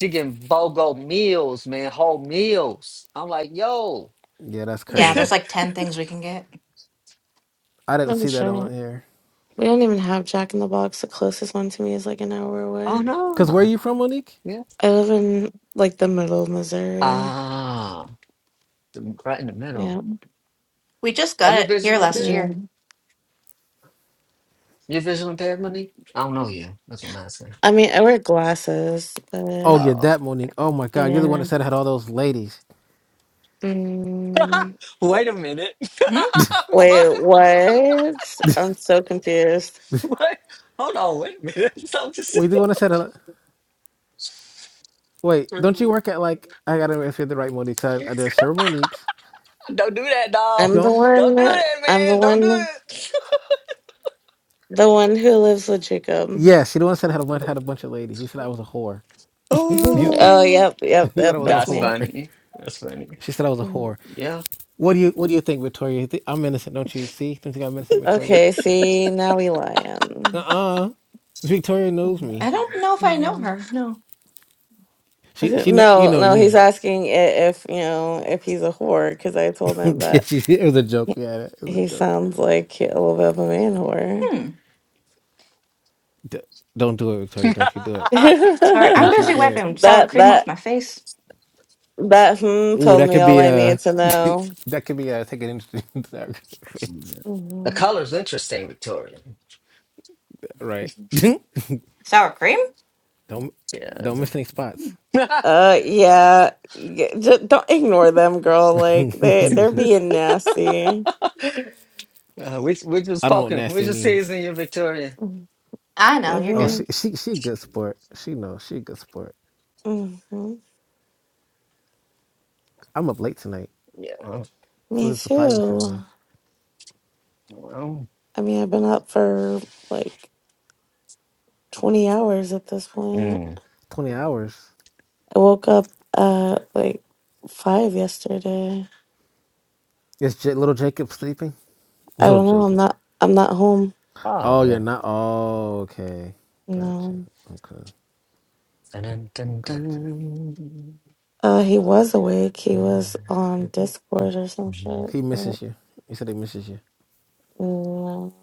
Speaker 2: She getting bogo meals, man, whole meals. I'm like, yo,
Speaker 3: Yeah, that's
Speaker 1: yeah.
Speaker 3: crazy.
Speaker 1: There's like ten things we can get.
Speaker 3: I didn't
Speaker 4: Oh
Speaker 3: see that
Speaker 4: shit.
Speaker 3: on here.
Speaker 4: We don't even have Jack in the Box. The closest one to me is like an hour
Speaker 2: oh
Speaker 4: away.
Speaker 3: Cause where are
Speaker 2: no,
Speaker 3: you from, Monique?
Speaker 2: yeah,
Speaker 4: I live in like the middle of Missouri.
Speaker 2: ah, right in the
Speaker 4: Yeah.
Speaker 2: middle.
Speaker 1: We just
Speaker 2: Are
Speaker 1: got
Speaker 2: you
Speaker 1: it here
Speaker 2: visually
Speaker 1: last
Speaker 2: impaired?
Speaker 4: Yeah.
Speaker 1: year.
Speaker 2: You visually impaired, money? I don't know you. That's what I'm asking.
Speaker 4: I mean, I wear glasses,
Speaker 3: Oh,
Speaker 4: but
Speaker 3: you're
Speaker 2: Oh.
Speaker 3: that Monique. Oh my God, you're the one that
Speaker 4: yeah.
Speaker 3: said I had all those ladies.
Speaker 4: Mm.
Speaker 2: wait a minute.
Speaker 1: Hmm?
Speaker 2: what?
Speaker 4: Wait, what? I'm so confused.
Speaker 2: What? Hold on. Wait a minute. So I'm just,
Speaker 3: Wait, the one that said, uh, wait, don't you work at like I gotta remember if you're the right Monique. I, there's several Moniques.
Speaker 2: don't do that, dog.
Speaker 4: I'm the
Speaker 3: Don't.
Speaker 2: Don't do
Speaker 4: one.
Speaker 2: that,
Speaker 4: I'm the
Speaker 2: man. Don't do
Speaker 4: one.
Speaker 2: it.
Speaker 4: The one who lives with Jacob.
Speaker 3: Yeah, she the one that said I had a bunch, had a bunch of ladies. He said I was a whore. you,
Speaker 4: oh,
Speaker 3: you
Speaker 2: Oh no.
Speaker 4: yep, yep,
Speaker 3: said
Speaker 4: yep.
Speaker 3: I was
Speaker 4: That's
Speaker 3: a
Speaker 2: That's
Speaker 4: me.
Speaker 3: whore.
Speaker 2: funny. That's funny.
Speaker 3: She said I was a
Speaker 4: Mm.
Speaker 3: whore.
Speaker 2: Yeah.
Speaker 3: What do you What do you think, Victoria? You thi- I'm innocent, don't you? See, don't you think I'm innocent, Victoria?
Speaker 4: Okay. See, now we
Speaker 3: Uh
Speaker 4: lying.
Speaker 3: uh Victoria knows
Speaker 1: I
Speaker 3: me.
Speaker 1: don't know if I know
Speaker 4: Mhm.
Speaker 1: her. No.
Speaker 3: She she know you
Speaker 4: No,
Speaker 3: know you
Speaker 4: no. He's
Speaker 3: need.
Speaker 4: asking i- if you know if he's a whore because I told him that
Speaker 3: it was a joke.
Speaker 4: he
Speaker 3: Yeah, it was a
Speaker 4: he
Speaker 3: joke.
Speaker 4: sounds like a little bit of a man whore.
Speaker 1: Hmm.
Speaker 3: D- don't do it, Victoria. Don't you do it.
Speaker 1: Sorry, I'm
Speaker 3: Don't
Speaker 4: that
Speaker 3: you
Speaker 1: busy
Speaker 3: do it.
Speaker 1: wiping sour cream
Speaker 4: that
Speaker 1: off my face.
Speaker 4: that hmm
Speaker 3: Ooh,
Speaker 4: told
Speaker 3: that
Speaker 4: me
Speaker 3: could
Speaker 4: all
Speaker 3: be
Speaker 4: I needed
Speaker 3: a.
Speaker 4: to know.
Speaker 3: that could be a take an interesting dark face.
Speaker 2: the
Speaker 4: Mhm.
Speaker 2: color's interesting, Victoria.
Speaker 3: Right.
Speaker 1: Sour cream?
Speaker 3: don't
Speaker 2: Yeah.
Speaker 3: don't miss any spots.
Speaker 4: Uh, yeah, just don't ignore them, girl. Like they they're being nasty.
Speaker 2: uh, which which was
Speaker 3: I don't know what
Speaker 2: poking? Which
Speaker 3: nasty
Speaker 2: was
Speaker 3: means.
Speaker 2: seasoning you, Victoria?
Speaker 4: Mm-hmm.
Speaker 1: I know you're
Speaker 3: Oh,
Speaker 1: good.
Speaker 3: she she she good sport. She knows she good sport.
Speaker 4: Mm-hmm.
Speaker 3: I'm up late tonight,
Speaker 2: Yeah.
Speaker 3: so
Speaker 4: Me
Speaker 3: it's surprising for
Speaker 4: too.
Speaker 3: me.
Speaker 2: Well,
Speaker 4: I mean, I've been up for like twenty hours at this point.
Speaker 2: Mm.
Speaker 3: Twenty hours.
Speaker 4: I woke up uh like five yesterday.
Speaker 3: Is J- little Jacob sleeping?
Speaker 4: I
Speaker 3: Little
Speaker 4: don't know. I'm
Speaker 3: Jacob.
Speaker 4: not. I'm not home.
Speaker 3: Oh,
Speaker 2: Oh,
Speaker 3: you're
Speaker 2: yeah.
Speaker 3: not. Oh, okay. Gotcha.
Speaker 4: No.
Speaker 3: Okay.
Speaker 2: Dun, dun,
Speaker 3: Gotcha.
Speaker 2: dun,
Speaker 4: Uh, he was awake. He was on Discord or some shit.
Speaker 3: He
Speaker 4: Mm,
Speaker 3: misses you. He said he misses you.
Speaker 4: No.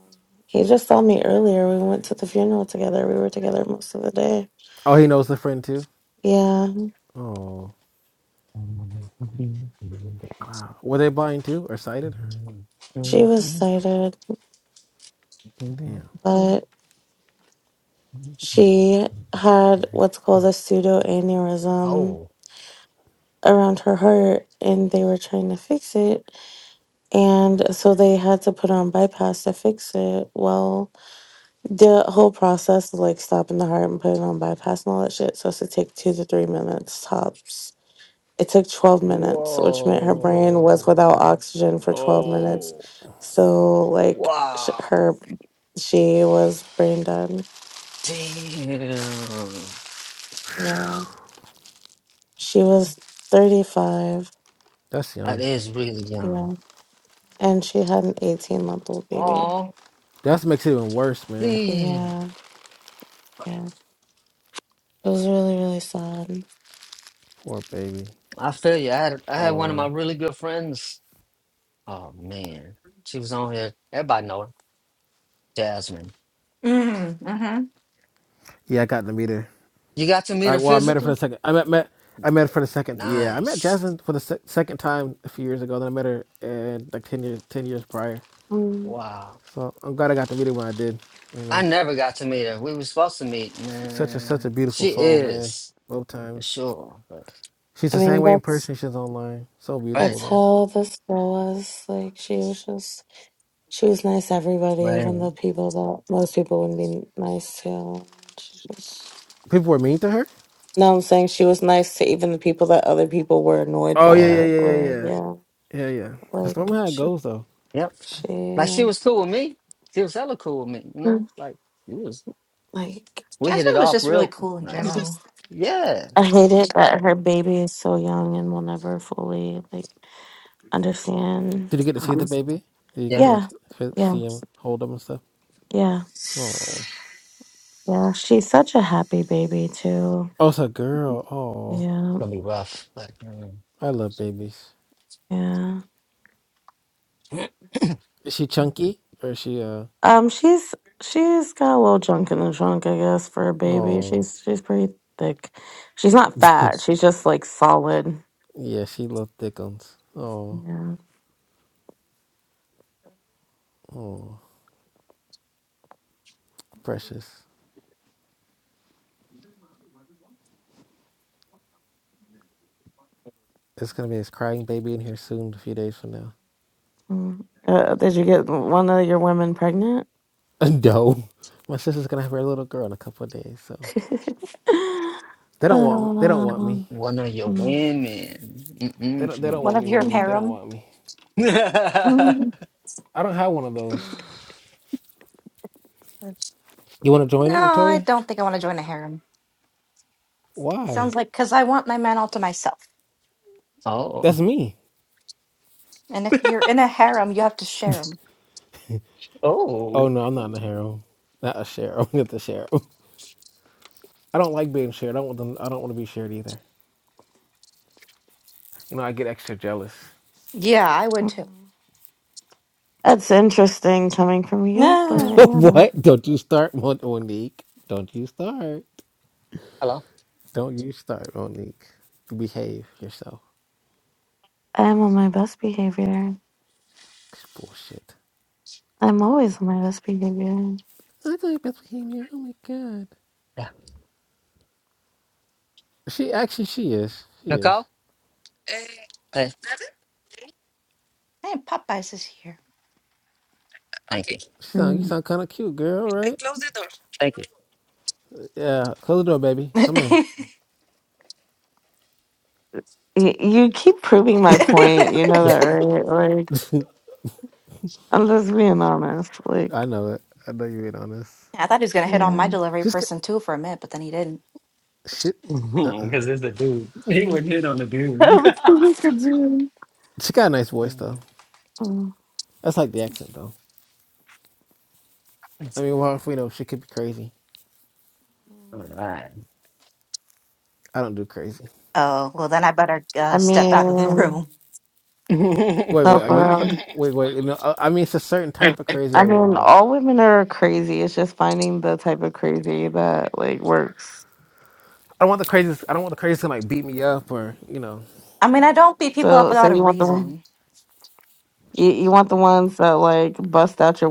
Speaker 4: He just saw me earlier. We went to the funeral together. We were together most of the day.
Speaker 3: Oh, he knows the friend too.
Speaker 4: Yeah,
Speaker 3: Oh, wow. Were they blind too or sighted?
Speaker 4: she was sighted,
Speaker 3: Damn.
Speaker 2: dun.
Speaker 4: but she had what's called a pseudo aneurysm
Speaker 2: Oh,
Speaker 4: around her heart, and they were trying to fix it. And so they had to put on bypass to fix it. Well, The whole process of like stopping the heart and putting on bypass and all that shit supposed to take two to three minutes tops. It took 12 minutes, which meant her brain was
Speaker 2: whoa.
Speaker 4: without oxygen for 12 minutes.
Speaker 3: Oh,
Speaker 4: So, like, sh-
Speaker 2: Wow.
Speaker 4: her, she was brain dead.
Speaker 2: Damn.
Speaker 4: Yeah. She was 35.
Speaker 3: that's
Speaker 2: That
Speaker 3: young.
Speaker 2: is really young.
Speaker 4: Yeah. And she had an 18 month old baby.
Speaker 2: Oh,
Speaker 3: That makes it even worse, man.
Speaker 2: damn.
Speaker 4: Yeah. Yeah. It was really, really sad.
Speaker 3: Poor baby.
Speaker 2: I feel you. I had, I had
Speaker 3: All
Speaker 2: one of my
Speaker 3: around.
Speaker 2: really good friends. Oh, man. She was on here. Everybody know her. Jasmine.
Speaker 1: Mm, mm-hmm.
Speaker 3: Yeah, I got to meet her.
Speaker 2: You got to meet
Speaker 3: I,
Speaker 2: her
Speaker 3: well, I met her for
Speaker 2: physically?
Speaker 3: the second. I met, met I met her for the second. Yeah, I met
Speaker 2: Nice.
Speaker 3: Jasmine for the se- second time a few years ago. Then I met her and like ten years ten years prior.
Speaker 4: Mm.
Speaker 2: Wow.
Speaker 3: So I'm glad I got to meet her when I did. You
Speaker 2: I
Speaker 3: know,
Speaker 2: never got to meet her. We were supposed to meet.
Speaker 3: S- such a such
Speaker 2: Nah,
Speaker 3: a beautiful
Speaker 2: she
Speaker 3: soul, man.
Speaker 2: is
Speaker 3: Both
Speaker 2: for
Speaker 3: times.
Speaker 2: sure. But
Speaker 3: She's
Speaker 4: I
Speaker 3: the
Speaker 4: mean,
Speaker 3: same way in
Speaker 4: that's,
Speaker 3: person. She's online. So
Speaker 2: right,
Speaker 3: beautiful
Speaker 4: that's
Speaker 3: though.
Speaker 4: how this girl was. Like, she was just She was nice to everybody,
Speaker 2: right,
Speaker 4: even the people that most people wouldn't be nice to. She just
Speaker 3: People were mean to her.
Speaker 4: no, I'm saying she was nice to even the people that other people were annoyed
Speaker 3: Oh
Speaker 4: by.
Speaker 3: yeah, yeah,
Speaker 2: yeah,
Speaker 4: Like,
Speaker 3: yeah, yeah,
Speaker 4: like,
Speaker 3: yeah.
Speaker 4: yeah,
Speaker 3: Yeah, yeah. That's
Speaker 4: like
Speaker 3: normally how it
Speaker 4: she,
Speaker 3: goes, though.
Speaker 2: yep. Like
Speaker 4: she,
Speaker 2: she was cool with me. She was hella cool with me. You know, like it was.
Speaker 4: like
Speaker 2: We hit it
Speaker 1: Jasmine was
Speaker 2: off
Speaker 1: just really
Speaker 2: real
Speaker 1: cool in
Speaker 4: I
Speaker 2: nice.
Speaker 1: general,
Speaker 4: just
Speaker 2: Yeah,
Speaker 4: I hate it that her baby is so young and will never fully like understand.
Speaker 3: Did you get to see
Speaker 4: Um,
Speaker 3: the baby? Did you get
Speaker 2: yeah.
Speaker 3: to
Speaker 2: It's
Speaker 3: like
Speaker 4: yeah,
Speaker 3: f-
Speaker 4: yeah,
Speaker 3: see him, hold him, and stuff?
Speaker 4: yeah,
Speaker 3: Oh,
Speaker 4: yeah. She's such a happy baby too.
Speaker 3: oh, it's a girl. Oh,
Speaker 4: Yeah,
Speaker 2: gonna be rough, but mm,
Speaker 3: I love babies.
Speaker 4: yeah.
Speaker 3: Is she chunky or is she uh?
Speaker 4: Um, she's she's got a little junk in the trunk, I guess, for a baby.
Speaker 3: Oh,
Speaker 4: She's she's pretty thick. She's not fat. She's just like solid.
Speaker 3: yeah, she loves thick ones. Oh,
Speaker 4: Yeah.
Speaker 3: oh, precious. It's gonna be this crying baby in here soon, a few days from now.
Speaker 4: Mm. Uh, did you get one of your women pregnant?
Speaker 3: no, my sister's gonna have her little girl in a couple of days, so
Speaker 4: um,
Speaker 3: they don't want me. They don't want me.
Speaker 2: one of your
Speaker 4: mm, mm,
Speaker 2: women.
Speaker 3: They don't. They don't
Speaker 2: Mm-mm-mm.
Speaker 3: want me, Monique. They don't want me.
Speaker 4: mm,
Speaker 3: I don't have one of those. You want to join it, Victoria? Why?
Speaker 1: and all to myself.
Speaker 3: That's
Speaker 2: oh,
Speaker 3: me.
Speaker 1: And if you're in a harem, you have to share them.
Speaker 3: Oh
Speaker 2: oh.
Speaker 3: no, I'm not in the harem. Not a share. I'm not the share. I don't like being shared. I don't want them, I don't want to be shared either. You know, I get extra jealous.
Speaker 1: Yeah, I would too.
Speaker 4: mm. that's interesting coming from you, but
Speaker 1: No.
Speaker 4: I don't know.
Speaker 3: what? Don't you start, Mon- Monique. Don't you start.
Speaker 2: Hello.
Speaker 3: Don't you start, Monique. Behave yourself.
Speaker 4: I'm on my best behavior.
Speaker 3: It's bullshit.
Speaker 4: I'm always on my best behavior.
Speaker 3: I thought you best became Oh my god.
Speaker 2: Yeah.
Speaker 3: She actually she is. She is.
Speaker 2: Nicole. Hey.
Speaker 1: Hey, popcorn.
Speaker 2: Thank you.
Speaker 3: She sound you
Speaker 4: Mm.
Speaker 3: sound kinda cute, girl, right?
Speaker 2: Thank you.
Speaker 3: Yeah. Close the door, baby. Come in.
Speaker 4: Y- You keep proving my point. You know that, right? Like, I'm just being honest. Like,
Speaker 3: I know it. I know you ain't honest.
Speaker 1: I thought he was going to hit on my
Speaker 4: yeah.
Speaker 1: delivery
Speaker 3: She's good.
Speaker 1: person too for a minute, but then he didn't.
Speaker 3: Shit.
Speaker 2: Because it's a dude. He would hit on the dude.
Speaker 4: we still just could do
Speaker 3: She got a nice voice though.
Speaker 4: it. Mhm.
Speaker 3: That's like the accent though. I mean, well, if we know she could be crazy.
Speaker 2: Alright.
Speaker 3: I don't do crazy.
Speaker 1: Oh, well, then I better
Speaker 4: I
Speaker 1: uh, step out of the
Speaker 4: mean,
Speaker 1: room.
Speaker 3: Wait,
Speaker 4: no,
Speaker 3: wait, are
Speaker 4: for
Speaker 3: you?
Speaker 4: real.
Speaker 3: Wait, wait. No, I, I mean it's a certain type of crazy
Speaker 4: I
Speaker 3: I won't
Speaker 4: mean,
Speaker 3: do.
Speaker 4: all women are crazy. It's just finding the type of crazy that like works.
Speaker 3: I don't want the craziest. I don't want the craziest to like beat me up or you know.
Speaker 1: I mean, I don't beat people up
Speaker 4: So,
Speaker 1: without
Speaker 4: so
Speaker 1: a
Speaker 4: you want the one
Speaker 1: reason.
Speaker 4: you, you want the ones that like bust out your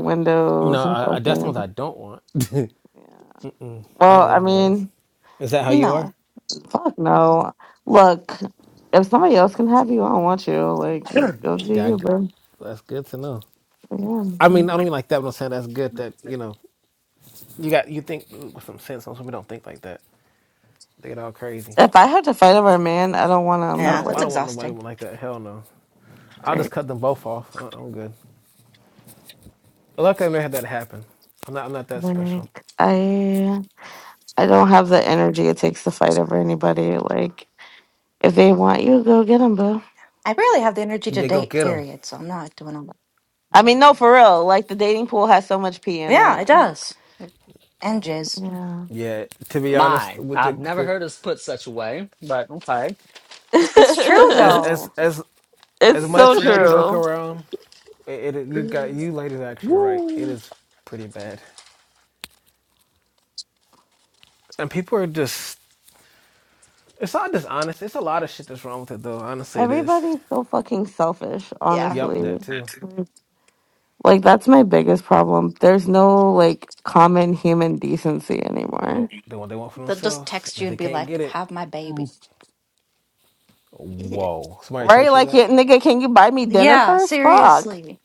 Speaker 3: No,
Speaker 4: windows and
Speaker 3: I, I, that's the
Speaker 4: fucking.
Speaker 3: ones I don't want.
Speaker 4: Yeah.
Speaker 3: I
Speaker 4: Well,
Speaker 3: don't
Speaker 4: I
Speaker 3: want those.
Speaker 4: mean,
Speaker 3: Is that how you are?
Speaker 1: No.
Speaker 4: fuck no. Look, if somebody else can have you, I don't want you. Like, go do
Speaker 3: Yeah, I
Speaker 4: you,
Speaker 3: get-
Speaker 4: bro.
Speaker 3: that's good to know. I
Speaker 4: Yeah.
Speaker 3: mean, I don't mean like that. But I'm saying that's good that you know you got you think with some sense. Some people don't think like that. They get all crazy.
Speaker 4: If I had to fight over a man, I don't want
Speaker 3: I
Speaker 4: him
Speaker 1: Yeah,
Speaker 3: don't.
Speaker 1: that's
Speaker 3: I don't
Speaker 4: like
Speaker 3: want nobody
Speaker 1: exhausting.
Speaker 3: like that. Hell no. I'll just
Speaker 4: right.
Speaker 3: cut them both off. I- I'm good. Luckily, I never had that happen. I'm not. I'm not that special.
Speaker 4: Like I I don't have the energy it takes to fight over anybody. Like if they want you, go get them, boo.
Speaker 1: I barely have the energy to
Speaker 3: Yeah, go
Speaker 1: date,
Speaker 3: get them.
Speaker 1: period, so I'm not doing all that.
Speaker 4: I mean, no, for real. Like the dating pool has so much pee in
Speaker 1: Yeah, it
Speaker 4: it.
Speaker 1: does. And jizz.
Speaker 4: Yeah,
Speaker 3: Yeah. To be
Speaker 2: My
Speaker 3: honest, with the to,
Speaker 2: put such a way, but okay.
Speaker 1: It's true,
Speaker 3: as
Speaker 4: it's
Speaker 3: as
Speaker 1: though.
Speaker 3: as as
Speaker 4: so
Speaker 3: much as I joke
Speaker 4: true.
Speaker 3: around, it, it you got you ladies are actually right. It is pretty bad, and people are just. It's not dishonest. It's a lot of shit that's wrong with it, though. Honestly, it is.
Speaker 4: Everybody's so fucking selfish,
Speaker 1: Yeah.
Speaker 3: Yep,
Speaker 4: honestly.
Speaker 3: that too.
Speaker 4: Like that's my biggest problem. There's no like common human decency anymore.
Speaker 3: Nope. They want they want for
Speaker 1: They'll just
Speaker 3: themselves,
Speaker 1: text
Speaker 3: and
Speaker 1: you
Speaker 3: if
Speaker 1: and
Speaker 3: they
Speaker 1: be
Speaker 3: can't
Speaker 1: like,
Speaker 3: get it,
Speaker 1: have my baby.
Speaker 2: Mm.
Speaker 1: Yeah,
Speaker 3: whoa. Somebody
Speaker 4: Right?
Speaker 3: text you
Speaker 4: Like,
Speaker 3: that.
Speaker 4: yeah, nigga, can you buy me dinner
Speaker 1: Yeah,
Speaker 4: first? Fuck.
Speaker 1: seriously.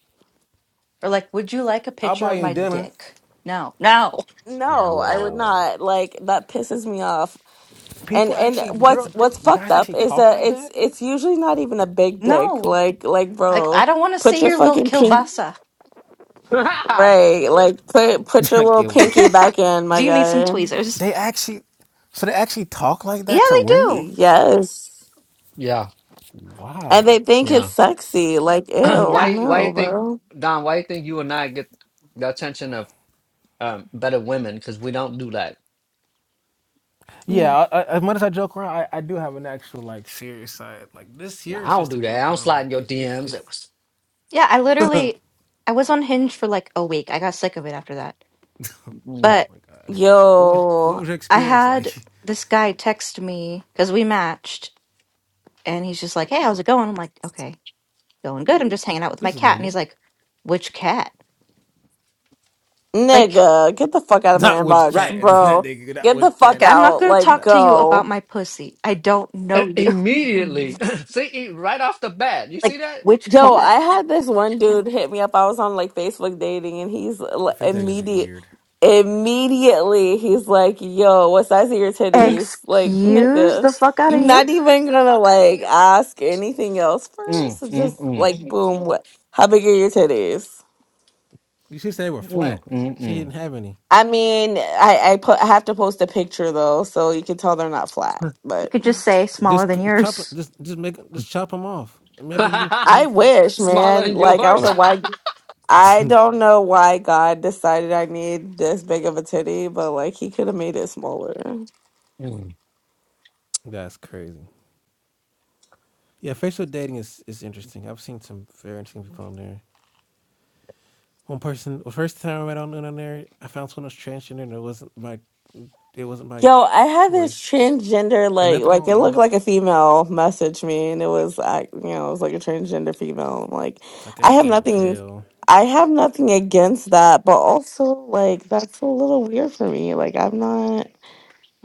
Speaker 1: Or like, would you like a
Speaker 3: I'll
Speaker 1: picture
Speaker 3: buy
Speaker 1: of
Speaker 3: you
Speaker 1: my
Speaker 3: dinner.
Speaker 1: dick? No. No.
Speaker 4: No, I would
Speaker 3: Whoa.
Speaker 4: not. Like that pisses me off. And
Speaker 3: People
Speaker 4: and
Speaker 3: actually,
Speaker 4: what's
Speaker 3: girl,
Speaker 4: what's fucked
Speaker 3: guys
Speaker 4: up
Speaker 3: actually
Speaker 4: is
Speaker 3: talk
Speaker 4: that
Speaker 3: like
Speaker 4: it's
Speaker 3: that.
Speaker 4: it's usually not even a big dick.
Speaker 1: No.
Speaker 4: Like like
Speaker 1: Like,
Speaker 4: bro,
Speaker 1: I don't want to
Speaker 4: put
Speaker 1: see
Speaker 4: your
Speaker 1: your little
Speaker 4: fucking pink
Speaker 1: kielbasa.
Speaker 4: right. Like put put your
Speaker 3: I
Speaker 4: little
Speaker 3: can't watch
Speaker 4: pinky
Speaker 3: this.
Speaker 4: back in,
Speaker 1: Do
Speaker 4: my
Speaker 1: you need some
Speaker 4: guy.
Speaker 1: tweezers?
Speaker 3: They actually, so they actually talk like
Speaker 1: Yeah,
Speaker 3: that to
Speaker 1: they
Speaker 3: women.
Speaker 1: do.
Speaker 4: Yes.
Speaker 2: yeah,
Speaker 4: And they
Speaker 3: Wow.
Speaker 4: think it's
Speaker 2: yeah.
Speaker 4: sexy. Like ew,
Speaker 1: Yeah.
Speaker 2: why why you
Speaker 4: no,
Speaker 2: think
Speaker 4: bro.
Speaker 2: Don, why you think you and I get the attention of um better women? Because we don't do that.
Speaker 3: Yeah, I, I, as much as I joke around, I, I do have an actual like serious side. Like this
Speaker 2: No,
Speaker 3: here
Speaker 2: I
Speaker 3: is
Speaker 2: don't
Speaker 3: just a
Speaker 2: do that. I
Speaker 3: joke
Speaker 2: don't
Speaker 3: around,
Speaker 2: slide
Speaker 3: but
Speaker 2: in your
Speaker 3: it, it's
Speaker 2: DMs.
Speaker 3: it's.
Speaker 2: It was
Speaker 1: Yeah, I literally, I was on Hinge for like a week. I got sick of it after that.
Speaker 2: mm.
Speaker 3: Oh
Speaker 1: But
Speaker 3: my god, what was what
Speaker 4: Yo,
Speaker 3: was your
Speaker 1: I
Speaker 3: experience like?
Speaker 1: had this guy text me because we matched, and he's just like, "Hey, how's it going?" I'm like, "Okay, going good. I'm just hanging out with my
Speaker 3: This is
Speaker 1: cat." And he's
Speaker 3: normal.
Speaker 1: like, "Which cat?" Like,
Speaker 4: nigga, get the fuck out of my
Speaker 3: Not which
Speaker 4: inbox,
Speaker 3: cat
Speaker 2: right.
Speaker 3: is that
Speaker 4: bro.
Speaker 3: nigga. Not
Speaker 4: Get the
Speaker 3: which cat
Speaker 4: fuck
Speaker 1: like
Speaker 3: is.
Speaker 1: I'm not
Speaker 4: out.
Speaker 1: gonna
Speaker 4: Like
Speaker 1: talk
Speaker 3: Not,
Speaker 1: to you about
Speaker 4: go.
Speaker 1: my pussy. I don't
Speaker 2: I-
Speaker 1: know you.
Speaker 2: Immediately, see, e- right off the bat, you see that?
Speaker 4: Joe, I had this one dude hit me up. I was on like Facebook dating, and he's l-
Speaker 3: your fish dating is
Speaker 4: immediate.
Speaker 3: weird.
Speaker 4: Immediately, he's like, "Yo, what size are your titties?" Like,
Speaker 1: Excuse
Speaker 4: nigga,
Speaker 1: the fuck out
Speaker 4: you
Speaker 1: of you.
Speaker 4: not even gonna like ask anything else
Speaker 2: Mm,
Speaker 4: first.
Speaker 2: mm,
Speaker 4: Just
Speaker 2: mm,
Speaker 4: like, boom, what? How big are your titties?
Speaker 3: You should say they were flat. She
Speaker 2: mm,
Speaker 3: didn't
Speaker 2: mm,
Speaker 3: have any.
Speaker 4: I mean, I I put I have to post a picture though, so you can tell they're not flat.
Speaker 1: You
Speaker 4: But
Speaker 1: could just say smaller
Speaker 3: Just
Speaker 1: than
Speaker 3: c- chop it.
Speaker 1: yours.
Speaker 3: Just just make just chop them off. Make 'em- you can,
Speaker 2: mm.
Speaker 3: you
Speaker 4: I wish,
Speaker 2: Smaller
Speaker 4: man.
Speaker 2: than
Speaker 4: Like, I don't
Speaker 2: yours,
Speaker 4: know why I
Speaker 3: can see.
Speaker 4: don't know why God decided I need this big of a titty, but like he could have made it smaller.
Speaker 2: Mm.
Speaker 3: That's crazy. Yeah, Facebook dating is is interesting. I've seen some very interesting people on there. One person, the first time I met on on there, I found someone who was transgender, and it wasn't my it wasn't my
Speaker 4: Yo, I had this
Speaker 3: choice.
Speaker 4: transgender
Speaker 3: And
Speaker 4: like
Speaker 3: nothing
Speaker 4: like
Speaker 3: wrong
Speaker 4: it
Speaker 3: with
Speaker 4: looked
Speaker 3: them.
Speaker 4: like a female message me and it was I you know, it was like a transgender female. I'm like
Speaker 3: It's like I
Speaker 4: I
Speaker 3: just
Speaker 4: have
Speaker 3: got out of
Speaker 4: nothing
Speaker 3: jail.
Speaker 4: I have nothing against that, but also like that's a little weird for me. Like I'm not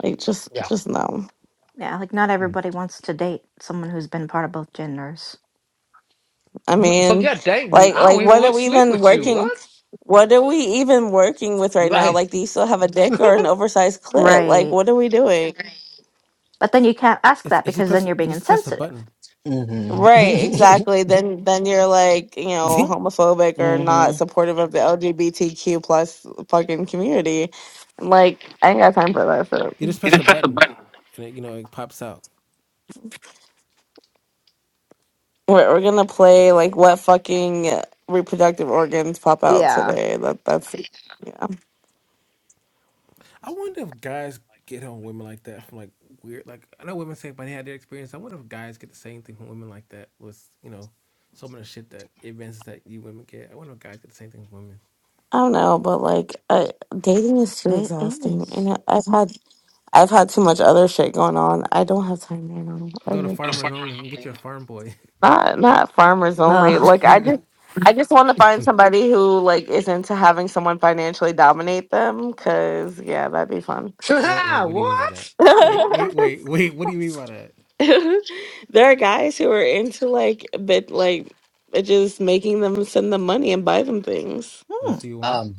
Speaker 4: like just just no.
Speaker 1: Yeah, like not everybody wants to date someone who's been part of both genders.
Speaker 4: I mean, like like what are we even working what are we even working with right now?
Speaker 2: right?
Speaker 4: Like do you still have a dick or an oversized clit? Like
Speaker 1: Right.
Speaker 4: what are we doing?
Speaker 1: But then you can't ask
Speaker 3: It's,
Speaker 1: that
Speaker 3: it's just
Speaker 1: because then
Speaker 3: press
Speaker 1: you're
Speaker 3: you
Speaker 1: being
Speaker 3: just press a
Speaker 1: insensitive.
Speaker 3: button.
Speaker 4: Right,
Speaker 2: Mm-hmm.
Speaker 4: exactly. Then then you're like, you know,
Speaker 3: you
Speaker 4: homophobic or not supportive of the LGBTQ plus fucking community. Like, I ain't got time for that shit.
Speaker 3: just press a button, and it, you know it pops out.
Speaker 4: We're, we're gonna play like what fucking reproductive organs pop out
Speaker 1: Yeah.
Speaker 4: today. That that's yeah.
Speaker 3: I wonder if guys get on women like that from like weird. Like I know women say when they had their experience. I wonder if guys get the same thing from women like that. Was you know some of the shit that events that you women get. I wonder if guys get the same thing from women.
Speaker 4: I don't know, but like I, dating is too
Speaker 1: It
Speaker 4: exhausting,
Speaker 1: is.
Speaker 4: and I, I've had I've had too much other shit going on. I don't have time right now. I
Speaker 3: Go to
Speaker 4: mean,
Speaker 3: farmers only and get your farm boy.
Speaker 4: Not not farmers only. Like I
Speaker 3: wait,
Speaker 4: just I just want to find somebody who like is into having someone financially dominate them cuz yeah, that'd be fun.
Speaker 3: wait.
Speaker 2: mm-hmm.
Speaker 3: What do you mean by that?
Speaker 2: what?
Speaker 3: Wait, wait, wait, wait. What do you mean by that?
Speaker 4: there are guys who are into like bit like just making them send them money and buy them things.
Speaker 3: That's what you want?
Speaker 2: Um.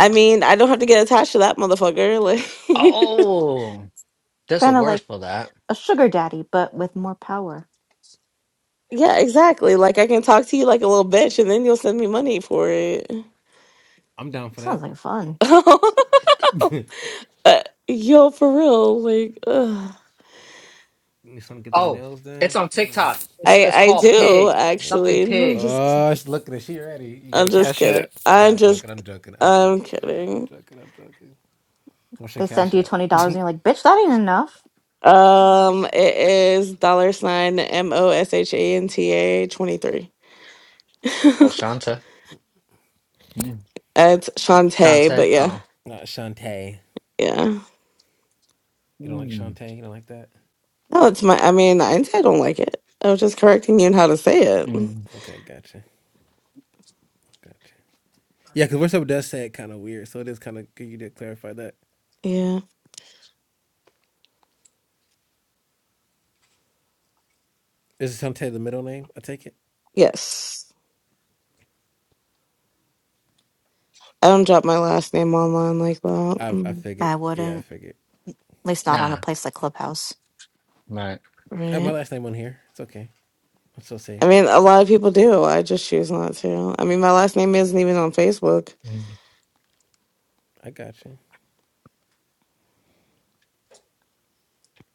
Speaker 4: I mean, I don't have to get attached to that motherfucker like
Speaker 2: Oh, there's a word for that.
Speaker 1: a sugar daddy, but with more power.
Speaker 4: Yeah, exactly. Like I can talk to you like a little bitch and then you'll send me money for it.
Speaker 3: I'm down for that.
Speaker 1: And
Speaker 2: Pig.
Speaker 4: Uh, Yo, for real, like ugh.
Speaker 3: you just trying to get them
Speaker 2: Oh,
Speaker 3: nails
Speaker 2: it's
Speaker 3: done.
Speaker 2: on
Speaker 3: I do
Speaker 2: TikTok. It's
Speaker 4: I
Speaker 2: it's
Speaker 4: I
Speaker 2: called
Speaker 4: do
Speaker 2: pig. Something
Speaker 4: actually. No, I'm
Speaker 2: pig.
Speaker 4: just kid-
Speaker 3: Oh, uh, she's looking at she ready. You got
Speaker 4: I'm
Speaker 3: a
Speaker 4: just
Speaker 3: cash
Speaker 4: kidding.
Speaker 3: app? Nah,
Speaker 4: I'm
Speaker 3: I'm
Speaker 4: just
Speaker 3: joking. I'm joking. I'm
Speaker 4: I'm
Speaker 3: joking. I got. I'm
Speaker 4: kidding.
Speaker 3: joking. I'm joking. What's your
Speaker 1: they send
Speaker 3: cash
Speaker 1: you
Speaker 3: app?
Speaker 1: twenty dollars, and you're like, "Bitch, that ain't enough."
Speaker 4: Um, it is dollar sign M O S H A N T A twenty three.
Speaker 2: Oh, Shante. Mm.
Speaker 4: It's Shantae,
Speaker 2: Shante.
Speaker 4: but yeah,
Speaker 2: Oh.
Speaker 3: Not Shantae.
Speaker 4: yeah.
Speaker 3: You don't like
Speaker 2: Mm.
Speaker 3: Shantae? You don't like that?
Speaker 4: No, it's my. I mean, I I don't like it. I was just correcting you on how to say it.
Speaker 2: Mm.
Speaker 3: Okay, gotcha. Gotcha. Yeah, because worship does say it kind of weird, so it is kind of good you did clarify that.
Speaker 4: Yeah.
Speaker 3: Is Shantae the middle name? I take it.
Speaker 4: Yes. I don't drop my last name online like that.
Speaker 3: I I
Speaker 4: Mm,
Speaker 3: figured.
Speaker 1: I
Speaker 3: Yeah,
Speaker 1: wouldn't,
Speaker 3: I figured.
Speaker 1: at least not on a
Speaker 2: Nah.
Speaker 1: place like Clubhouse.
Speaker 2: Right.
Speaker 3: I have
Speaker 4: Right.
Speaker 3: my last name on here. It's okay. I'm so
Speaker 4: I
Speaker 3: safe.
Speaker 4: mean, a lot of people do. I just choose not to. I mean, my last name isn't even on Facebook.
Speaker 2: Mm.
Speaker 3: I got you.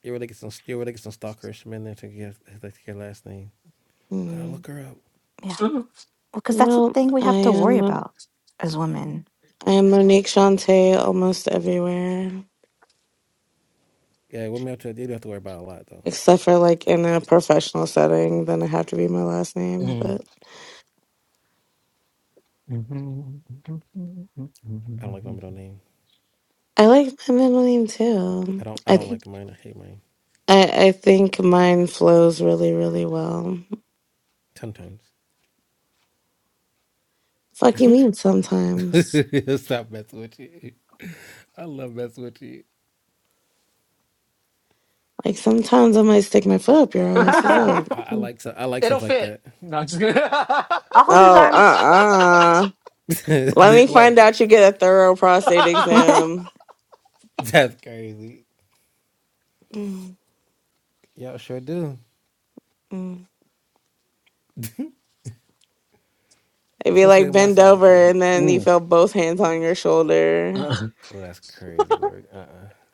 Speaker 3: You really get some. You really get some stalkerish men there to get like your last name. Gotta
Speaker 4: Hmm.
Speaker 3: look her up.
Speaker 1: Yeah, well, because that's the
Speaker 4: No,
Speaker 1: thing we
Speaker 4: I
Speaker 1: have
Speaker 4: am.
Speaker 1: about as women.
Speaker 4: I am Monique Shante almost everywhere,
Speaker 3: Yeah, women have to. You do have to worry about a lot though.
Speaker 4: except for like in a professional setting. Then I have to be my last name. But
Speaker 2: Mm.
Speaker 3: I don't like my middle name.
Speaker 4: I like my middle name
Speaker 3: I
Speaker 4: too.
Speaker 3: don't. I
Speaker 4: I
Speaker 3: don't
Speaker 4: th-
Speaker 3: like mine. I hate mine.
Speaker 4: I, I think mine flows really, really well.
Speaker 3: Ten times.
Speaker 4: Fuck you mean sometimes?
Speaker 3: Stop messing with you. I love messing with you.
Speaker 4: Like sometimes I might stick my foot up your ass. What's up?
Speaker 3: I, I like so I like
Speaker 2: It'll
Speaker 3: stuff like
Speaker 2: fit.
Speaker 3: that.
Speaker 4: Oh, uh uh Let
Speaker 3: The-
Speaker 4: me find
Speaker 3: Wait,
Speaker 4: out you get a thorough prostate exam.
Speaker 3: that's crazy.
Speaker 4: Mm,
Speaker 3: Y'all sure do.
Speaker 4: mm. It'd
Speaker 3: You're
Speaker 4: be
Speaker 3: supposed to be
Speaker 4: like
Speaker 3: on my
Speaker 4: bend
Speaker 3: side,
Speaker 4: over
Speaker 3: P.
Speaker 4: and then you
Speaker 2: Mm.
Speaker 4: feel both hands on your shoulder.
Speaker 2: Uh,
Speaker 3: Oh, that's crazy work. Uh, uh-uh. uh.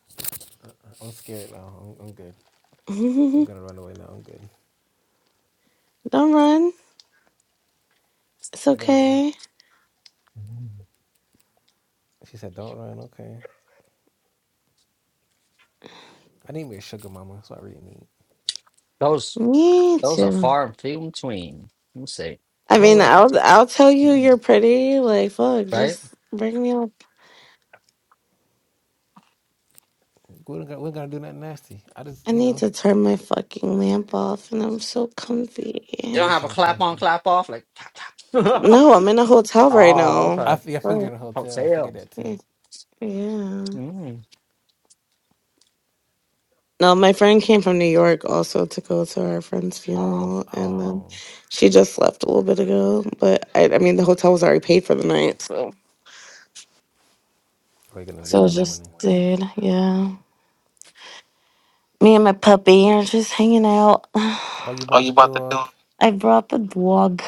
Speaker 3: I'm scared now. I'm, I'm good. I'm
Speaker 4: Don't
Speaker 3: gonna run away now. I'm good.
Speaker 4: run. It's
Speaker 3: I gotta run.
Speaker 4: okay.
Speaker 3: She said, "Don't run." Okay. I need me a sugar mama. That's what I really need.
Speaker 2: Those
Speaker 4: Me
Speaker 2: those are
Speaker 4: too.
Speaker 2: far and few in between. Let me see.
Speaker 4: I
Speaker 3: Don't
Speaker 4: mean,
Speaker 3: worry. If I,
Speaker 4: I'll I'll tell you you're pretty. Like, fuck,
Speaker 2: Right.
Speaker 4: just bring me up.
Speaker 3: we are not gotta, we are going to do nothing nasty. I just,
Speaker 4: I
Speaker 3: you
Speaker 4: need
Speaker 3: know,
Speaker 4: to turn my fucking lamp off, and I'm so
Speaker 2: You
Speaker 3: you
Speaker 4: comfy.
Speaker 2: don't
Speaker 3: do
Speaker 2: have a
Speaker 3: something
Speaker 2: clap on,
Speaker 3: comfy.
Speaker 2: clap off, like clap, clap.
Speaker 4: No, I'm in a hotel right now.
Speaker 3: I,
Speaker 2: For
Speaker 3: fi- I figured you're
Speaker 4: What?
Speaker 3: in a hotel. I figured that too.
Speaker 4: Yeah.
Speaker 2: Mm.
Speaker 4: No, my friend came from New York also to go to her friend's
Speaker 2: Oh, wow.
Speaker 4: funeral, and then
Speaker 3: Oh,
Speaker 4: she just left a little bit ago. But I, I mean, the hotel was already paid for the night, so
Speaker 3: we're gonna
Speaker 4: so
Speaker 3: leave
Speaker 4: it
Speaker 3: in the
Speaker 4: just
Speaker 3: morning.
Speaker 4: did yeah. Me and my puppy are just hanging out.
Speaker 3: Oh, you bought the dog?
Speaker 4: I brought the dog.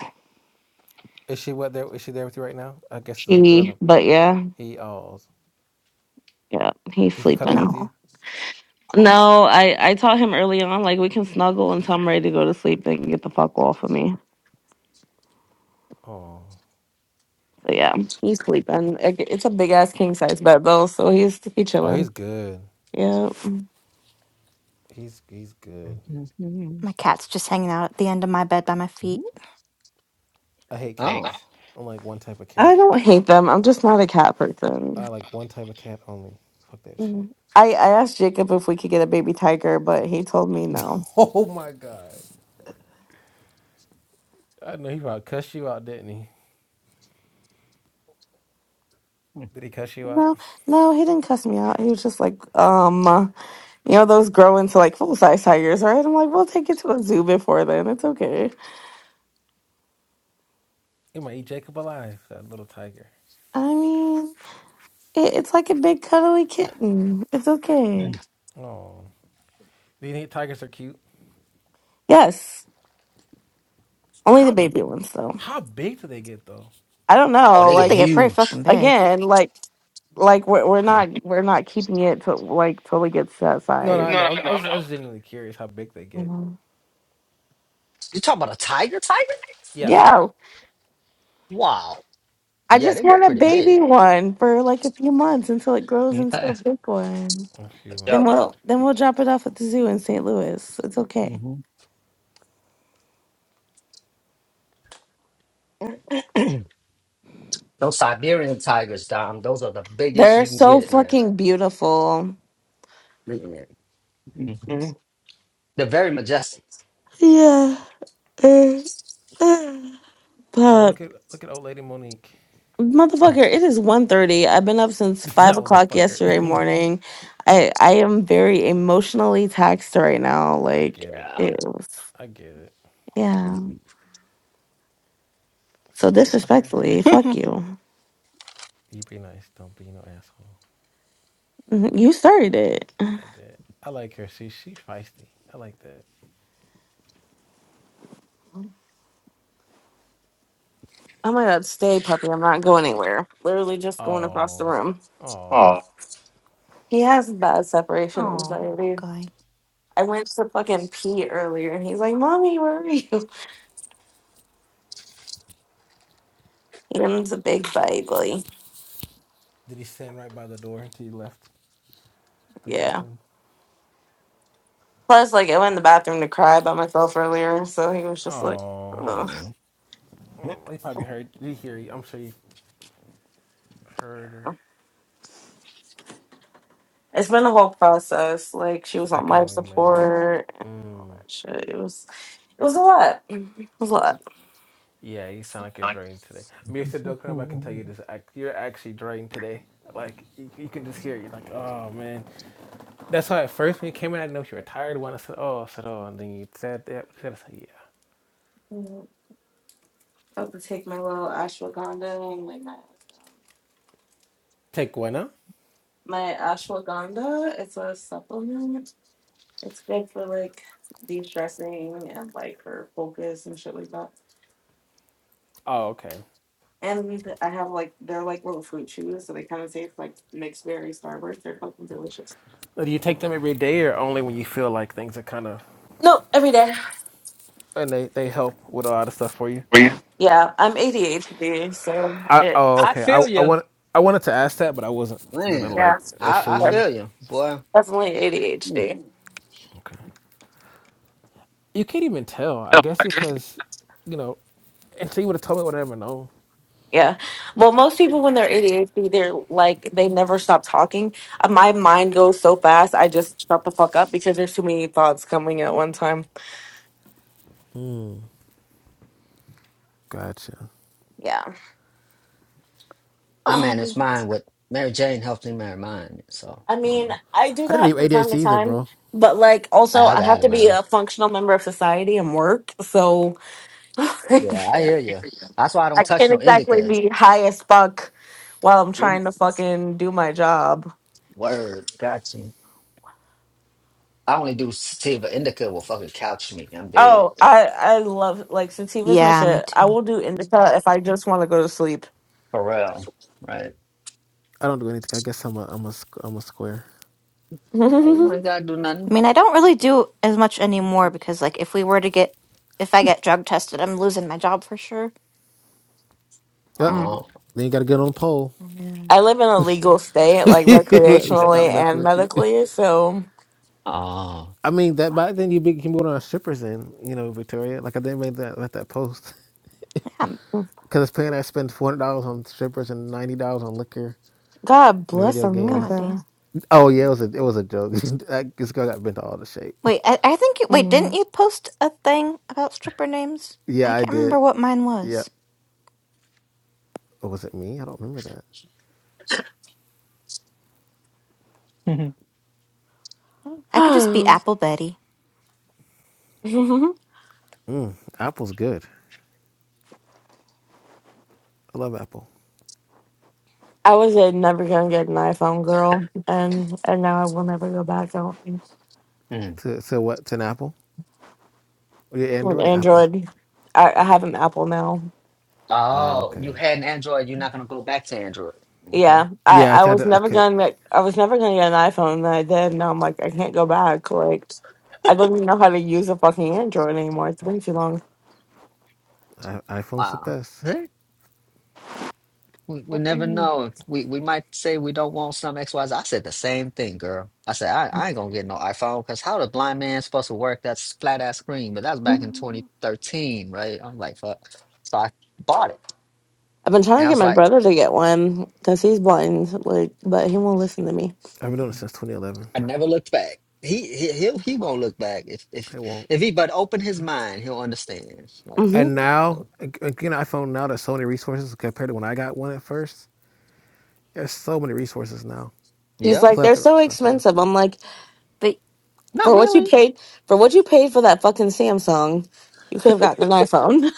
Speaker 3: Is she what there? Is she there with you right now? I guess there's a girl.
Speaker 4: He,
Speaker 3: That
Speaker 4: but yeah,
Speaker 3: he oh,
Speaker 4: yeah, he's
Speaker 3: is he cuddle with
Speaker 4: sleeping.
Speaker 3: you?
Speaker 1: No,
Speaker 4: No, I I taught him early on like we can snuggle until I'm ready to go to sleep and get the fuck off of me.
Speaker 3: Oh,
Speaker 4: So yeah, he's sleeping. It- It's a big ass king size bed though, so he's he
Speaker 3: oh, he's
Speaker 4: chilling.
Speaker 3: good.
Speaker 4: Yeah.
Speaker 3: He's he's good.
Speaker 2: Mhm.
Speaker 1: my cat's just hanging out at the end of my bed by my feet.
Speaker 3: I hate
Speaker 2: oh,
Speaker 3: cats. I'm like one type of cat.
Speaker 4: I don't hate them. I'm just not a cat person.
Speaker 3: I like one type of cat only. Fuck that shit.
Speaker 4: Mm. I, I asked Jacob if we could get a baby tiger, but he told me no.
Speaker 3: Oh my god. I know he probably cussed you out, didn't he? Did he cuss you out?
Speaker 4: No, no, he didn't cuss me out. He was just like, um, uh, you know, those grow into like full size tigers, right? I'm like, we'll take it to a zoo before then. It's okay.
Speaker 3: He might eat Jacob alive. That little tiger.
Speaker 4: I mean, it, it's like a big cuddly kitten. It's okay.
Speaker 3: Oh, do you think tigers are cute?
Speaker 4: Yes, only the
Speaker 3: How
Speaker 4: baby ones though.
Speaker 3: how big do they get though?
Speaker 4: I don't
Speaker 2: oh,
Speaker 4: know.
Speaker 1: I
Speaker 2: they get
Speaker 1: think
Speaker 4: Like
Speaker 1: they get pretty
Speaker 2: huge.
Speaker 1: fucking big.
Speaker 4: again, like like we're we're not we're not keeping it to like till it gets to that
Speaker 3: No, no,
Speaker 4: size.
Speaker 3: I know. I was I was genuinely curious how big they
Speaker 4: no,
Speaker 3: get.
Speaker 4: no.
Speaker 2: You talking about a tiger? Tiger?
Speaker 3: Yeah,
Speaker 4: Yeah,
Speaker 2: Wow.
Speaker 4: I
Speaker 2: Yeah,
Speaker 4: just
Speaker 2: they get
Speaker 4: want a
Speaker 2: pretty
Speaker 4: baby
Speaker 2: big.
Speaker 4: one for like a few months until it grows
Speaker 2: Okay.
Speaker 4: into a
Speaker 2: But
Speaker 4: big one.
Speaker 3: a few
Speaker 4: Then
Speaker 3: months.
Speaker 2: yo,
Speaker 4: we'll then we'll drop it off at the zoo in St. Louis. It's okay.
Speaker 2: hmm those Siberian tigers, Dom, those are the biggest
Speaker 4: They're
Speaker 2: you can
Speaker 4: so
Speaker 2: get, man.
Speaker 4: fucking beautiful.
Speaker 2: Man. Mhm. They're very majestic.
Speaker 4: Yeah. Uh, uh.
Speaker 3: Oh,
Speaker 4: But
Speaker 3: look at look at old lady Monique.
Speaker 4: motherfucker, it is 1.30. I've been up since five
Speaker 3: that
Speaker 4: o'clock yesterday
Speaker 3: motherfucker.
Speaker 4: morning. I I am very emotionally taxed right now.
Speaker 3: I
Speaker 4: Like
Speaker 3: get it.
Speaker 4: it was
Speaker 3: I get it.
Speaker 4: yeah.
Speaker 3: I said,
Speaker 4: So
Speaker 3: motherfucker,
Speaker 4: disrespectfully, fuck you.
Speaker 3: you be nice. Don't be no asshole.
Speaker 4: Mhm, You started it.
Speaker 3: I did. I like her. She she's feisty. I like that.
Speaker 4: I'm gonna stay, puppy. I'm not going anywhere. Literally just going across the
Speaker 3: Oh,
Speaker 4: room.
Speaker 3: oh.
Speaker 4: He has bad separation anxiety. I went to fucking pee earlier and he's like, Mommy, where are you? Him's a big baby.
Speaker 3: Did he stand right by the door until you left the
Speaker 4: Yeah.
Speaker 3: bathroom?
Speaker 4: Plus, like, I went in the bathroom to cry by myself earlier. So he was just like,
Speaker 3: Oh,
Speaker 4: Ugh.
Speaker 2: Mhm.
Speaker 3: oh, he probably heard. Did he hear I'm sure you heard her.
Speaker 4: It's been a whole process. Like, she was
Speaker 3: I
Speaker 4: on
Speaker 3: can
Speaker 4: life
Speaker 3: only imagine.
Speaker 4: support and all
Speaker 3: Mm.
Speaker 4: that shit. It was, it was a lot. It was a lot.
Speaker 3: Yeah, you sound like you're drained today. I Mr. Dokram, I can tell
Speaker 2: Man,
Speaker 3: you this. You're actually drained today. Like, you, you can just hear it. You're like, oh, man. That's why at first when you came in, I didn't know if you were tired. When I said, oh, I said, oh. And then you said that. I said, yeah.
Speaker 4: I have to take my little ashwagandha and lay my ass down.
Speaker 3: Take one, huh?
Speaker 4: My ashwagandha its a supplement. It's good for like de stressing and like for focus and shit like that.
Speaker 3: Oh, okay.
Speaker 4: And I have like they're like little fruit chews, so they kind of taste like mixed berry starburst. They're fucking delicious.
Speaker 3: Do you take them every day or only when you feel like things are kind of,
Speaker 4: No, every day.
Speaker 3: and they, they help with a lot of stuff for you?
Speaker 4: Yeah, I'm ADHD, so
Speaker 3: I,
Speaker 4: it
Speaker 3: oh, okay. I, I, want, I wanted to ask that, but I wasn't going to, like,
Speaker 4: yeah,
Speaker 2: I, I
Speaker 4: that's
Speaker 3: assume.
Speaker 2: feel you, boy.
Speaker 4: definitely
Speaker 2: Mm.
Speaker 4: ADHD.
Speaker 3: Okay. You can't even tell. I guess because, you know, until you would have told me, I would have never known.
Speaker 4: Yeah. Well, most people when they're ADHD, they're like they never stop talking. Uh, My mind goes so fast, I just shut the fuck up because there's too many thoughts coming at one time.
Speaker 3: Gotcha.
Speaker 4: Yeah.
Speaker 2: I managed
Speaker 4: Um,
Speaker 2: mine with Mary Jane helped me marry mine, so
Speaker 4: I
Speaker 2: you
Speaker 4: mean,
Speaker 2: know,
Speaker 4: I do
Speaker 3: I didn't
Speaker 4: that
Speaker 3: know you
Speaker 4: from time
Speaker 3: ADHD
Speaker 4: to
Speaker 3: either,
Speaker 4: time,
Speaker 3: bro.
Speaker 4: but like
Speaker 2: I,
Speaker 4: also
Speaker 2: I
Speaker 4: I have
Speaker 2: got it,
Speaker 4: to be
Speaker 2: man.
Speaker 4: a functional member of society and work, so
Speaker 2: Yeah, I
Speaker 4: Yeah.
Speaker 2: hear you. That's why I don't
Speaker 4: I
Speaker 2: touch
Speaker 4: can't
Speaker 2: no
Speaker 4: exactly
Speaker 2: indica.
Speaker 4: be high as fuck while I'm
Speaker 2: In-
Speaker 4: trying to fucking do my job.
Speaker 2: Word, got you. I only do sativa. Indica will fucking couch me. I'm dead.
Speaker 4: Oh, I I love like sativa's my
Speaker 1: Yeah, me
Speaker 4: shit. I
Speaker 1: too.
Speaker 4: will do indica if I just want to go to sleep.
Speaker 2: For real. Right.
Speaker 3: I don't do anything. I guess I'm a I'm a am a square.
Speaker 2: I ain't gonna to do
Speaker 1: I
Speaker 2: nothing.
Speaker 1: mean, I don't really do as much anymore because, like, if we were to get, if I get drug tested, I'm losing my job for sure.
Speaker 3: Yep.
Speaker 4: Mm.
Speaker 2: Oh.
Speaker 3: Then you gotta get on the pole.
Speaker 1: Yeah,
Speaker 4: I live in a legal state, like
Speaker 3: Let me stop
Speaker 4: recreationally
Speaker 3: messing
Speaker 4: and
Speaker 3: with you.
Speaker 4: medically, so
Speaker 2: Oh.
Speaker 3: I mean that by then you be- can be on strippers in you know Victoria. Like I didn't make that let that post
Speaker 1: Yeah,
Speaker 3: because it's paying. I spend four hundred dollars on strippers and ninety dollars on liquor
Speaker 4: God
Speaker 3: and
Speaker 4: bless
Speaker 3: video
Speaker 1: God
Speaker 3: games.
Speaker 4: America.
Speaker 1: damn.
Speaker 3: Oh yeah, it was a it was a joke. That- this girl got bent to all the shape.
Speaker 1: Wait, I, I think you wait, didn't
Speaker 4: Mm.
Speaker 1: you post a thing about stripper names?
Speaker 3: Yeah,
Speaker 1: I
Speaker 3: I
Speaker 1: can't remember
Speaker 3: did.
Speaker 1: what mine
Speaker 3: Yeah.
Speaker 1: was.
Speaker 3: Or was it me? I don't remember that.
Speaker 1: I could just be Apple Betty.
Speaker 4: I
Speaker 3: Apple's good. I love Apple.
Speaker 4: was a never gonna get an iPhone girl, and and now I will never go back. I don't think.
Speaker 2: Mm.
Speaker 3: To to what? To an apple? Oh, yeah,
Speaker 4: An
Speaker 3: Android, or Apple.
Speaker 4: Android. I, I have an Apple now.
Speaker 3: Ah,
Speaker 2: Oh,
Speaker 3: okay.
Speaker 2: you had an Android. You're not gonna go back to Android. Okay.
Speaker 4: Yeah, I
Speaker 3: Yeah, I
Speaker 4: I
Speaker 3: kind
Speaker 4: was
Speaker 3: of I
Speaker 4: never
Speaker 3: could.
Speaker 4: gonna get, I was never gonna get an iPhone, and I did. Now I'm like I can't go back. Like I don't even know how to use a fucking Android anymore. It's been too long.
Speaker 3: I, iPhone's the
Speaker 2: Wow.
Speaker 3: best.
Speaker 2: We, we
Speaker 4: I've
Speaker 2: never know. We we might say we don't want some X Y Z. I said the same thing, girl. I said I, I ain't gonna get no iPhone because how the blind man supposed to work that s- flat ass screen? But that was back in 2013, right? I was like, fuck. So I bought it,
Speaker 4: been trying
Speaker 2: and
Speaker 4: to
Speaker 2: I
Speaker 4: get
Speaker 2: was
Speaker 4: my
Speaker 2: like,
Speaker 4: brother to get one because he's blind, like, but he won't listen to me.
Speaker 3: I've been doing it since 2011.
Speaker 2: I never looked back. He he he'll, he won't look back if if
Speaker 3: It won't.
Speaker 2: if he but open his mind, he'll understand. Like,
Speaker 4: hmm
Speaker 3: And now,
Speaker 2: so,
Speaker 3: again, iPhone now there's so many resources compared to when I got one at first. There's so many resources now, a
Speaker 4: He's
Speaker 2: yeah,
Speaker 4: like, they're
Speaker 3: plethora
Speaker 4: so
Speaker 3: of stuff now.
Speaker 4: expensive. I'm like.
Speaker 1: But
Speaker 2: not
Speaker 4: For
Speaker 3: Like,
Speaker 4: what you
Speaker 2: really.
Speaker 4: paid for what you paid for that fucking Samsung, you could have gotten an iPhone.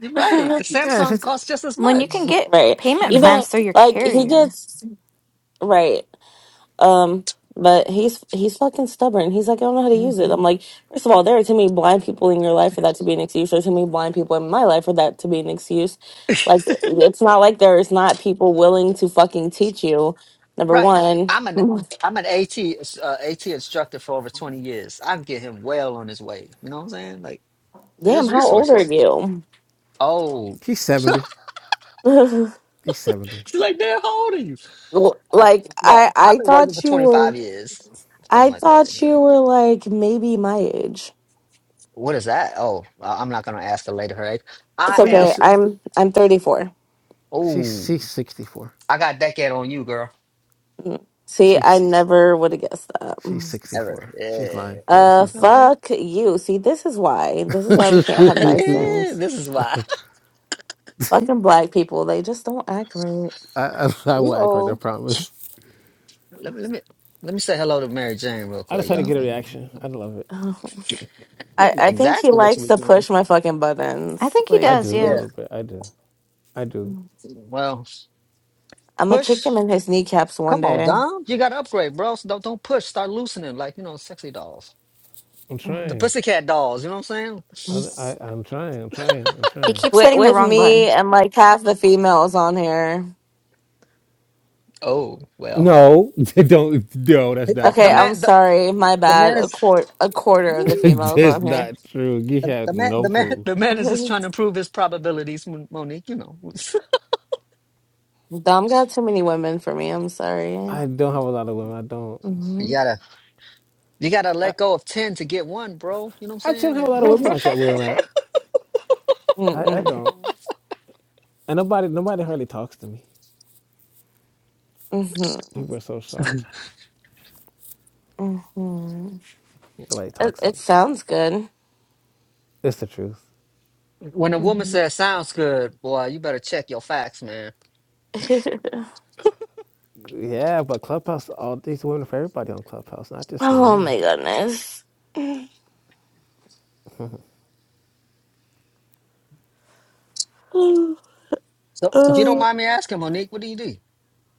Speaker 2: You're right. The
Speaker 3: yeah, if
Speaker 2: Samsung
Speaker 3: it's, just,
Speaker 2: costs just as
Speaker 1: when you can
Speaker 2: much.
Speaker 1: get
Speaker 4: right.
Speaker 3: and
Speaker 1: payment
Speaker 3: it's it.
Speaker 4: Even
Speaker 1: plans through your
Speaker 4: like he
Speaker 1: carrier.
Speaker 4: gets right. Um but he's he's fucking stubborn. He's like, I don't know how to use it. I'm like, first of all, there are too many blind people in your life for that to be an excuse. There's too many blind people in my life for that to be an excuse. Like it's not like there's not people willing to fucking teach you. Number
Speaker 2: Right.
Speaker 4: one.
Speaker 2: I'm an I'm an AT uh, AT instructor for over 20 years. I can get him well on his way. You know what I'm saying? Like
Speaker 4: Damn,
Speaker 2: there's
Speaker 4: how old are
Speaker 2: resources.
Speaker 4: you?
Speaker 2: Oh.
Speaker 3: He's 70.
Speaker 2: She's
Speaker 3: He's 70.
Speaker 2: like, "Damn, how old are you?" I,
Speaker 4: like
Speaker 2: well,
Speaker 4: I
Speaker 2: I've
Speaker 4: I
Speaker 2: been working for
Speaker 4: thought you were.
Speaker 2: 25 years,
Speaker 4: I
Speaker 2: something like that.
Speaker 4: thought
Speaker 2: Uh,
Speaker 4: you were like maybe my age.
Speaker 2: What is that? Oh, I- I'm not going to ask the lady her age.
Speaker 4: It's
Speaker 2: I
Speaker 3: Well, you,
Speaker 2: am
Speaker 4: okay.
Speaker 3: it's,
Speaker 2: f-
Speaker 4: I'm I'm 34.
Speaker 3: she's
Speaker 2: Oh,
Speaker 3: she's 64.
Speaker 2: I got decade on you, girl.
Speaker 4: Mm. See, I
Speaker 3: She's
Speaker 4: never would have guessed that.
Speaker 3: she's
Speaker 4: Mm.
Speaker 2: Ever.
Speaker 3: 64. She's lying. Right?
Speaker 2: Yeah.
Speaker 4: Uh,
Speaker 3: She's lying.
Speaker 2: Okay.
Speaker 4: fuck you. See, this is why. This is why we can't have nice things.
Speaker 2: this is why.
Speaker 4: Fucking black people, they just don't act right.
Speaker 3: I, I I will act like
Speaker 2: Uh
Speaker 3: I promise.
Speaker 2: Let me let me let me say hello to Mary Jane real
Speaker 3: I just
Speaker 2: quick,
Speaker 3: had to
Speaker 4: Mm.
Speaker 3: get a
Speaker 2: y'all.
Speaker 3: reaction. I love it.
Speaker 4: I I think he
Speaker 2: Exactly what you
Speaker 4: likes
Speaker 2: was
Speaker 4: to
Speaker 2: doing.
Speaker 4: push my fucking
Speaker 1: I
Speaker 4: buttons.
Speaker 1: think he
Speaker 3: I
Speaker 4: Like,
Speaker 1: does,
Speaker 3: do a
Speaker 1: yeah.
Speaker 2: Yeah.
Speaker 3: little bit. I do. I do.
Speaker 4: Mm.
Speaker 2: Well,
Speaker 4: I'm gonna kick
Speaker 2: push.
Speaker 4: him in his kneecaps one
Speaker 2: Come on,
Speaker 4: day.
Speaker 2: Dom. You gotta upgrade, bro. So don't don't push. Start loosening, like you know, sexy dolls,
Speaker 3: I'm
Speaker 2: the
Speaker 4: Mm.
Speaker 3: trying.
Speaker 2: pussycat dolls. You know what I'm saying?
Speaker 3: I, I
Speaker 4: With
Speaker 3: I'm trying. I'm trying. I'm
Speaker 1: He
Speaker 3: trying.
Speaker 1: keeps hitting the
Speaker 4: with
Speaker 1: wrong
Speaker 4: me
Speaker 1: button.
Speaker 4: and like half the females on here.
Speaker 2: Oh well.
Speaker 3: No, don't. No, that's
Speaker 2: The,
Speaker 3: not
Speaker 2: the
Speaker 4: Okay,
Speaker 3: true.
Speaker 4: I'm
Speaker 2: man, the,
Speaker 4: sorry. My
Speaker 2: the
Speaker 4: bad.
Speaker 2: man
Speaker 4: A
Speaker 2: is.
Speaker 4: quart a quarter of the
Speaker 2: Woo,
Speaker 4: females
Speaker 3: that's
Speaker 4: on here.
Speaker 3: not true. You
Speaker 2: the,
Speaker 3: have
Speaker 2: the man, the
Speaker 3: no
Speaker 2: man,
Speaker 3: proof.
Speaker 2: the man is just trying to improve his probabilities, Mon- Monique. You know,
Speaker 4: Dom got too many women for me. I'm sorry.
Speaker 3: I don't have a lot of women. I don't.
Speaker 4: Mm-hmm.
Speaker 2: you gotta, you gotta
Speaker 3: I
Speaker 2: let go of ten to get one, bro. You know what
Speaker 3: I actually
Speaker 2: I'm
Speaker 3: don't have a lot of
Speaker 2: saying?
Speaker 3: women like that. Will I? I I don't.
Speaker 4: Mm-mm.
Speaker 3: And nobody nobody hardly talks to me.
Speaker 4: Mm-hmm.
Speaker 3: People are so shocked.
Speaker 4: hmm
Speaker 3: Nobody
Speaker 4: It,
Speaker 3: talks to
Speaker 4: it
Speaker 3: me.
Speaker 4: sounds good.
Speaker 3: It's the truth.
Speaker 2: When a woman
Speaker 4: Mhm.
Speaker 2: says sounds good, boy, you better check your facts, man.
Speaker 3: Yeah, but Clubhouse. All these women are for everybody on Clubhouse, not just for
Speaker 4: oh
Speaker 3: me.
Speaker 4: my goodness.
Speaker 2: So if you don't
Speaker 4: Oh.
Speaker 2: mind me asking, Monique, what do you do?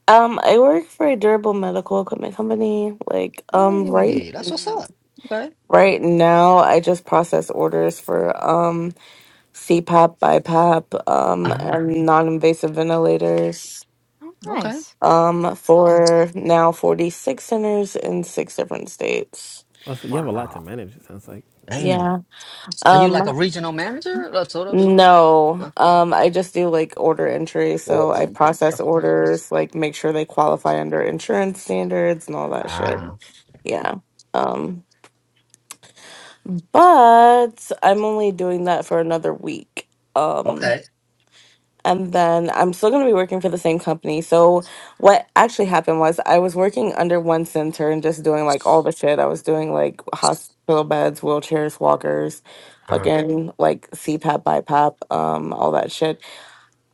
Speaker 4: um, I work for a durable medical equipment company. Like, um, right,
Speaker 2: Hey, that's what's up. Okay.
Speaker 4: right now, I just process orders for um. CPAP, BiPAP, um,
Speaker 2: Uh-huh.
Speaker 4: and non-invasive ventilators
Speaker 1: Oh,
Speaker 2: Okay.
Speaker 1: nice.
Speaker 4: um, for now 46 centers in six different states.
Speaker 3: I you have a lot to
Speaker 2: Wow.
Speaker 3: manage. It sounds like.
Speaker 2: Damn.
Speaker 4: Yeah.
Speaker 2: Are you like a
Speaker 4: Um,
Speaker 2: regional manager? Or sort of?
Speaker 4: no,
Speaker 2: No.
Speaker 4: um, I just do like order entry.
Speaker 2: Sort
Speaker 4: So I
Speaker 2: of.
Speaker 4: process
Speaker 2: Okay.
Speaker 4: orders, like make sure they qualify under insurance standards and all that shit.
Speaker 2: Ah.
Speaker 4: Yeah. Um, but I'm only doing that for another week. Um.
Speaker 2: Okay.
Speaker 4: and then I'm still going to be working for the same company. So what actually happened was I was working under one center and just doing like all the shit. I was doing like hospital beds, wheelchairs, walkers,
Speaker 2: Uh-huh.
Speaker 4: fucking like CPAP, BiPAP, um, all that shit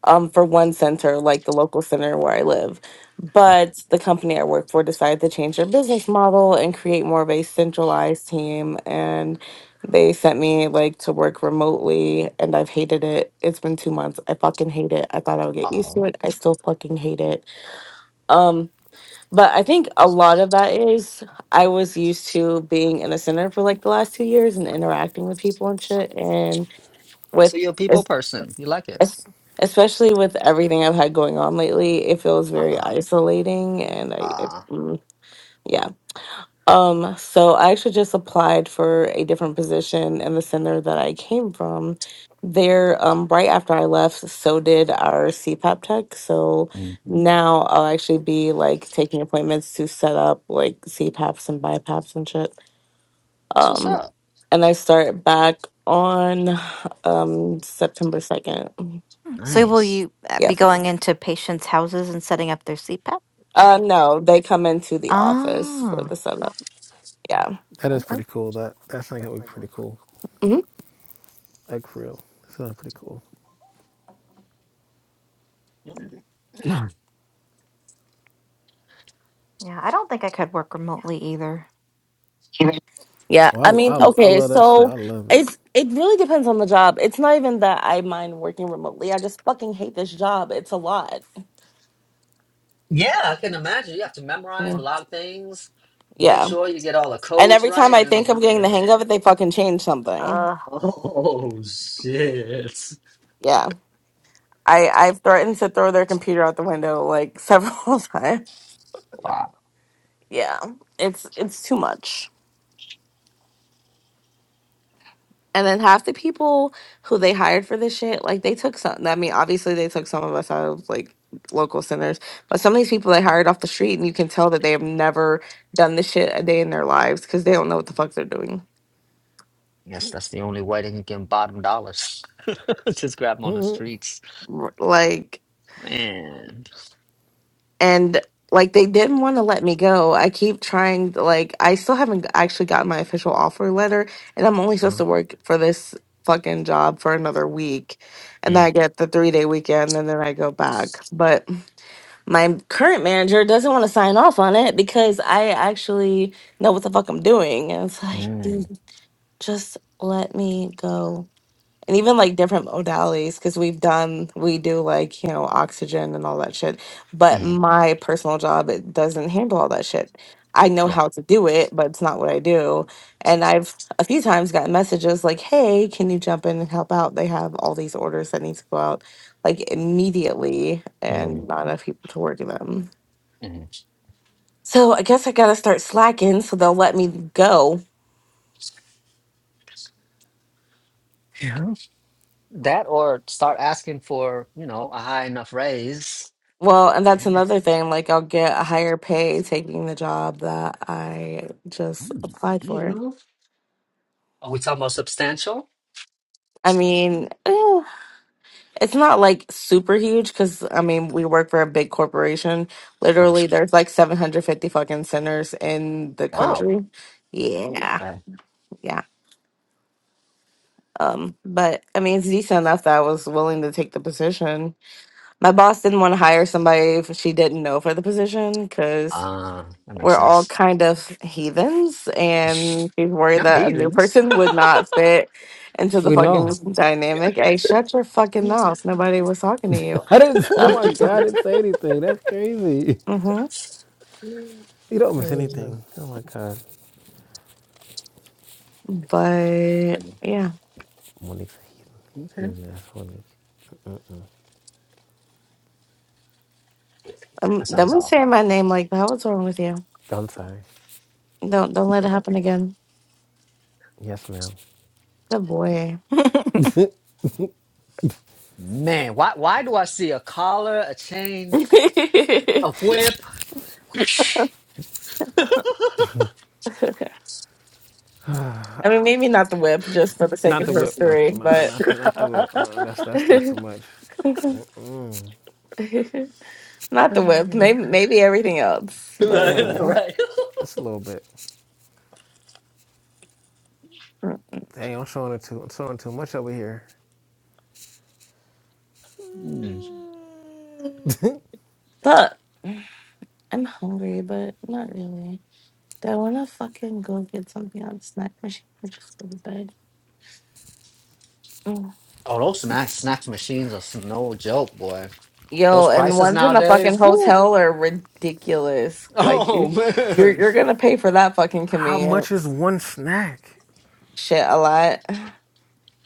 Speaker 4: um, for one center, like the local center where I live. But the company I work for decided to change their business model and create more of a centralized team. And they sent me like to work remotely, and I've hated it. It's been two months. I fucking hate it. I thought I would get used to
Speaker 2: Oh.
Speaker 4: it. I still fucking hate it. Um, but I think a lot of that is I was used to being in a center for like the last two years and interacting with people and shit, and with
Speaker 2: So you're a people person. You like it.
Speaker 4: es- especially with everything I've had going on lately, it feels very isolating and I, it,
Speaker 2: Ah.
Speaker 4: mm, yeah. Um, so I actually just applied for a different position in the center that I came from. There, um, right after I left, so did our CPAP tech. So
Speaker 2: Mm.
Speaker 4: now I'll actually be like taking appointments to set up like CPAPs and BiPAPs and shit.
Speaker 2: That's what's
Speaker 4: Um,
Speaker 2: up.
Speaker 4: and I start back on um September 2nd.
Speaker 1: So will
Speaker 2: Nice.
Speaker 1: you uh, be
Speaker 4: Yep.
Speaker 1: going into patients' houses and setting up their CPAP?
Speaker 4: Uh, no, they come into the office for
Speaker 1: Oh.
Speaker 4: the setup. Yeah.
Speaker 3: That is
Speaker 2: Okay.
Speaker 3: pretty cool. That that thing would be pretty cool.
Speaker 4: hmm
Speaker 3: Like for real, that sounds pretty cool.
Speaker 1: Yeah, I don't think I could work remotely either.
Speaker 4: Yeah. I
Speaker 3: Well, I,
Speaker 4: mean,
Speaker 3: I, I
Speaker 4: okay.
Speaker 3: love that shit.
Speaker 4: So
Speaker 3: I love it.
Speaker 4: it's, it really depends on the job. It's not even that I mind working remotely. I just fucking hate this job. It's a lot.
Speaker 2: yeah, I can imagine. You have to memorize
Speaker 4: Yeah.
Speaker 2: a lot of things. Make
Speaker 4: Yeah.
Speaker 2: sure you get all the
Speaker 4: And
Speaker 2: codes
Speaker 4: every time
Speaker 2: right.
Speaker 4: I
Speaker 2: And
Speaker 4: think
Speaker 2: all,
Speaker 4: I'm getting the
Speaker 2: yeah.
Speaker 4: hang of it, they fucking change something.
Speaker 2: Oh shit.
Speaker 4: Yeah. I, I've threatened to throw their computer out the window like several times.
Speaker 2: Wow.
Speaker 4: Yeah. It's, it's too much. And then half the people who they hired for this shit, like they took some. I mean, obviously they took some of us out of like local centers, but some of these people they hired off the street, and you can tell that they have never done this shit a day in their lives because they don't know what the fuck they're doing.
Speaker 2: I guess that's the only way they can get bottom dollars. Just grab them on the
Speaker 3: Mhm.
Speaker 2: streets.
Speaker 4: R- Like,
Speaker 2: Man.
Speaker 4: and like they didn't want to let me go. I keep trying. to, Like, I still haven't actually gotten my official offer letter, and I'm only supposed
Speaker 2: Huh?
Speaker 4: to work for this fucking job for another week, and then
Speaker 2: Mm,
Speaker 4: I get the three day weekend, and then I go back. But. my current manager doesn't want to sign off on it because I actually know what the fuck I'm doing. And it's like,
Speaker 2: mm,
Speaker 4: dude, just let me go. And even like different modalities, because we've done, we do like, you know, oxygen and all that shit. But
Speaker 2: mm,
Speaker 4: my personal job, it doesn't handle all that shit. I know
Speaker 2: yeah,
Speaker 4: how to do it, but it's not what I do. And I've a few times gotten messages like, hey, can you jump in and help out? They have all these orders that need to go out like immediately and
Speaker 2: mm,
Speaker 4: not enough people to work them.
Speaker 2: mm.
Speaker 4: So I guess I gotta start slacking so they'll let me go.
Speaker 2: That or start asking for, you know, a high enough raise.
Speaker 4: Well, and that's
Speaker 2: And,
Speaker 4: another thing. Like I'll get a higher pay taking the job that I
Speaker 2: oh,
Speaker 4: just applied
Speaker 2: you
Speaker 4: for.
Speaker 2: go. Are we talking about substantial?
Speaker 4: I mean, eh, it's not like super huge because I mean we work for a big corporation.
Speaker 2: Uh,
Speaker 4: Literally, there's like 750 fucking centers in the
Speaker 1: Whoa.
Speaker 2: Wow.
Speaker 4: country. Yeah,
Speaker 2: Okay.
Speaker 4: yeah. Um, but I mean, it's decent enough that I was willing to take the position. My boss didn't want to hire somebody if she didn't know for the position because
Speaker 2: Ah, that makes
Speaker 4: we're all
Speaker 2: sense.
Speaker 4: kind of heathens and she's worried
Speaker 2: Not
Speaker 4: that a new
Speaker 2: heathens.
Speaker 4: person would not fit into the
Speaker 3: We
Speaker 4: fucking
Speaker 3: know.
Speaker 4: dynamic. Hey, shut your fucking mouth. Nobody was talking to you.
Speaker 3: I didn't. Oh my god! I didn't say anything. That's crazy.
Speaker 4: hmm
Speaker 3: You don't miss anything. Oh my god.
Speaker 4: But yeah.
Speaker 3: Monique's a heathen.
Speaker 2: Okay.
Speaker 3: He's an ass, Monique.
Speaker 4: Um,
Speaker 2: That
Speaker 4: don't
Speaker 2: sounds
Speaker 4: be
Speaker 2: awful.
Speaker 4: saying my name like that. What's wrong with you?
Speaker 3: I'm sorry.
Speaker 4: Don't don't let it happen again.
Speaker 3: Yes, ma'am.
Speaker 4: Good boy.
Speaker 2: Man, why why do I see a collar, a chain?
Speaker 4: I
Speaker 2: A whip.
Speaker 4: mean, maybe not the whip, just for the sake
Speaker 3: not
Speaker 4: of
Speaker 3: the whip though.
Speaker 4: history,
Speaker 3: Nah,
Speaker 4: but
Speaker 3: not the not the whip. Uh, that's that's
Speaker 4: not
Speaker 3: still too much.
Speaker 4: the whip. Maybe maybe everything else, but.
Speaker 3: Maybe it's a little bit.
Speaker 4: uh,
Speaker 3: Dang, I'm showing it too. I'm showing too much over here.
Speaker 2: Mm.
Speaker 4: But I'm hungry, but not really. Do I want to fucking go get something on the snack machine or just go to bed? Mm.
Speaker 2: Oh, those snack snacks machines are s- no joke, boy.
Speaker 4: Yo,
Speaker 2: Those
Speaker 4: and
Speaker 2: prices
Speaker 4: ones in the fucking
Speaker 2: nowadays, woo.
Speaker 4: hotel are ridiculous. Like you,
Speaker 2: Oh
Speaker 4: you're
Speaker 2: man,
Speaker 4: you're gonna pay for that fucking
Speaker 3: How much is
Speaker 4: convenience.
Speaker 3: one snack?
Speaker 4: Shit, a lot.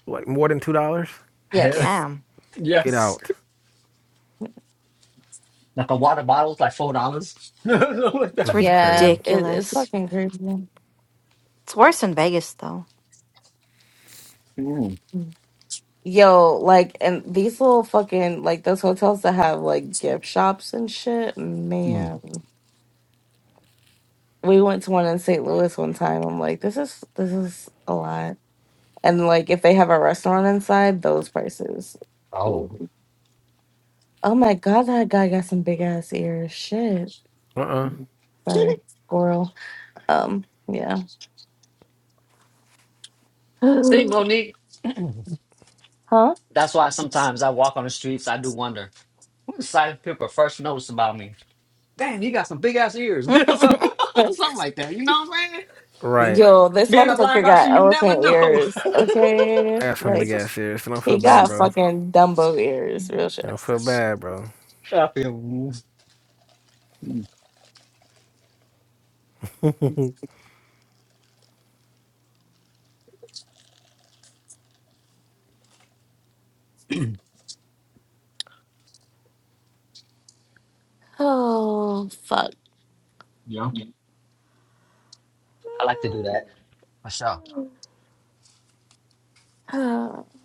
Speaker 3: Like more than two dollars?
Speaker 2: Heck,
Speaker 4: Yes.
Speaker 1: Damn.
Speaker 3: Get
Speaker 2: yes.
Speaker 3: out.
Speaker 2: Like a water bottle is like four dollars.
Speaker 1: It's
Speaker 3: This is
Speaker 4: Yeah,
Speaker 3: crazy.
Speaker 4: it, it's
Speaker 1: ridiculous.
Speaker 4: fucking crazy.
Speaker 1: It's worse in Vegas, though.
Speaker 4: Mm. Yo, like, and these little fucking like those hotels that have like gift shops and shit, man. we went to one in St. Louis one time. I'm like, this is this is a lot. And like if they have a restaurant inside, those prices.
Speaker 2: Oh.
Speaker 4: Oh my god, that guy got some big ass ears. Shit.
Speaker 3: Uh uh
Speaker 4: Sorry, squirrel. Um, yeah.
Speaker 2: See,
Speaker 4: huh?
Speaker 2: Monique, that's why sometimes I walk on the streets. I do wonder what decided people first notice about me. Damn, you got some big ass ears, So- something like that. You know what I'm saying?
Speaker 3: Right.
Speaker 4: Yo, this
Speaker 2: Being a
Speaker 4: motherfucker
Speaker 2: blind
Speaker 4: got
Speaker 2: person, you never
Speaker 4: elephant
Speaker 2: know.
Speaker 4: ears. Okay.
Speaker 3: I got some
Speaker 4: Like
Speaker 3: big ass ears, so don't feel
Speaker 4: he
Speaker 3: bad,
Speaker 4: got
Speaker 3: bro.
Speaker 4: fucking Dumbo ears, real shit.
Speaker 3: Don't feel bad, bro.
Speaker 2: I feel.
Speaker 4: Oh fuck.
Speaker 2: I like to do that myself.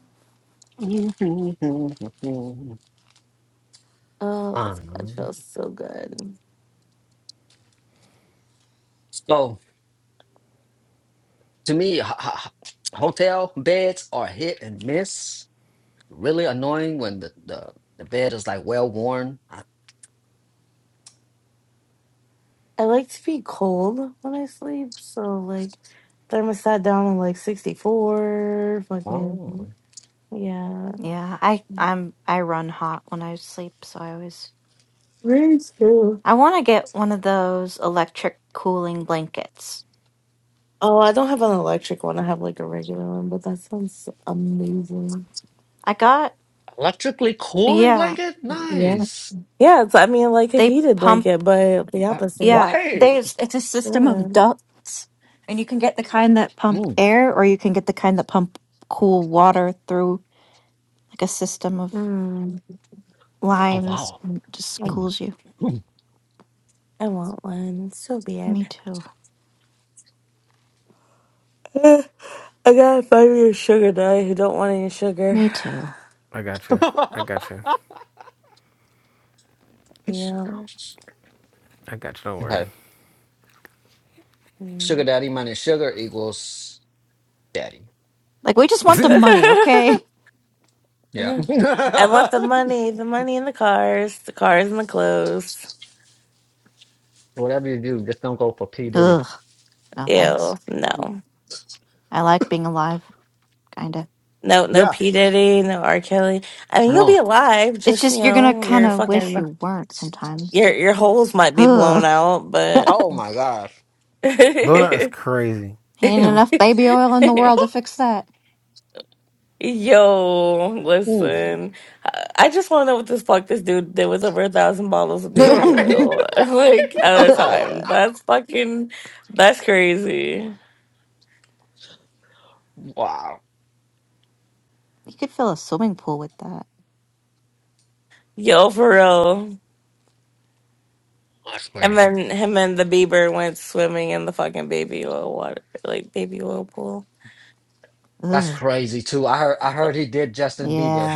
Speaker 4: Oh, this bed feels so good.
Speaker 2: So to me, h- h- h- hotel beds are hit and miss. Really annoying when the, the, the bed is like well worn. I-
Speaker 4: I like to be cold when I sleep, so like thermostat down to like 64, fucking
Speaker 2: Oh,
Speaker 4: yeah.
Speaker 1: Yeah, I I'm I run hot when I sleep, so I always
Speaker 4: Raise too.
Speaker 1: I want to get one of those electric cooling blankets.
Speaker 4: Oh, I don't have an electric one. I have like a regular one, but that sounds amazing.
Speaker 1: I got
Speaker 2: electrically cooling
Speaker 1: yeah,
Speaker 2: blanket?
Speaker 4: Yeah.
Speaker 2: Nice.
Speaker 4: Yeah, it's I mean like a
Speaker 1: they
Speaker 4: heated
Speaker 1: pump
Speaker 4: blanket, but the opposite.
Speaker 1: yeah,
Speaker 2: Right.
Speaker 1: there's it's a system
Speaker 4: Yeah.
Speaker 1: of ducts and you can get the kind that pump
Speaker 2: Mm.
Speaker 1: air or you can get the kind that pump cool water through like a system of
Speaker 4: Mm,
Speaker 2: Oh,
Speaker 1: lines
Speaker 2: wow.
Speaker 1: and it just
Speaker 4: I,
Speaker 2: Mm.
Speaker 1: cools you.
Speaker 4: I want one. It's so
Speaker 1: Me
Speaker 4: bad.
Speaker 1: too.
Speaker 4: Eh, I got a five year sugar daddy who don't want any sugar.
Speaker 1: Me too.
Speaker 3: I got you. I got you.
Speaker 4: Yeah.
Speaker 3: I got you. Don't worry.
Speaker 2: okay. Sugar
Speaker 4: Mm.
Speaker 2: daddy minus sugar equals daddy.
Speaker 1: Like we just want the money, okay?
Speaker 2: Yeah.
Speaker 4: Mhm. I want the money, the money in the cars, the cars and the clothes.
Speaker 2: Whatever you do, just don't go for P. Diddy.
Speaker 1: Ugh, no
Speaker 4: Ew,
Speaker 1: thanks.
Speaker 4: no.
Speaker 1: I like being alive, kinda.
Speaker 4: No, no
Speaker 2: Yeah.
Speaker 4: P. Diddy, no R. Kelly. I mean, you'll be
Speaker 2: Oh,
Speaker 4: alive,
Speaker 1: It's
Speaker 4: just, you
Speaker 1: just you're gonna
Speaker 4: know,
Speaker 1: kind
Speaker 4: your
Speaker 1: of wish
Speaker 4: fucking,
Speaker 1: you weren't sometimes.
Speaker 4: your, your holes might be blown
Speaker 1: Ugh,
Speaker 4: out, but.
Speaker 2: oh my gosh.
Speaker 3: Blown Out is crazy.
Speaker 1: ain't enough baby oil in the world to fix that.
Speaker 4: Yo,
Speaker 2: Mm.
Speaker 4: listen. I I just want to know what this fuck this dude did with over a thousand bottles of
Speaker 2: right?
Speaker 4: baby
Speaker 1: you
Speaker 4: oil, like, at a time. That's fucking, that's crazy.
Speaker 2: wow.
Speaker 1: could fill a swimming pool with that.
Speaker 4: Yo, for real.
Speaker 2: That's
Speaker 4: And
Speaker 2: great.
Speaker 4: then him and the Bieber went swimming in the fucking baby oil water, like baby oil pool.
Speaker 2: That's
Speaker 1: Ugh.
Speaker 2: crazy too. I heard I heard he did Justin Bieber.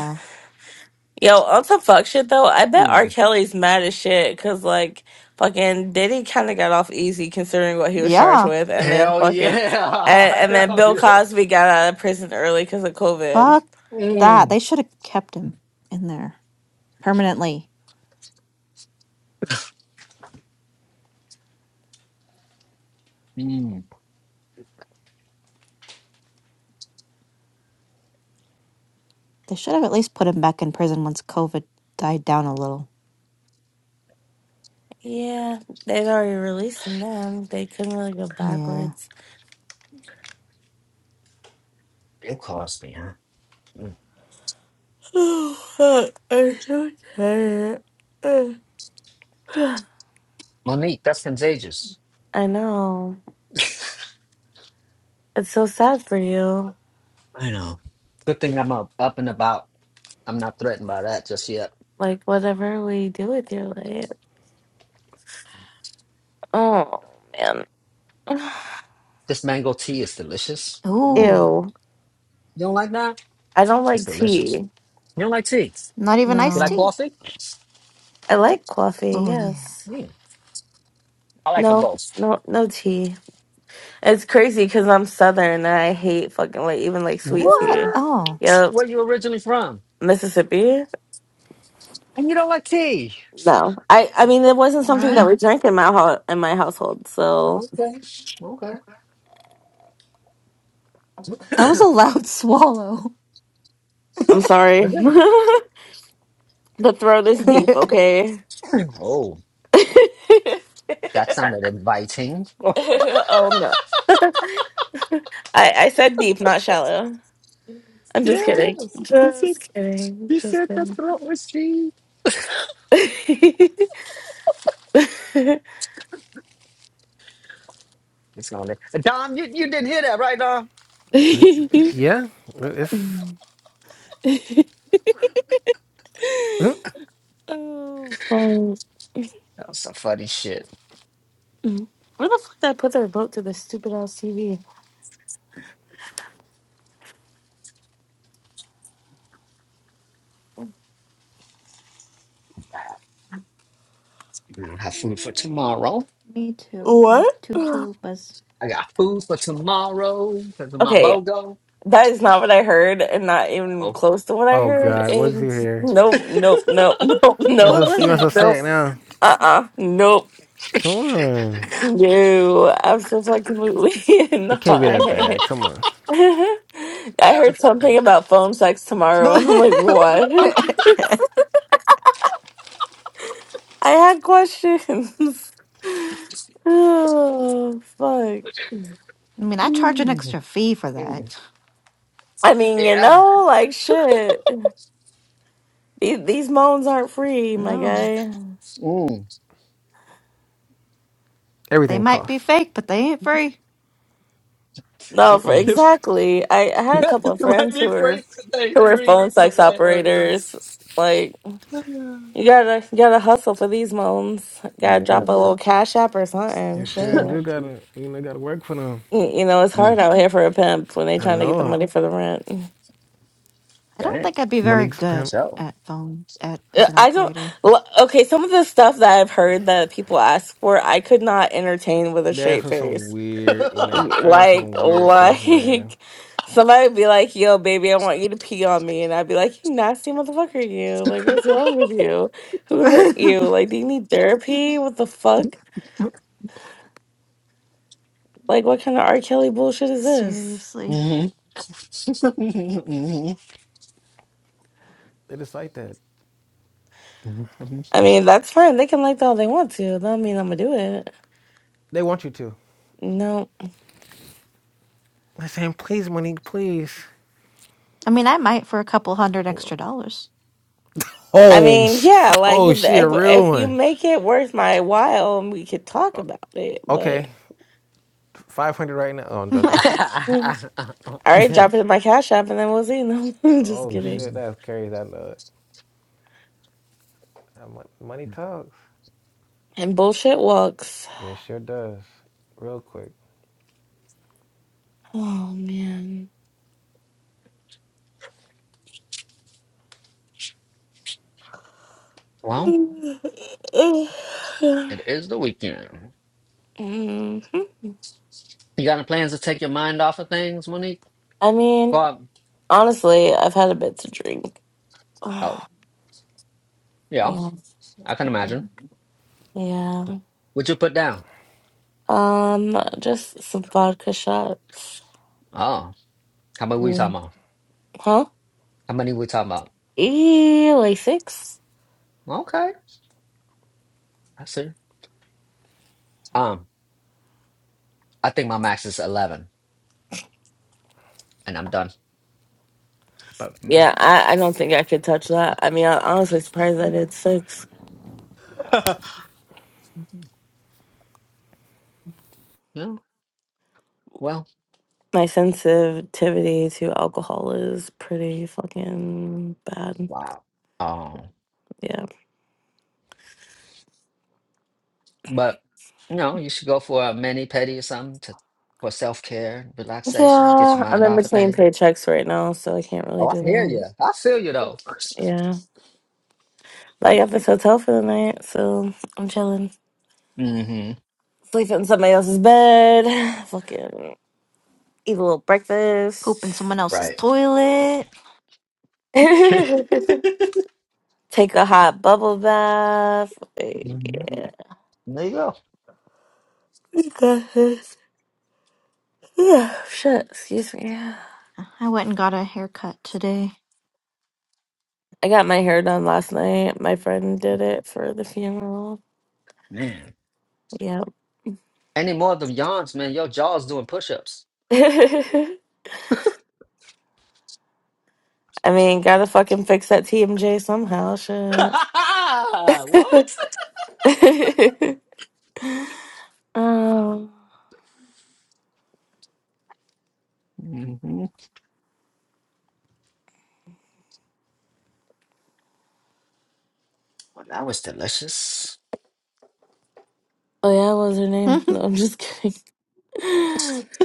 Speaker 4: Yo, on some fuck shit though, I bet R.
Speaker 2: Mm.
Speaker 4: Kelly's mad as shit because like fucking Diddy kind of got off easy considering what he was charged
Speaker 1: Yeah,
Speaker 4: with, and then
Speaker 2: Hell
Speaker 4: fucking and,
Speaker 2: yeah.
Speaker 4: and then
Speaker 2: Hell
Speaker 4: Bill
Speaker 2: yeah.
Speaker 4: Cosby got out of prison early because of COVID.
Speaker 1: fuck that.
Speaker 2: Mm.
Speaker 1: They should have kept him in there permanently.
Speaker 2: Mm.
Speaker 4: Yeah, they'd already released him then. They couldn't really go backwards.
Speaker 2: Bill Cosby, huh? Mm.
Speaker 4: I'm so tired.
Speaker 2: Monique, that's contagious.
Speaker 4: I know. It's so sad for you.
Speaker 2: I know. Good thing I'm up, up and about. I'm not threatened by that just yet.
Speaker 4: Like whatever we do with your life. Oh man.
Speaker 2: This mango tea is delicious. Mm.
Speaker 4: Ew.
Speaker 2: You don't like that?
Speaker 4: I don't
Speaker 2: It's
Speaker 4: like
Speaker 2: delicious.
Speaker 4: tea.
Speaker 2: You don't like tea?
Speaker 1: Not even.
Speaker 2: You like
Speaker 4: No.
Speaker 2: coffee?
Speaker 4: I like coffee,
Speaker 1: Oh,
Speaker 4: yes.
Speaker 2: Mm. I like them
Speaker 4: No,
Speaker 2: both.
Speaker 4: no no tea. It's crazy because I'm southern and I hate fucking like even like sweet
Speaker 1: what?
Speaker 4: tea.
Speaker 1: Oh,
Speaker 4: Yep.
Speaker 2: Where you originally from?
Speaker 4: Mississippi?
Speaker 2: And you don't like tea.
Speaker 4: No. I I mean it wasn't
Speaker 2: All
Speaker 4: something that
Speaker 2: right.
Speaker 4: we drank in my ho- in my household, so
Speaker 2: Okay. Okay.
Speaker 1: that was a loud swallow.
Speaker 4: I'm sorry.
Speaker 2: Well,
Speaker 4: the throat is deep, okay?
Speaker 2: Oh, that sounded inviting.
Speaker 4: oh no. I, I said deep, not shallow. I'm just
Speaker 2: Yes,
Speaker 4: kidding.
Speaker 2: you said
Speaker 4: Just kidding.
Speaker 2: you
Speaker 4: Just
Speaker 2: said the
Speaker 4: kidding.
Speaker 2: throat was free. It's gonna Dom, you, you didn't hear that, right, Dom? I'm just saying,
Speaker 3: Y- Yeah, it's.
Speaker 4: oh, fun.
Speaker 2: That was some funny shit.
Speaker 4: Where the fuck did I put their vote to this stupid ass TV?
Speaker 2: I don't have food for tomorrow.
Speaker 4: What?
Speaker 2: I got food for tomorrow because of my
Speaker 4: Okay,
Speaker 2: BOGO.
Speaker 4: that is not what I heard, and not even close to what I
Speaker 3: Oh
Speaker 4: heard.
Speaker 3: God, what is he
Speaker 4: And
Speaker 3: here?
Speaker 4: nope, nope, nope, nope, nope,
Speaker 1: What
Speaker 3: You're so,
Speaker 1: was
Speaker 3: you're so
Speaker 1: it?
Speaker 4: nope.
Speaker 3: sad now.
Speaker 4: Uh uh nope.
Speaker 3: Come on,
Speaker 4: No, absolutely
Speaker 3: it can't be that
Speaker 4: not.
Speaker 3: bad. Come on,
Speaker 4: I heard something about phone sex tomorrow, and I'm like, what?
Speaker 1: I
Speaker 4: I had questions. oh, fuck.
Speaker 1: mean, I charge an extra fee for
Speaker 2: Mm,
Speaker 1: that.
Speaker 4: I mean, you
Speaker 2: Yeah.
Speaker 4: know, like shit. These, these moans aren't free, my
Speaker 1: No,
Speaker 4: guy.
Speaker 2: Mm,
Speaker 1: they
Speaker 3: everything
Speaker 1: might be
Speaker 3: costs.
Speaker 1: fake, but they ain't free.
Speaker 4: No, for exactly. I, I had a couple of friends who were who were phone sex operators. Like you gotta you gotta hustle for these moans. Gotta
Speaker 2: yeah.
Speaker 4: drop a little cash app or something.
Speaker 3: You sure
Speaker 4: Shit.
Speaker 3: do gotta, you know, gotta work for them.
Speaker 4: Y- You know, it's hard
Speaker 2: Mm,
Speaker 4: out here for a pimp when they
Speaker 3: I
Speaker 4: trying to get the
Speaker 3: know it.
Speaker 4: money for the rent.
Speaker 1: I don't
Speaker 2: dang.
Speaker 1: think I'd be very
Speaker 3: Monique's
Speaker 1: good
Speaker 2: That's
Speaker 3: pimp.
Speaker 2: so.
Speaker 1: at phone at as
Speaker 4: Uh,
Speaker 1: an
Speaker 4: I don't.
Speaker 1: operator.
Speaker 4: l- Okay, some of the stuff that I've heard that people ask for, I could not entertain with a
Speaker 3: That's
Speaker 4: straight
Speaker 3: for some
Speaker 4: face.
Speaker 3: weird, na-
Speaker 4: Y-
Speaker 3: I heard
Speaker 4: Like,
Speaker 3: some weird stuff,
Speaker 4: like
Speaker 3: man.
Speaker 4: somebody would be like, "Yo, baby, I want you to pee on me," and I'd be like, "You nasty motherfucker, you! Like, what's wrong with you? Who hurt you? Like, do you need therapy? What the fuck? Like, what kind of R. Kelly bullshit is this?"
Speaker 1: Seriously.
Speaker 2: Mhm.
Speaker 3: They just like that.
Speaker 4: I
Speaker 2: Mhm.
Speaker 4: mean, that's fine. They can like that all they want to. That don't mean I'm gonna do it.
Speaker 3: They want you to.
Speaker 4: No.
Speaker 3: I saying, please, Monique, please.
Speaker 1: I mean, I might for a couple hundred extra dollars.
Speaker 4: I
Speaker 3: Oh,
Speaker 4: mean,
Speaker 3: sh-
Speaker 4: yeah, like
Speaker 3: oh,
Speaker 4: if
Speaker 3: she a
Speaker 4: if
Speaker 3: real
Speaker 4: if you
Speaker 3: one.
Speaker 4: make it worth my while, we could talk about it.
Speaker 3: Okay,
Speaker 4: But
Speaker 3: five hundred right now. Oh, I'm joking.
Speaker 4: all right, drop it in my cash app, and then we'll see. No, I'm just
Speaker 3: oh
Speaker 4: kidding.
Speaker 3: shit, that's crazy. I know it. That mon- Money talks.
Speaker 4: And bullshit walks.
Speaker 3: Yeah, it sure does. Real quick.
Speaker 4: Oh man.
Speaker 2: well, it is the weekend.
Speaker 4: hmm
Speaker 2: You got any plans to take your mind off of things, Monique?
Speaker 4: I mean,
Speaker 2: Well,
Speaker 4: honestly, I've had a bit to drink. yeah,
Speaker 2: oh, yeah, I can imagine.
Speaker 4: yeah.
Speaker 2: Would you put down?
Speaker 4: Um, just some vodka shots.
Speaker 2: Oh, how many we
Speaker 4: Yeah.
Speaker 2: talking about?
Speaker 4: Huh?
Speaker 2: How many we talking about?
Speaker 4: E like six.
Speaker 2: Okay, I see. Um, I think my max is eleven, and I'm done. But mm,
Speaker 4: Yeah, I, I don't think I could touch that. I mean, I'm honestly surprised I did six.
Speaker 2: yeah, well,
Speaker 4: My sensitivity to alcohol is pretty fucking bad.
Speaker 2: wow. Um,
Speaker 4: Yeah.
Speaker 2: but you know, you should go for a mani pedi or something to for self care, relaxation, get your
Speaker 4: Yeah, I'm
Speaker 2: mind
Speaker 4: in
Speaker 2: off of
Speaker 4: between
Speaker 2: things.
Speaker 4: paychecks right now, so I can't really
Speaker 2: Oh, I
Speaker 4: do
Speaker 2: hear you.
Speaker 4: that.
Speaker 2: I feel you though.
Speaker 4: Yeah. But I got this hotel for the night, so I'm chilling.
Speaker 2: Mm-hmm.
Speaker 4: Sleeping in somebody else's bed. Fucking eat a little
Speaker 1: Poop
Speaker 4: breakfast.
Speaker 1: in someone else's
Speaker 2: Right.
Speaker 1: toilet.
Speaker 4: Take a hot bubble bath. Like,
Speaker 2: Mm-hmm.
Speaker 4: Yeah.
Speaker 2: There you go,
Speaker 4: You got this. Yeah, shit, excuse me.
Speaker 1: I went and got a haircut today.
Speaker 4: I got my hair done last night. My friend did it for the funeral.
Speaker 2: man.
Speaker 4: Yep.
Speaker 2: Any more of them yawns, man? Your jaw's doing push-ups.
Speaker 4: I mean, gotta fucking fix that TMJ somehow, shit.
Speaker 2: what?
Speaker 4: um,
Speaker 2: hmm Well, that was delicious.
Speaker 4: oh yeah, what was her name? No, I'm just kidding.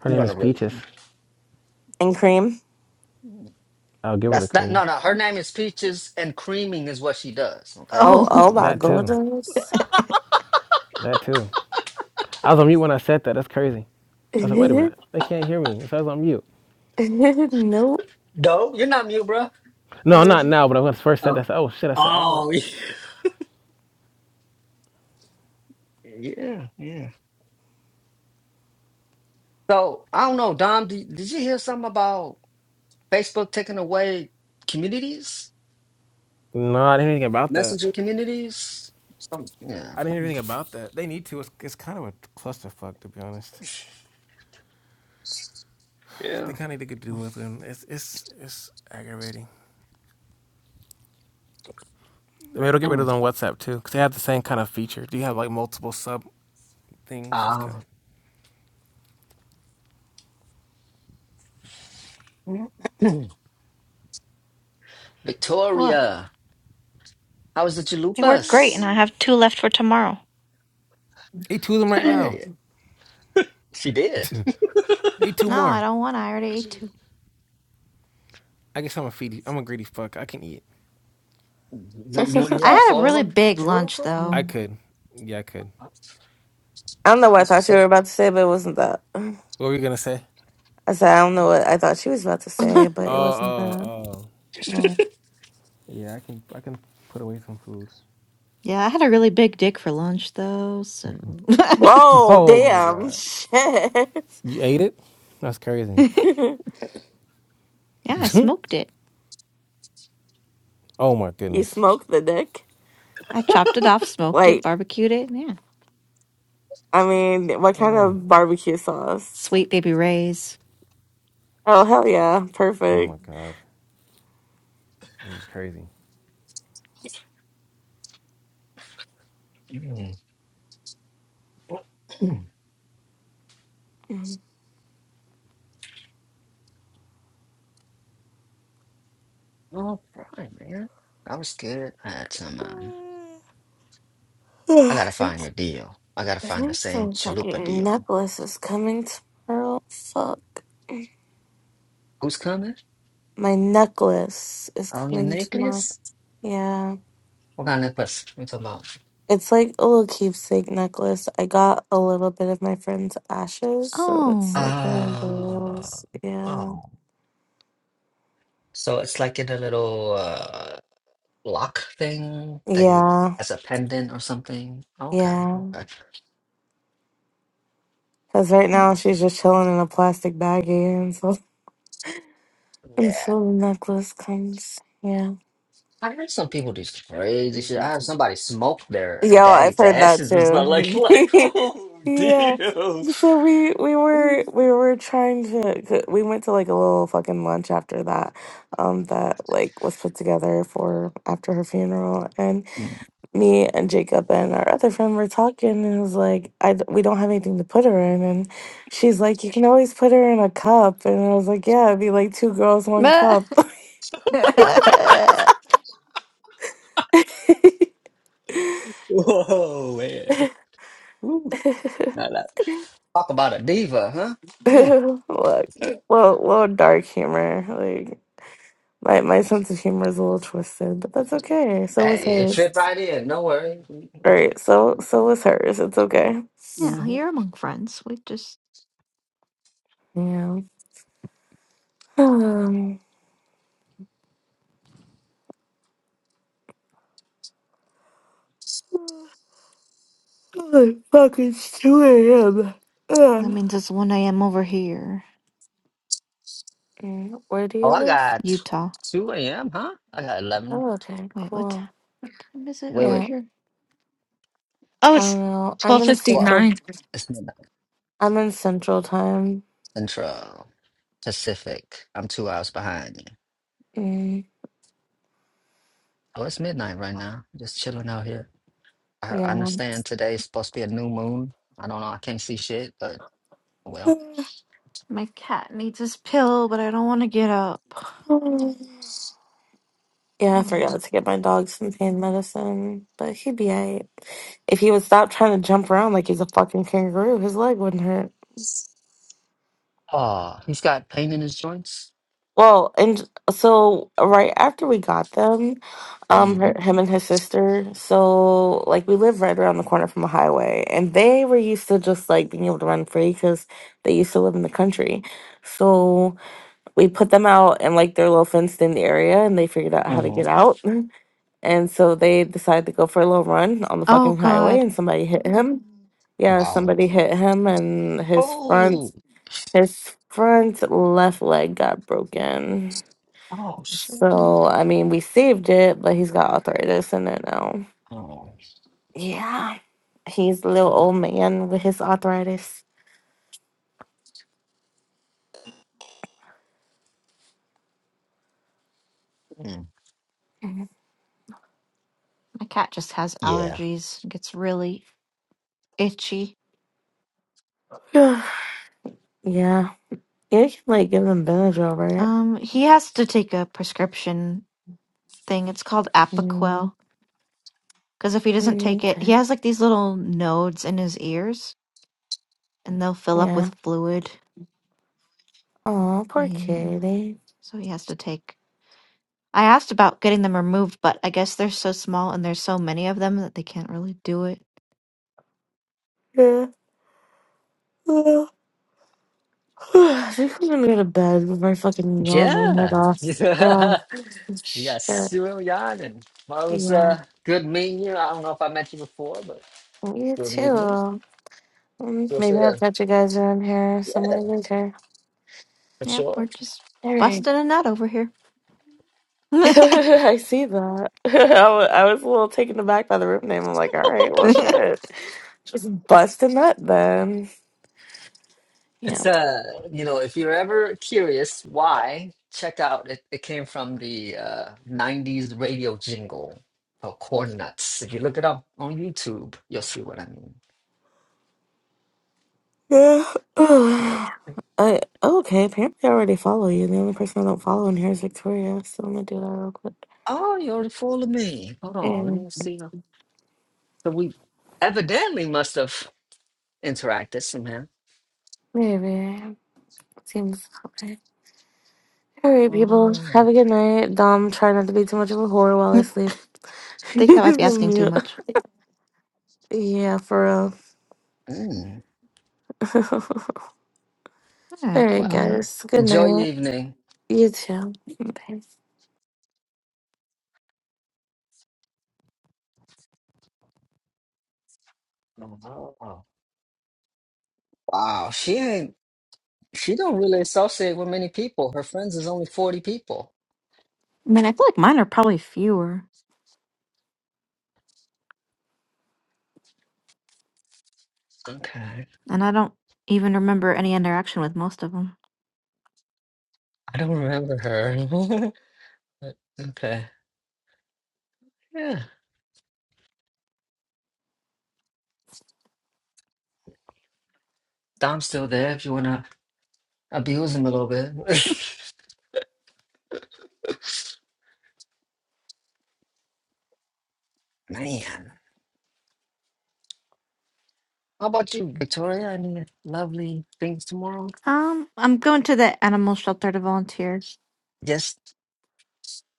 Speaker 3: Her
Speaker 2: I'm
Speaker 3: name
Speaker 2: gonna
Speaker 3: is
Speaker 2: really.
Speaker 3: Peaches.
Speaker 4: and cream.
Speaker 3: I'll give her
Speaker 2: That's
Speaker 3: the
Speaker 2: that.
Speaker 3: cream.
Speaker 2: No, no. Her name is Peaches, and creaming is what she does. Okay,
Speaker 4: Oh,
Speaker 2: this is.
Speaker 1: oh,
Speaker 4: oh my
Speaker 3: That too.
Speaker 4: goodness.
Speaker 3: That too. I was on mute when I said that. That's crazy. I was like, wait a
Speaker 4: nope.
Speaker 3: minute. They can't hear me. So I was on mute.
Speaker 2: No, you're not mute, bro. We
Speaker 3: No,
Speaker 2: heard
Speaker 3: not
Speaker 2: you.
Speaker 3: now, but when I first said that,
Speaker 2: Oh.
Speaker 3: I said, oh shit, I said, I don't
Speaker 2: Oh, Yeah, yeah. So I don't know, Dom. Did, did you hear something about Facebook taking away communities,
Speaker 3: no, I didn't hear anything about that.
Speaker 2: messenger communities? Some, yeah,
Speaker 3: I didn't hear
Speaker 2: some-
Speaker 3: anything about that. They need to. It's, it's kind of a clusterfuck, to be honest. They
Speaker 2: yeah.
Speaker 3: kind of need to get to do with them. It's it's it's aggravating. I mean, it'll get rid
Speaker 2: Mm.
Speaker 3: of them on WhatsApp too, because they have the same kind of feature. Do you have like multiple sub things? It's kind
Speaker 2: Ah.
Speaker 3: of
Speaker 1: what?
Speaker 2: Victoria, how was the
Speaker 1: They work great, and
Speaker 2: chalupas?
Speaker 1: I have two left for tomorrow.
Speaker 3: eat two of them right now.
Speaker 2: Hey, she did.
Speaker 3: eat two
Speaker 1: No, I
Speaker 3: more.
Speaker 1: don't want. I already ate two.
Speaker 3: I guess I'm a feedy. I'm a greedy fuck. I can eat.
Speaker 2: You, you, you
Speaker 1: I
Speaker 2: off
Speaker 1: had a
Speaker 2: all of
Speaker 1: really
Speaker 2: them?
Speaker 1: big
Speaker 2: For real,
Speaker 1: lunch
Speaker 2: for real?
Speaker 1: though.
Speaker 3: I could. Yeah, I could.
Speaker 4: I don't know what I
Speaker 2: That's
Speaker 4: thought
Speaker 2: what's
Speaker 4: you
Speaker 2: up.
Speaker 4: were about to say, but it wasn't that.
Speaker 3: What were you gonna say?
Speaker 4: I said, I don't know what I thought she was about to say, but
Speaker 3: Oh,
Speaker 4: it wasn't
Speaker 3: oh,
Speaker 4: that.
Speaker 3: oh.
Speaker 4: Yeah.
Speaker 3: Yeah, I can. I can put away some food.
Speaker 1: Yeah, I had a really big dick for lunch though. So
Speaker 2: Mm.
Speaker 1: yeah,
Speaker 4: Whoa,
Speaker 3: Oh my
Speaker 4: damn.
Speaker 3: god.
Speaker 4: Shit.
Speaker 3: You ate it? That's crazy.
Speaker 4: you
Speaker 1: I smoked it.
Speaker 3: oh my goodness.
Speaker 4: smoked the dick?
Speaker 1: I chopped it off, smoked it,
Speaker 4: Like,
Speaker 1: barbecued it. Yeah,
Speaker 4: I mean, what kind
Speaker 3: Mm.
Speaker 4: of barbecue sauce?
Speaker 1: sweet baby rays.
Speaker 4: Oh, hell yeah.
Speaker 3: Oh my
Speaker 4: Perfect.
Speaker 3: god. This is crazy.
Speaker 2: Mm.
Speaker 4: Mm.
Speaker 2: All right, man. I was good. I had some, um, I
Speaker 4: I
Speaker 2: gotta
Speaker 4: think
Speaker 2: find your deal. I gotta
Speaker 4: the
Speaker 2: find the
Speaker 4: next
Speaker 2: same
Speaker 4: time
Speaker 2: chalupa
Speaker 4: fucking
Speaker 2: deal.
Speaker 4: necklace is coming tomorrow. Fuck.
Speaker 2: Who's coming?
Speaker 4: My necklace is
Speaker 2: Oh, your
Speaker 4: coming tomorrow.
Speaker 2: necklace?
Speaker 4: Yeah.
Speaker 2: What kind of necklace? What you talking about?
Speaker 4: It's like a little keepsake necklace. I got a little bit of my friend's ashes, so it's like one of
Speaker 2: Ah,
Speaker 4: those.
Speaker 2: oh.
Speaker 4: Yeah.
Speaker 2: So it's like in a little, uh, Lock thing that you
Speaker 4: Yeah.
Speaker 2: as a pendant or something. Okay,
Speaker 4: Yeah.
Speaker 2: okay.
Speaker 4: Because right
Speaker 2: Hmm.
Speaker 4: now she's just chilling in a plastic baggie and so
Speaker 2: Yeah.
Speaker 4: until the necklace comes. Yeah.
Speaker 2: I heard some people do some crazy shit. I heard somebody smoke their
Speaker 4: Yo, I've
Speaker 2: daddy's
Speaker 4: heard that
Speaker 2: ashes and stuff like
Speaker 4: too.
Speaker 2: like oh
Speaker 4: yeah.
Speaker 2: deal.
Speaker 4: So we we were we were trying to 'cause we went to like a little fucking lunch after that um that like was put together for after her funeral me and Jacob and our other friend were talking, and it was like, I d- we don't have anything to put her in, and she's like, you can always put her in a cup, and I was like, yeah, it'd be like two girls, one
Speaker 1: Meh.
Speaker 4: cup.
Speaker 2: Whoa man. Now that talk about a diva, huh? Mm.
Speaker 4: Look, little little dark humor. Like my my sense of humor is a little twisted, but that's okay. So was
Speaker 2: Hey, it fit
Speaker 4: hers.
Speaker 2: right in, no worries.
Speaker 4: Right. So so was hers. It's okay.
Speaker 1: Yeah,
Speaker 2: hmm
Speaker 1: you're among friends. We just
Speaker 4: Yeah. Um. Fuck, it's two a.m.
Speaker 1: that
Speaker 4: Ugh.
Speaker 1: means it's one a.m. over here,
Speaker 4: Mm, Where do
Speaker 2: Oh
Speaker 4: you
Speaker 2: I
Speaker 4: live?
Speaker 2: got
Speaker 1: Utah.
Speaker 2: two AM, huh? I got eleven.
Speaker 4: Oh, okay,
Speaker 1: Wait, what
Speaker 4: cool.
Speaker 1: time is it
Speaker 2: Wait,
Speaker 1: over
Speaker 4: Yeah,
Speaker 2: wait,
Speaker 1: here?
Speaker 4: I don't know. I'm in
Speaker 2: twelve.
Speaker 4: central.
Speaker 2: It's midnight
Speaker 4: I'm in central time.
Speaker 2: central. Pacific. I'm two hours behind you.
Speaker 4: Mm,
Speaker 2: Oh, it's midnight right now. Just chilling out here. I I
Speaker 4: yeah.
Speaker 2: understand today's supposed to be a new moon. I don't know. I can't see shit, but well.
Speaker 1: Pill, but I don't want to get up.
Speaker 4: Yeah,
Speaker 1: I
Speaker 4: I
Speaker 1: don't know.
Speaker 4: forgot to get my dog some pain medicine, but he'd be alright. If he would stop trying to jump around like he's a fucking kangaroo, his leg wouldn't hurt.
Speaker 2: Oh, he's got pain in his joints.
Speaker 4: Well, and so right after we got them, um,
Speaker 2: Mm-hmm.
Speaker 4: her, him and his sister. So like we live right around the corner from a highway, and they were used to just like being able to run free because they used to live in the country. So we put them out in like their little fenced-in area, and they figured out how to get
Speaker 2: Mm-hmm.
Speaker 4: out. And so they decided to go for a little run on the
Speaker 1: Oh
Speaker 4: fucking highway,
Speaker 1: God,
Speaker 4: and somebody hit him. Yeah,
Speaker 2: Wow.
Speaker 4: somebody hit him, and his front
Speaker 2: Oh,
Speaker 4: his front left leg got broken.
Speaker 2: oh, shit.
Speaker 4: So I mean, we saved it, but he's got arthritis in it now.
Speaker 2: Oh,
Speaker 4: Yeah, he's a little old man with his arthritis.
Speaker 2: mm.
Speaker 4: Mhm.
Speaker 1: my cat just has
Speaker 2: yeah.
Speaker 1: allergies. Gets really itchy.
Speaker 4: yeah, yeah, you can like give him Benadryl, right?
Speaker 1: Um, he has to take a prescription thing. It's called
Speaker 4: Mm,
Speaker 1: Apoquel. Because if he doesn't
Speaker 4: mm,
Speaker 1: take it, he
Speaker 4: okay,
Speaker 1: has like these little nodes in his ears, and they'll fill up
Speaker 4: yeah.
Speaker 1: with fluid.
Speaker 4: Oh, poor
Speaker 1: Yeah.
Speaker 4: kitty.
Speaker 1: So he has to take I asked about getting them removed, but I guess they're so small and there's so many of them that they can't really do it.
Speaker 4: Yeah. Uh, I think I'm gonna go to bed with my fucking yawn my head
Speaker 2: Yeah.
Speaker 4: off. Yeah.
Speaker 2: Yeah. you got
Speaker 4: Shit.
Speaker 2: Cyril Yarden. Well, it was
Speaker 4: Yeah.
Speaker 2: uh, good meeting you. I don't know if I met you before, but
Speaker 4: You
Speaker 2: good meeting you.
Speaker 4: too. Mm,
Speaker 2: Feel
Speaker 4: Maybe
Speaker 2: free
Speaker 4: I'll
Speaker 2: to,
Speaker 4: catch you guys around here
Speaker 2: yeah,
Speaker 4: somewhere later.
Speaker 2: for
Speaker 1: Yep,
Speaker 2: sure.
Speaker 1: we're just
Speaker 4: All right.
Speaker 1: busting a nut over here. I
Speaker 4: I see that. I wa- I was a little taken aback by the room name. I'm like, all right, well, shit. Just busting that then. Yeah.
Speaker 2: It's uh, you know, if you're ever curious why, check out it, it came from the uh 90s radio jingle for Corn Nuts. If you look it up on YouTube, you'll see what I mean.
Speaker 4: Yeah.
Speaker 2: Yeah.
Speaker 4: I okay. Apparently, I already follow you. The only person I don't follow in here is Victoria, so I'm gonna do that real quick.
Speaker 2: Oh, you already follow me. Hold on, let
Speaker 4: And
Speaker 2: me see. So we evidently must have interacted somehow.
Speaker 4: maybe seems okay. All right, people.
Speaker 2: Oh,
Speaker 4: Have a good night. Dom, try not to be too much of a whore while I sleep.
Speaker 1: think that
Speaker 4: He's
Speaker 1: might be
Speaker 4: on
Speaker 1: asking too
Speaker 4: mute.
Speaker 1: much.
Speaker 4: Yeah, for
Speaker 2: mm,
Speaker 4: real.
Speaker 1: All
Speaker 4: all
Speaker 1: right, good
Speaker 4: right,
Speaker 2: wow.
Speaker 1: night.
Speaker 4: guys. Good
Speaker 2: Enjoy your
Speaker 4: night.
Speaker 2: evening.
Speaker 4: You too. Bye.
Speaker 2: Oh, wow, she ain't she don't really associate with many people. Her friends is only 40 people.
Speaker 1: I mean, I feel like mine are probably fewer,
Speaker 2: Okay.
Speaker 1: and I don't even remember any interaction with most of them.
Speaker 2: I don't remember her. But, okay. Yeah. Dom's still there if you want to abuse him a little bit. Man. How about you, Victoria? Any lovely things tomorrow?
Speaker 1: Um,
Speaker 2: Just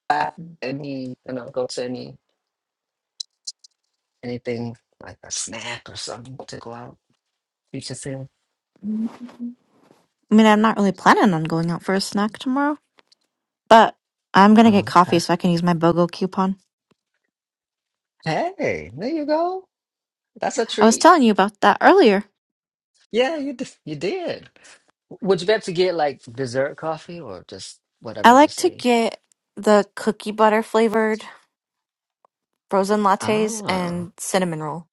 Speaker 2: uh, any, you know, go to any anything like a snack or something to go out. You should say,
Speaker 1: I mean, I'm not really planning on going out for a snack tomorrow, but I'm gonna get
Speaker 2: um,
Speaker 1: coffee
Speaker 2: uh,
Speaker 1: so I can use my BOGO coupon.
Speaker 2: hey, there you go. That's a
Speaker 1: I was
Speaker 2: treat.
Speaker 1: told that
Speaker 2: Yeah, you d- you did. Would you be able to get like dessert coffee or just
Speaker 1: I
Speaker 2: whatever they
Speaker 1: like to
Speaker 2: say?
Speaker 1: get the cookie butter flavored. Frozen lattes
Speaker 2: Ah,
Speaker 1: and cinnamon roll.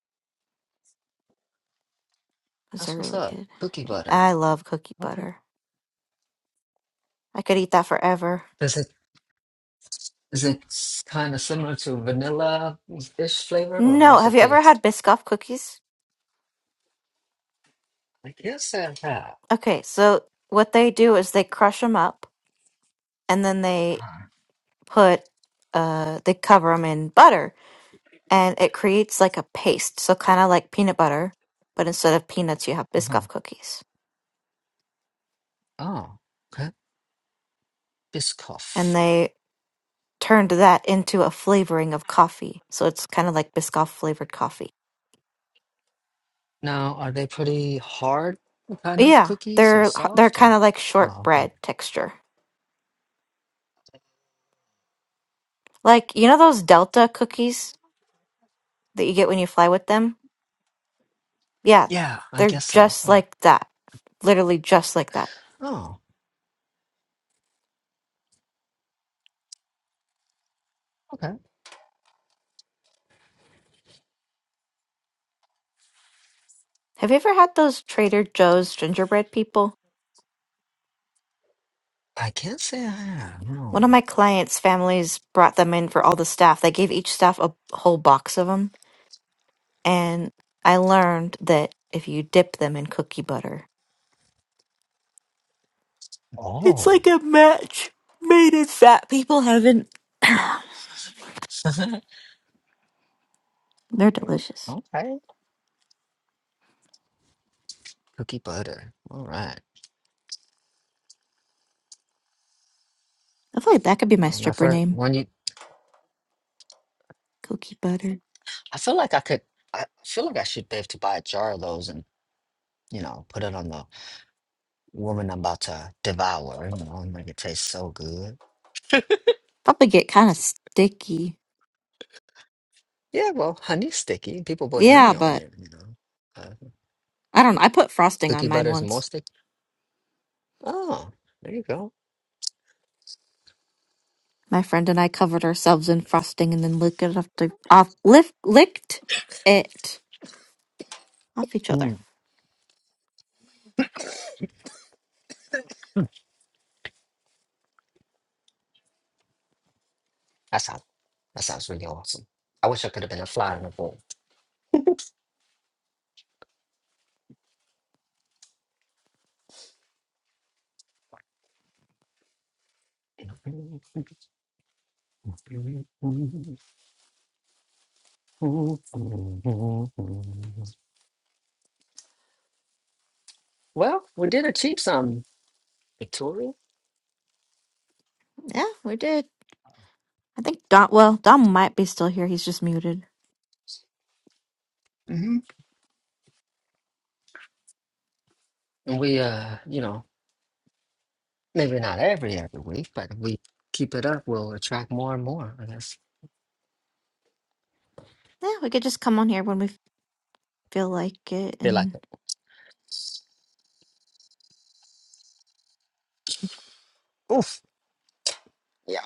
Speaker 1: Those are
Speaker 2: that's what's
Speaker 1: really
Speaker 2: up.
Speaker 1: good.
Speaker 2: Cookie butter.
Speaker 1: I love cookie
Speaker 2: Okay.
Speaker 1: butter. I could eat that forever.
Speaker 2: Does it is it kind of similar to vanilla-ish flavor, or
Speaker 1: No,
Speaker 2: how's
Speaker 1: have
Speaker 2: it
Speaker 1: you ever
Speaker 2: taste?
Speaker 1: had Biscoff cookies?
Speaker 2: I guess I have.
Speaker 1: Okay, so what they do is they crush them up and then they put uh they cover them in butter and it creates like a paste, so kind of like peanut butter, but instead of peanuts you have
Speaker 2: Uh-huh.
Speaker 1: Biscoff cookies.
Speaker 2: Oh, okay. Biscoff.
Speaker 1: And they turned that into a flavoring of coffee. So it's kind of like Biscoff flavored coffee.
Speaker 2: Now, are they pretty hard kind of
Speaker 1: Yeah,
Speaker 2: cookies or
Speaker 1: they're they're
Speaker 2: soft
Speaker 1: kind
Speaker 2: or?
Speaker 1: of like
Speaker 2: Oh, okay.
Speaker 1: shortbread texture. Like, you know those Delta cookies that you get when you fly with them? Yeah,
Speaker 2: Yeah, I
Speaker 1: they're
Speaker 2: guess so.
Speaker 1: just
Speaker 2: Oh,
Speaker 1: like that. Literally just like that.
Speaker 2: Oh, okay.
Speaker 1: Have you ever had those Trader Joe's gingerbread people?
Speaker 2: I can't say I have.
Speaker 1: One of
Speaker 2: No.
Speaker 1: my clients' families brought them in for all the staff. They gave each staff a whole box of them, and I learned that if you dip them in cookie butter, it's
Speaker 2: Oh.
Speaker 1: like a match made in fat people heaven. They're delicious.
Speaker 2: Okay. Cookie butter. All right.
Speaker 1: I feel like that could be my
Speaker 2: I'm not
Speaker 1: stripper
Speaker 2: for
Speaker 1: name.
Speaker 2: when you.
Speaker 1: Cookie butter.
Speaker 2: I feel like I could. I feel like I should be able to buy a jar of those you know, put it on the woman I'm about to devour, you know, and make it taste so good.
Speaker 1: Probably get kind of sticky.
Speaker 2: Yeah, well, honey's sticky. People put
Speaker 1: Yeah,
Speaker 2: honey on
Speaker 1: but
Speaker 2: it, you know. Uh,
Speaker 1: I don't know. I put frosting on
Speaker 2: cookie
Speaker 1: mine
Speaker 2: butter is more
Speaker 1: once.
Speaker 2: sticky. Oh, there you go.
Speaker 1: My friend and I covered ourselves in frosting and then licked it off, the, off lift, licked it off each other.
Speaker 2: Mm, that sounds that sounds really awesome. I wish I could have been a fly on the wall. Well, we did achieve some, Victoria.
Speaker 1: We did. I think Don, well, Don might be still here. He's just muted.
Speaker 2: Mhm. And we, uh, you know, maybe not every every week, but if we keep it up, we'll attract more and more. I guess.
Speaker 1: Yeah, we could just come on here when we feel like it.
Speaker 2: Feel like,
Speaker 1: And,
Speaker 2: oof. Yeah.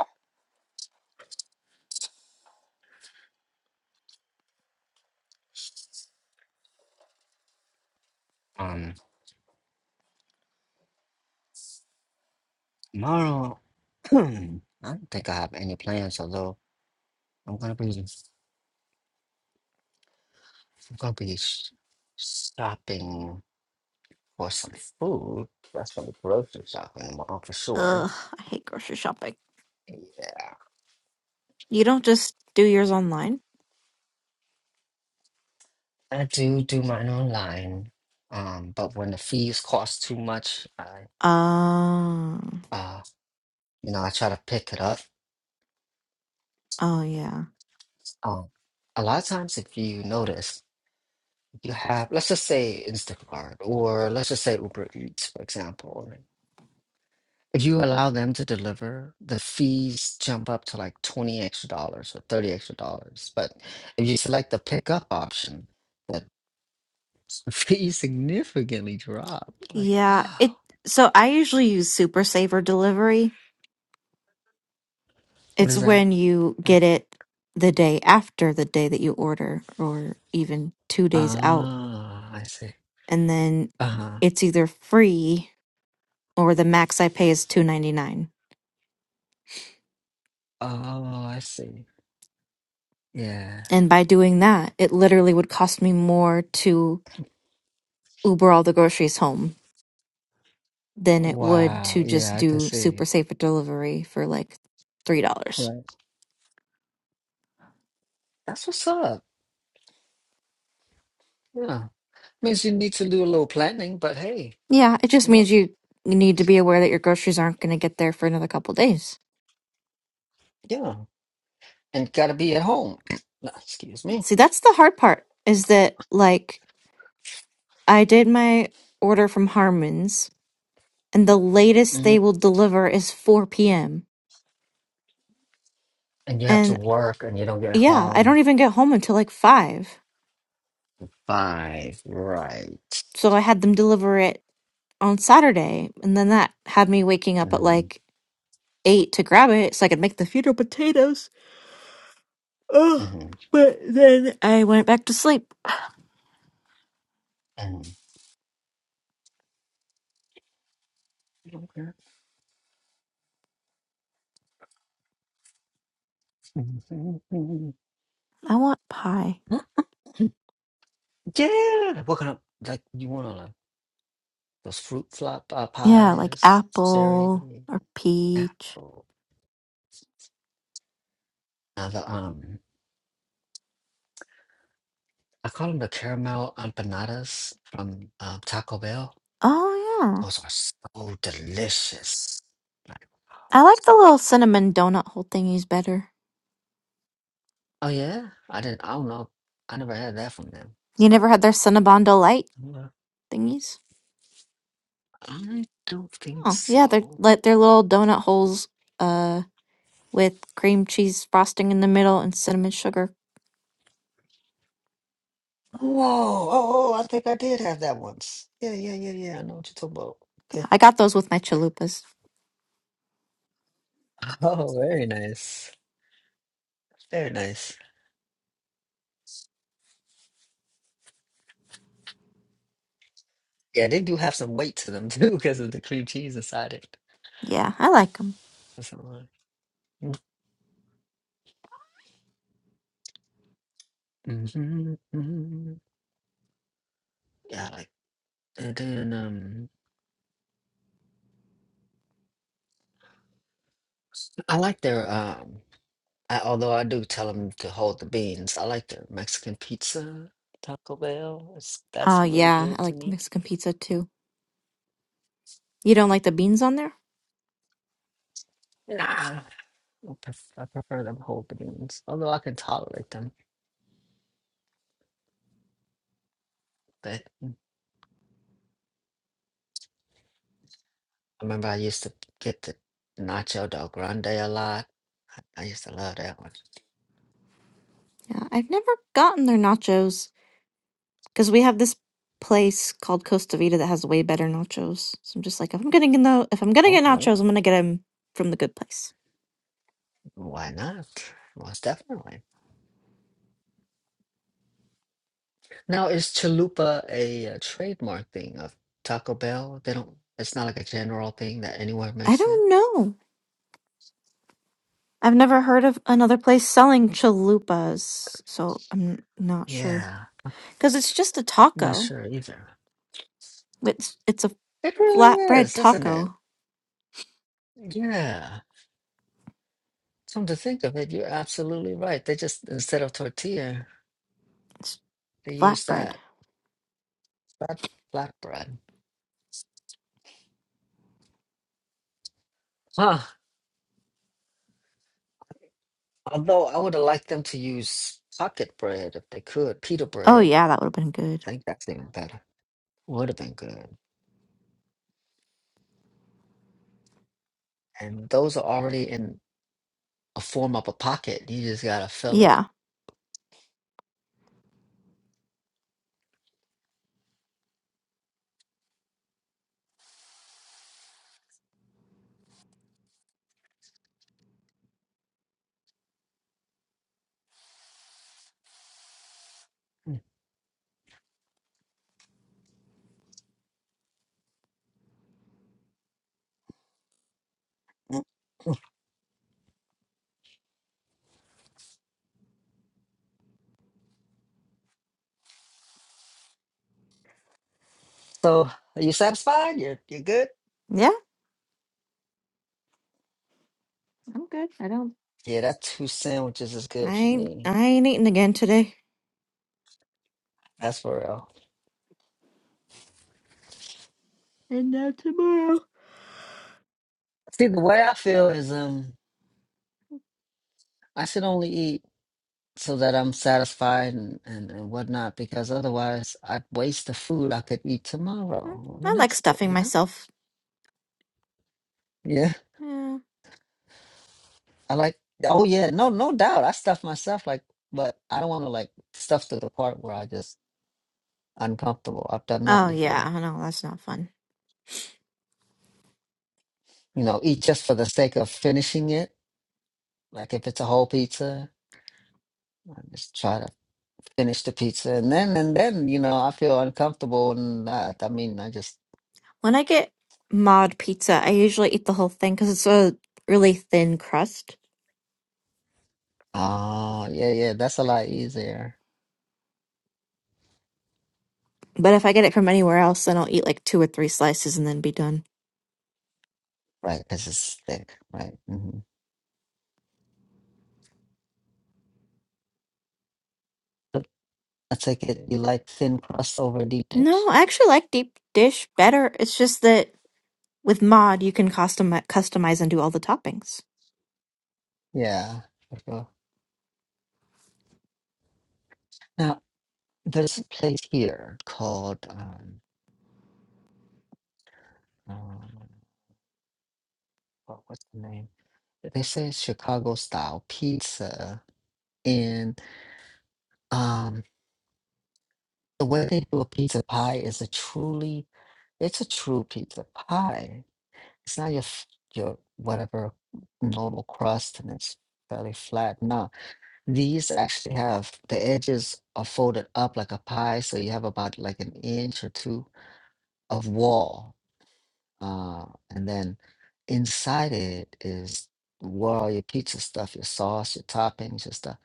Speaker 2: Um, tomorrow, I don't think I have any plans, although I'm gonna be, I'm gonna be s- stopping for some food. That's gonna be grocery shopping tomorrow for sure.
Speaker 1: ugh, I hate grocery shopping.
Speaker 2: Yeah,
Speaker 1: You don't just do yours online?
Speaker 2: I do do mine online. Um, but when the fees cost too much, I,
Speaker 1: Oh,
Speaker 2: uh, you know, I try to pick it up.
Speaker 1: oh yeah.
Speaker 2: Um, a lot of times, if you notice, you have, let's just say Instacart or let's just say Uber Eats, for example. If you allow them to deliver, the fees jump up to like 20 extra dollars or 30 extra dollars. But if you select the pickup option, the fees significantly drop. Like,
Speaker 1: Yeah,
Speaker 2: wow,
Speaker 1: it, so I usually use Super Saver Delivery
Speaker 2: what
Speaker 1: It's
Speaker 2: is that?
Speaker 1: when you
Speaker 2: Like,
Speaker 1: get it the day after the day that you order, or even two days out,
Speaker 2: ah, I see.
Speaker 1: and then
Speaker 2: Uh huh.
Speaker 1: it's either free or the max I pay is two ninety nine.
Speaker 2: Oh, I see. Yeah.
Speaker 1: And by doing that, it literally would cost me more to Uber all the groceries home than it would
Speaker 2: Wow.
Speaker 1: to just
Speaker 2: Yeah, I can
Speaker 1: do super
Speaker 2: see.
Speaker 1: safe delivery for like three dollars.
Speaker 2: Right. That's what's up. Yeah. Means you need to do a little planning, but hey,
Speaker 1: Yeah, it just
Speaker 2: you know,
Speaker 1: means you you need to be aware that your groceries aren't going to get there for another couple days.
Speaker 2: yeah. And gotta be at home. Excuse me.
Speaker 1: See, that's the hard part is that like I did my order from Harmon's, and the latest
Speaker 2: mm-hmm.
Speaker 1: they will deliver is 4 p.m.
Speaker 2: And you have to
Speaker 1: And
Speaker 2: work and you don't get
Speaker 1: yeah, I don't
Speaker 2: home
Speaker 1: even get home until like 5.
Speaker 2: five, right?
Speaker 1: So I had them deliver it on Saturday, and then that had me waking up at
Speaker 2: hmm
Speaker 1: like 8 to grab it so I could make the fetal potatoes. Ugh.
Speaker 2: hmm
Speaker 1: I went back to sleep.
Speaker 2: hmm hmm
Speaker 1: I want pie.
Speaker 2: Yeah, we're gonna like you want to like those fruit flop uh,
Speaker 1: Yeah, like
Speaker 2: pies, sherry,
Speaker 1: apple or peach.
Speaker 2: apple. Now the um, I call them the caramel empanadas from uh, Taco Bell.
Speaker 1: Oh, yeah.
Speaker 2: Those are so delicious. Like, wow,
Speaker 1: I like
Speaker 2: so
Speaker 1: the
Speaker 2: good.
Speaker 1: little cinnamon donut hole thingies better.
Speaker 2: Oh yeah, I didn't. I don't know. I never had that from them.
Speaker 1: You never had their Cinnabon Delight
Speaker 2: Well,
Speaker 1: thingies?
Speaker 2: I don't think
Speaker 1: Oh, yeah, they're
Speaker 2: so.
Speaker 1: like they're little donut holes uh with cream cheese frosting in the middle and cinnamon sugar.
Speaker 2: Oh, oh, oh, I think I did have that once. Yeah, yeah, yeah, yeah. I know what you're talking about. Okay.
Speaker 1: I got those with my chalupas.
Speaker 2: Oh, very nice. Very nice. Yeah, they do have some weight to them too because of the cream cheese inside it. That's a lot. hmm hmm Yeah, I like and then um I like their um I, although I do tell them to hold the beans. I like their Mexican pizza, Taco Bell. It's, that's
Speaker 1: Oh,
Speaker 2: really
Speaker 1: yeah, I
Speaker 2: good to
Speaker 1: like the
Speaker 2: me.
Speaker 1: Mexican pizza too. You don't like the beans on there?
Speaker 2: Nah, I pref- I prefer them hold the beans, although I can tolerate them. but. I remember I used to get the Nacho Del Grande a lot. I used to love that one.
Speaker 1: Yeah, I've never gotten their nachos because we have this place called Costa Vida that has way better nachos. So I'm just like, if I'm getting to the, if I'm gonna
Speaker 2: Oh,
Speaker 1: get
Speaker 2: well,
Speaker 1: nachos, I'm gonna get them from the good place.
Speaker 2: why not? Most definitely. Now, is chalupa a, uh trademark thing of Taco Bell? They don't. It's not like a general thing that anyone
Speaker 1: I
Speaker 2: makes it.
Speaker 1: don't know. I've never heard of another place selling chalupas, so I'm not sure.
Speaker 2: Yeah,
Speaker 1: Because it's just a
Speaker 2: I'm not
Speaker 1: taco.
Speaker 2: sure either.
Speaker 1: It's it's a
Speaker 2: It really
Speaker 1: flatbread
Speaker 2: is, isn't it?
Speaker 1: taco.
Speaker 2: Yeah. Come to think of it, you're absolutely right. They just instead of tortilla,
Speaker 1: It's
Speaker 2: they use
Speaker 1: flatbread.
Speaker 2: that flat flatbread. Huh. Although I would have liked them to use pocket bread if they could, pita
Speaker 1: Oh
Speaker 2: bread.
Speaker 1: yeah, that would have been good.
Speaker 2: I think that's even better. Would have been good. And those are already in a form of a pocket. You just gotta fill it.
Speaker 1: Yeah,
Speaker 2: Mm. So are you satisfied? You're you're good?
Speaker 1: yeah, I'm good. I don't.
Speaker 2: Yeah, that two sandwiches is
Speaker 1: I
Speaker 2: good for
Speaker 1: ain't.
Speaker 2: me.
Speaker 1: I ain't eating again today.
Speaker 2: That's for real.
Speaker 1: And now tomorrow.
Speaker 2: See, the way I feel is um I should only eat so that I'm satisfied and, and, and whatnot, because otherwise I'd waste the food I could eat tomorrow or the
Speaker 1: I like
Speaker 2: next day,
Speaker 1: stuffing
Speaker 2: you know?
Speaker 1: myself.
Speaker 2: Yeah.
Speaker 1: Yeah.
Speaker 2: I like, oh yeah, no, no doubt. I stuff myself like, but I don't want to like stuff to the part where I just uncomfortable. I've done that
Speaker 1: Oh yeah,
Speaker 2: before.
Speaker 1: I know that's not fun.
Speaker 2: You know, eat just for the sake of finishing it. Like if it's a whole pizza, I just try to finish the pizza, and then and then you know I feel uncomfortable, and I, I mean I just
Speaker 1: When I get mod pizza, I usually eat the whole thing because it's a really thin crust.
Speaker 2: oh yeah yeah that's a lot easier,
Speaker 1: But if I get it from anywhere else, then I'll eat like two or three slices and then be done.
Speaker 2: right? Because it's thick, right? hmm I take it you like thin crust over deep dish.
Speaker 1: No, I actually like deep dish better. It's just that with mod, you can custom customize and do all the toppings.
Speaker 2: Yeah, for sure. Now. there's a place here called um, um what, what's the name? They say it's Chicago style pizza, and um, the way they do a pizza pie is a truly it's a true pizza pie. It's not your f- your whatever normal crust, and it's fairly flat. No, these actually have the edges are folded up like a pie, so you have about like an inch or two of wall Uh, and then inside it is where all your pizza stuff, your sauce, your toppings, your stuff.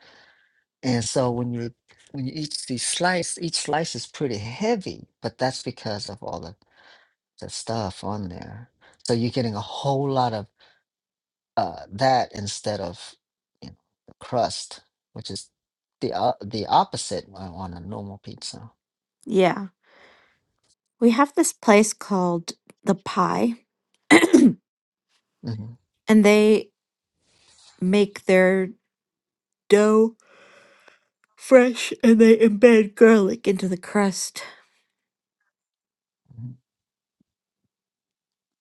Speaker 2: And so when you when you eat these slice, each slice is pretty heavy, but that's because of all the, the stuff on there. So you're getting a whole lot of uh, that instead of you know, the crust, which is the uh, the opposite on on a normal pizza.
Speaker 1: Yeah, we have this place called the Pie, and
Speaker 2: hmm
Speaker 1: they make their dough fresh and they embed garlic into the crust.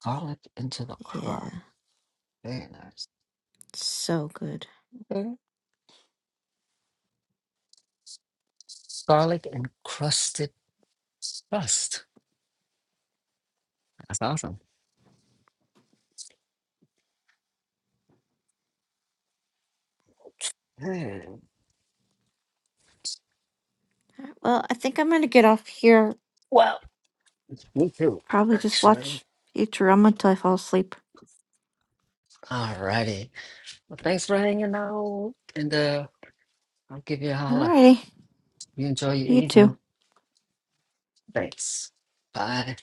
Speaker 2: Garlic into the crust,
Speaker 1: Yeah,
Speaker 2: very nice.
Speaker 1: it's so good.
Speaker 2: Okay. Garlic encrusted Trust. That's awesome. Yeah,
Speaker 1: Well, I- Sure.
Speaker 2: me too, actually. All righty. Well, thanks for hanging out. And uh, I'll give you a holler. You enjoy your evening. Thanks. Bye.